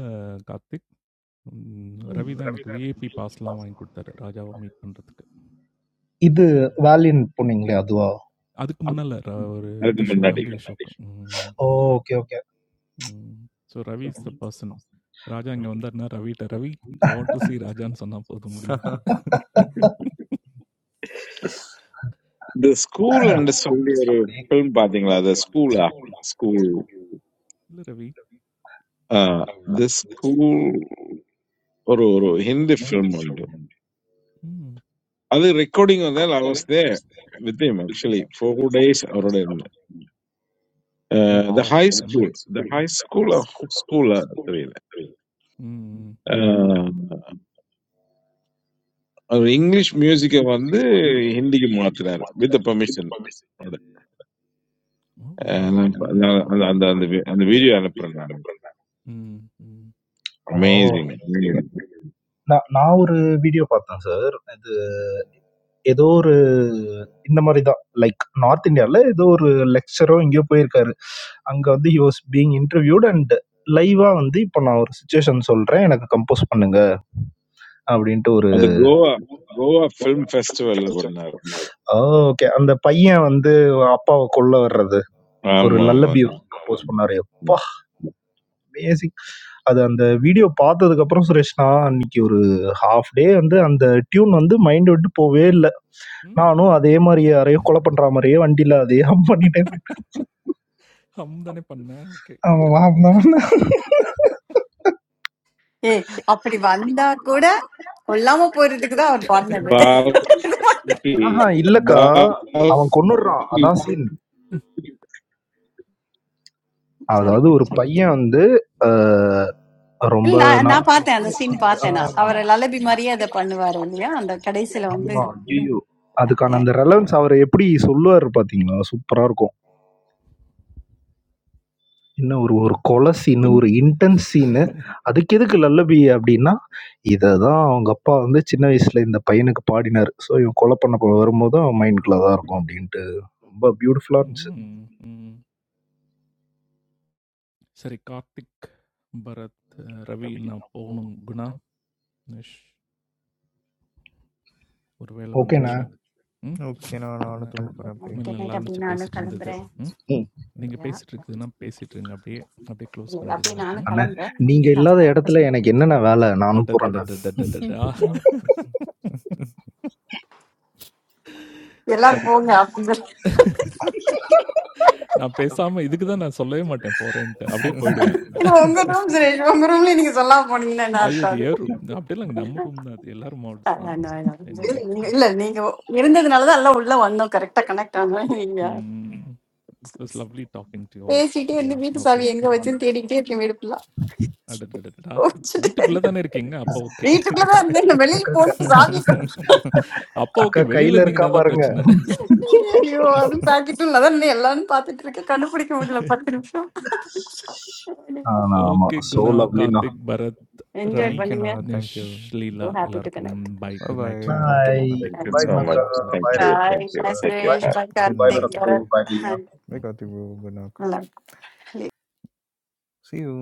B: கார்த்திக், ம் ரவி தான் எனக்கு விஐபி பாஸ்லாம் வாங்கி குடுத்தாரு. ராஜாவ மீட் பண்றதுக்கு.
D: இது
B: ஸோ
D: வேலியன்ட் போனீங்களே அதுவா?
B: அதுக்கு முன்னால ர ஒரு இந்த ஷோ
F: to him.
B: வெம்ப்ளி ஷோக்கு. ம்.
D: ஓ! Okay, okay.
B: ம். So Ravi is the person. Raja இங்க வந்தாருன்னா ரவிட்ட, "Ravi, I want to see ராஜான்னு" சொன்னா போதும் முடிஞ்சுது.
F: The school, I understood. A film, watching that school, ah school,
B: "இல்ல Ravi.
F: uh, the school, one Hindi film.
B: ம்.
F: That recording, வந்து I was there with him actually for four days. Or one,
B: oh
F: the
B: wow!
F: high
B: ம்.
F: school, the high school, or school, three.
B: ம். ம். ம்.
F: English music, I went Hindi movie with the permission.
B: Oh wow! ம். ம்.
F: That video, I remember,
B: ம். ம்.
D: ஓ!
F: amazing, amazing.
D: நான் நான் ஒரு வீடியோ பார்த்தேன் சார். இது ஏதோ ஒரு இந்த மாதிரி தான் லைக் நார்த் இந்தியாவில் ஏதோ ஒரு லெக்சரோ எங்கேயோ போயிருக்காரு அங்கே வந்து he was being interviewed and லைவாக வந்து இப்போ நான் ஒரு சுச்சுவேஷன் சொல்கிறேன் எனக்கு கம்போஸ் பண்ணுங்க அப்படின்ட்டு ஒரு
F: அது கோவா கோவா ஃபிலிம் ஃபெஸ்டிவல்ல பண்ணாரு
D: ஓகே அந்த பையன் வந்து அப்பாவை கொல்ல வர்றது ஒரு
F: ஆமா ஆமா
D: லல்லபி கம்போஸ் பண்ணாரு எப்பா அமேசிங் அது அந்த வீடியோ பார்த்ததுக்கப்புறம் சுரேஷ்னா அன்னைக்கு ஒரு ஹாஃப் டே வந்து அந்த டியூன் வந்து மைண்ட் விட்டு போவே இல்லை
B: ம்.
D: நானும் அதே மாதிரி யாரையோ கொலை பண்ணுற மாதிரியே வண்டியில் அதே hum பண்ணிட்டே போயிட்டேன்.
B: ஹம் தானே பண்ணேன். ஓகே. சரி.
D: ஆமா, ஆமா.
A: ஏய் அப்படி வந்தா கூட கொல்லாம போறதுக்கு தான் அவர் பண்ணது
F: பால்கி
D: ஆஹா இல்லக்கா. அவன்
F: பால்கி
D: கொன்னுடுறான். அதான் சீன்.
B: ம்.
A: சாரி
D: அதாவது ஒரு
B: ம்.
D: பையன் வந்து அ ரொம்ப
A: இல்ல நான்
D: நாள்
A: நான் பார்த்தேன் அந்த சீன் பார்த்தேன் நான் அவர் லலபி மாதிரியே அதை பண்ணுவாரு இல்லையா அந்த கடைசியில வந்து
D: அதுக்கான அந்த ரெலவன்ஸ் அவரு எப்படி சொல்லுவாரு பார்த்தீங்களா? சூப்பரா இருக்கும். என்ன ஒரு ஒரு கொலை சீனு, ஒரு இன்டென்ஸ் சீனு. அதுக்கு எதுக்கு லல்லபி அப்டின்னா, இததான் அவங்க அப்பா வந்து சின்ன வயசுல இந்த பையனுக்கு பாடினாரு. ஸோ இவன் கொலை பண்ண போ வரும்போது அவன் மைண்டுக்குள்ள தான் இருக்கும் அப்டின்ட்டு ரொம்ப பியூட்டிஃபுல்லா இருந்துச்சு.
B: ம். ம். சரி கார்த்திக், பரத், அஹ், ரவி நான் போணும். குணா, நிஷ் ஒரு வேல
D: ஓகேண்ணே.
B: வந்துச்சு. ம்.
E: ஓகே நான்
B: என்ன
E: நானும் தூங்க
B: அஹ்,
E: போறேன் அப்படியே.
B: உண்மையில
A: குட்
B: நல்லா
A: நைட் அப்படி
B: இருந்துச்சு
A: நானும்
B: பேசிட்டு இருந்தது.
A: கிளம்புறேன்
B: ம்.
D: ம்.
B: நீங்க
A: Yeah.
B: பேசிட்டு இருக்குதுன்னா பேசிட்டு இருங்க அப்படியே. அப்படியே க்ளோஸ்
A: இல்ல, இல்ல,
B: பண்ணிடுங்க.
A: அப்படியே நானும்
B: ம்.
D: அண்ணே,
A: கிளம்புறேன்
D: நீங்க
B: ம்.
D: இல்லாத இடத்துல எனக்கு என்னண்ணே வேல? நானும் போறேண்ணே.
B: அடடடடடடடா!
E: ம்.
A: எல்லாரும்
B: சரி.
A: போங்க அப்படின்னு சொல்லி.
B: நான் பேசாம இதுக்கு தான் நான் சொல்லவே மாட்டேன் போறேன்ட்டு. அப்படியே
A: ஏன்னா உங்க
B: போயிடுவேன்.
A: ரூம் உங்க ரூம்ல நீங்க சொல்லாம போனீங்கன்னா என்ன
B: ஐயோ!
A: அர்த்தம்
B: அது
A: அது?
B: ஏன் ரூம் அப்படிலாம் இல்லங்க. நம்ம ரூம் தான் அது. எல்லாரும் மாட்ஸ்
A: அஹ்
B: தான்.
A: Ah no, no, just
B: anyway.
A: நீங்க
B: ம்.
A: இல்ல நீங்க இருந்ததுனாலதான் எல்லாம் உள்ள வந்தோம் கரெக்டா கனெக்ட் ஆனோம் நீங்க
B: ம். It was lovely talking to you all.
A: பேசிட்டே
B: சரியா?
A: இருந்து வீட்டு
B: ஓகே.
A: சாவி எங்க வச்சுன்னு தேடிக்கிட்டே இருக்கேன் வீடு ஃபுல்லா
B: அடடடடா!
A: வச்சுட்டு
B: வீட்டுக்குள்ள தானே இருக்கீங்க. அப்ப ஓகே.
A: வீட்டுக்குள்ளதான் இருந்தேன் நான் வெளியில போன சாவி காணோம்.
B: அப்ப ஓகே.
D: அக்கா
B: வெளியில
D: கையில இருக்கா
B: இருந்தீங்கன்னா தான்
D: பாருங்க.
B: பிரச்சனை.
A: ஐயோ அது பாக்கெட் உள்ளதான் இருந்தேன். எல்லாரும் பாத்துட்டு இருக்கேன் கண்டுபிடிக்க முடியல பத்து நிமிஷம்
D: Ah
B: okay
D: na, so
B: Guna,
D: lovely na.
B: Karthik, Bharat,
A: enjoy
B: Ravi,
E: thank you
A: பண்ணுங்க
E: நான் thank
B: Nish,
E: you.
A: So
B: Leela
A: happy to
B: எல்லாருக்கும்
A: connect
B: bye.
E: Bye
B: good
E: bye.
B: Night. ம். நான்
D: Bye,
B: அப்படியே
F: Thank you
D: bye,
B: கிளம்புறேன்.
E: பை
F: so
D: na
B: ம்.
E: Bye.
D: ka,
F: much.
B: Bye,
F: Thank
D: bye,
F: you.
B: Bye, bye.
A: Bye
D: brother,
F: Thank you.
D: sir.
A: Bye
F: Take care.
D: Bye,
A: Suresh
F: Bye.
B: ம்.
A: Bye
B: ம்.
D: bye,
E: good
D: bye,
B: close
A: Karthik
E: night.
D: brother,
B: பண்ணேன் அப்படியே.
D: bye, little one.
A: Bharat
B: ம்.
E: Bye Karthik bro. Good night. See you.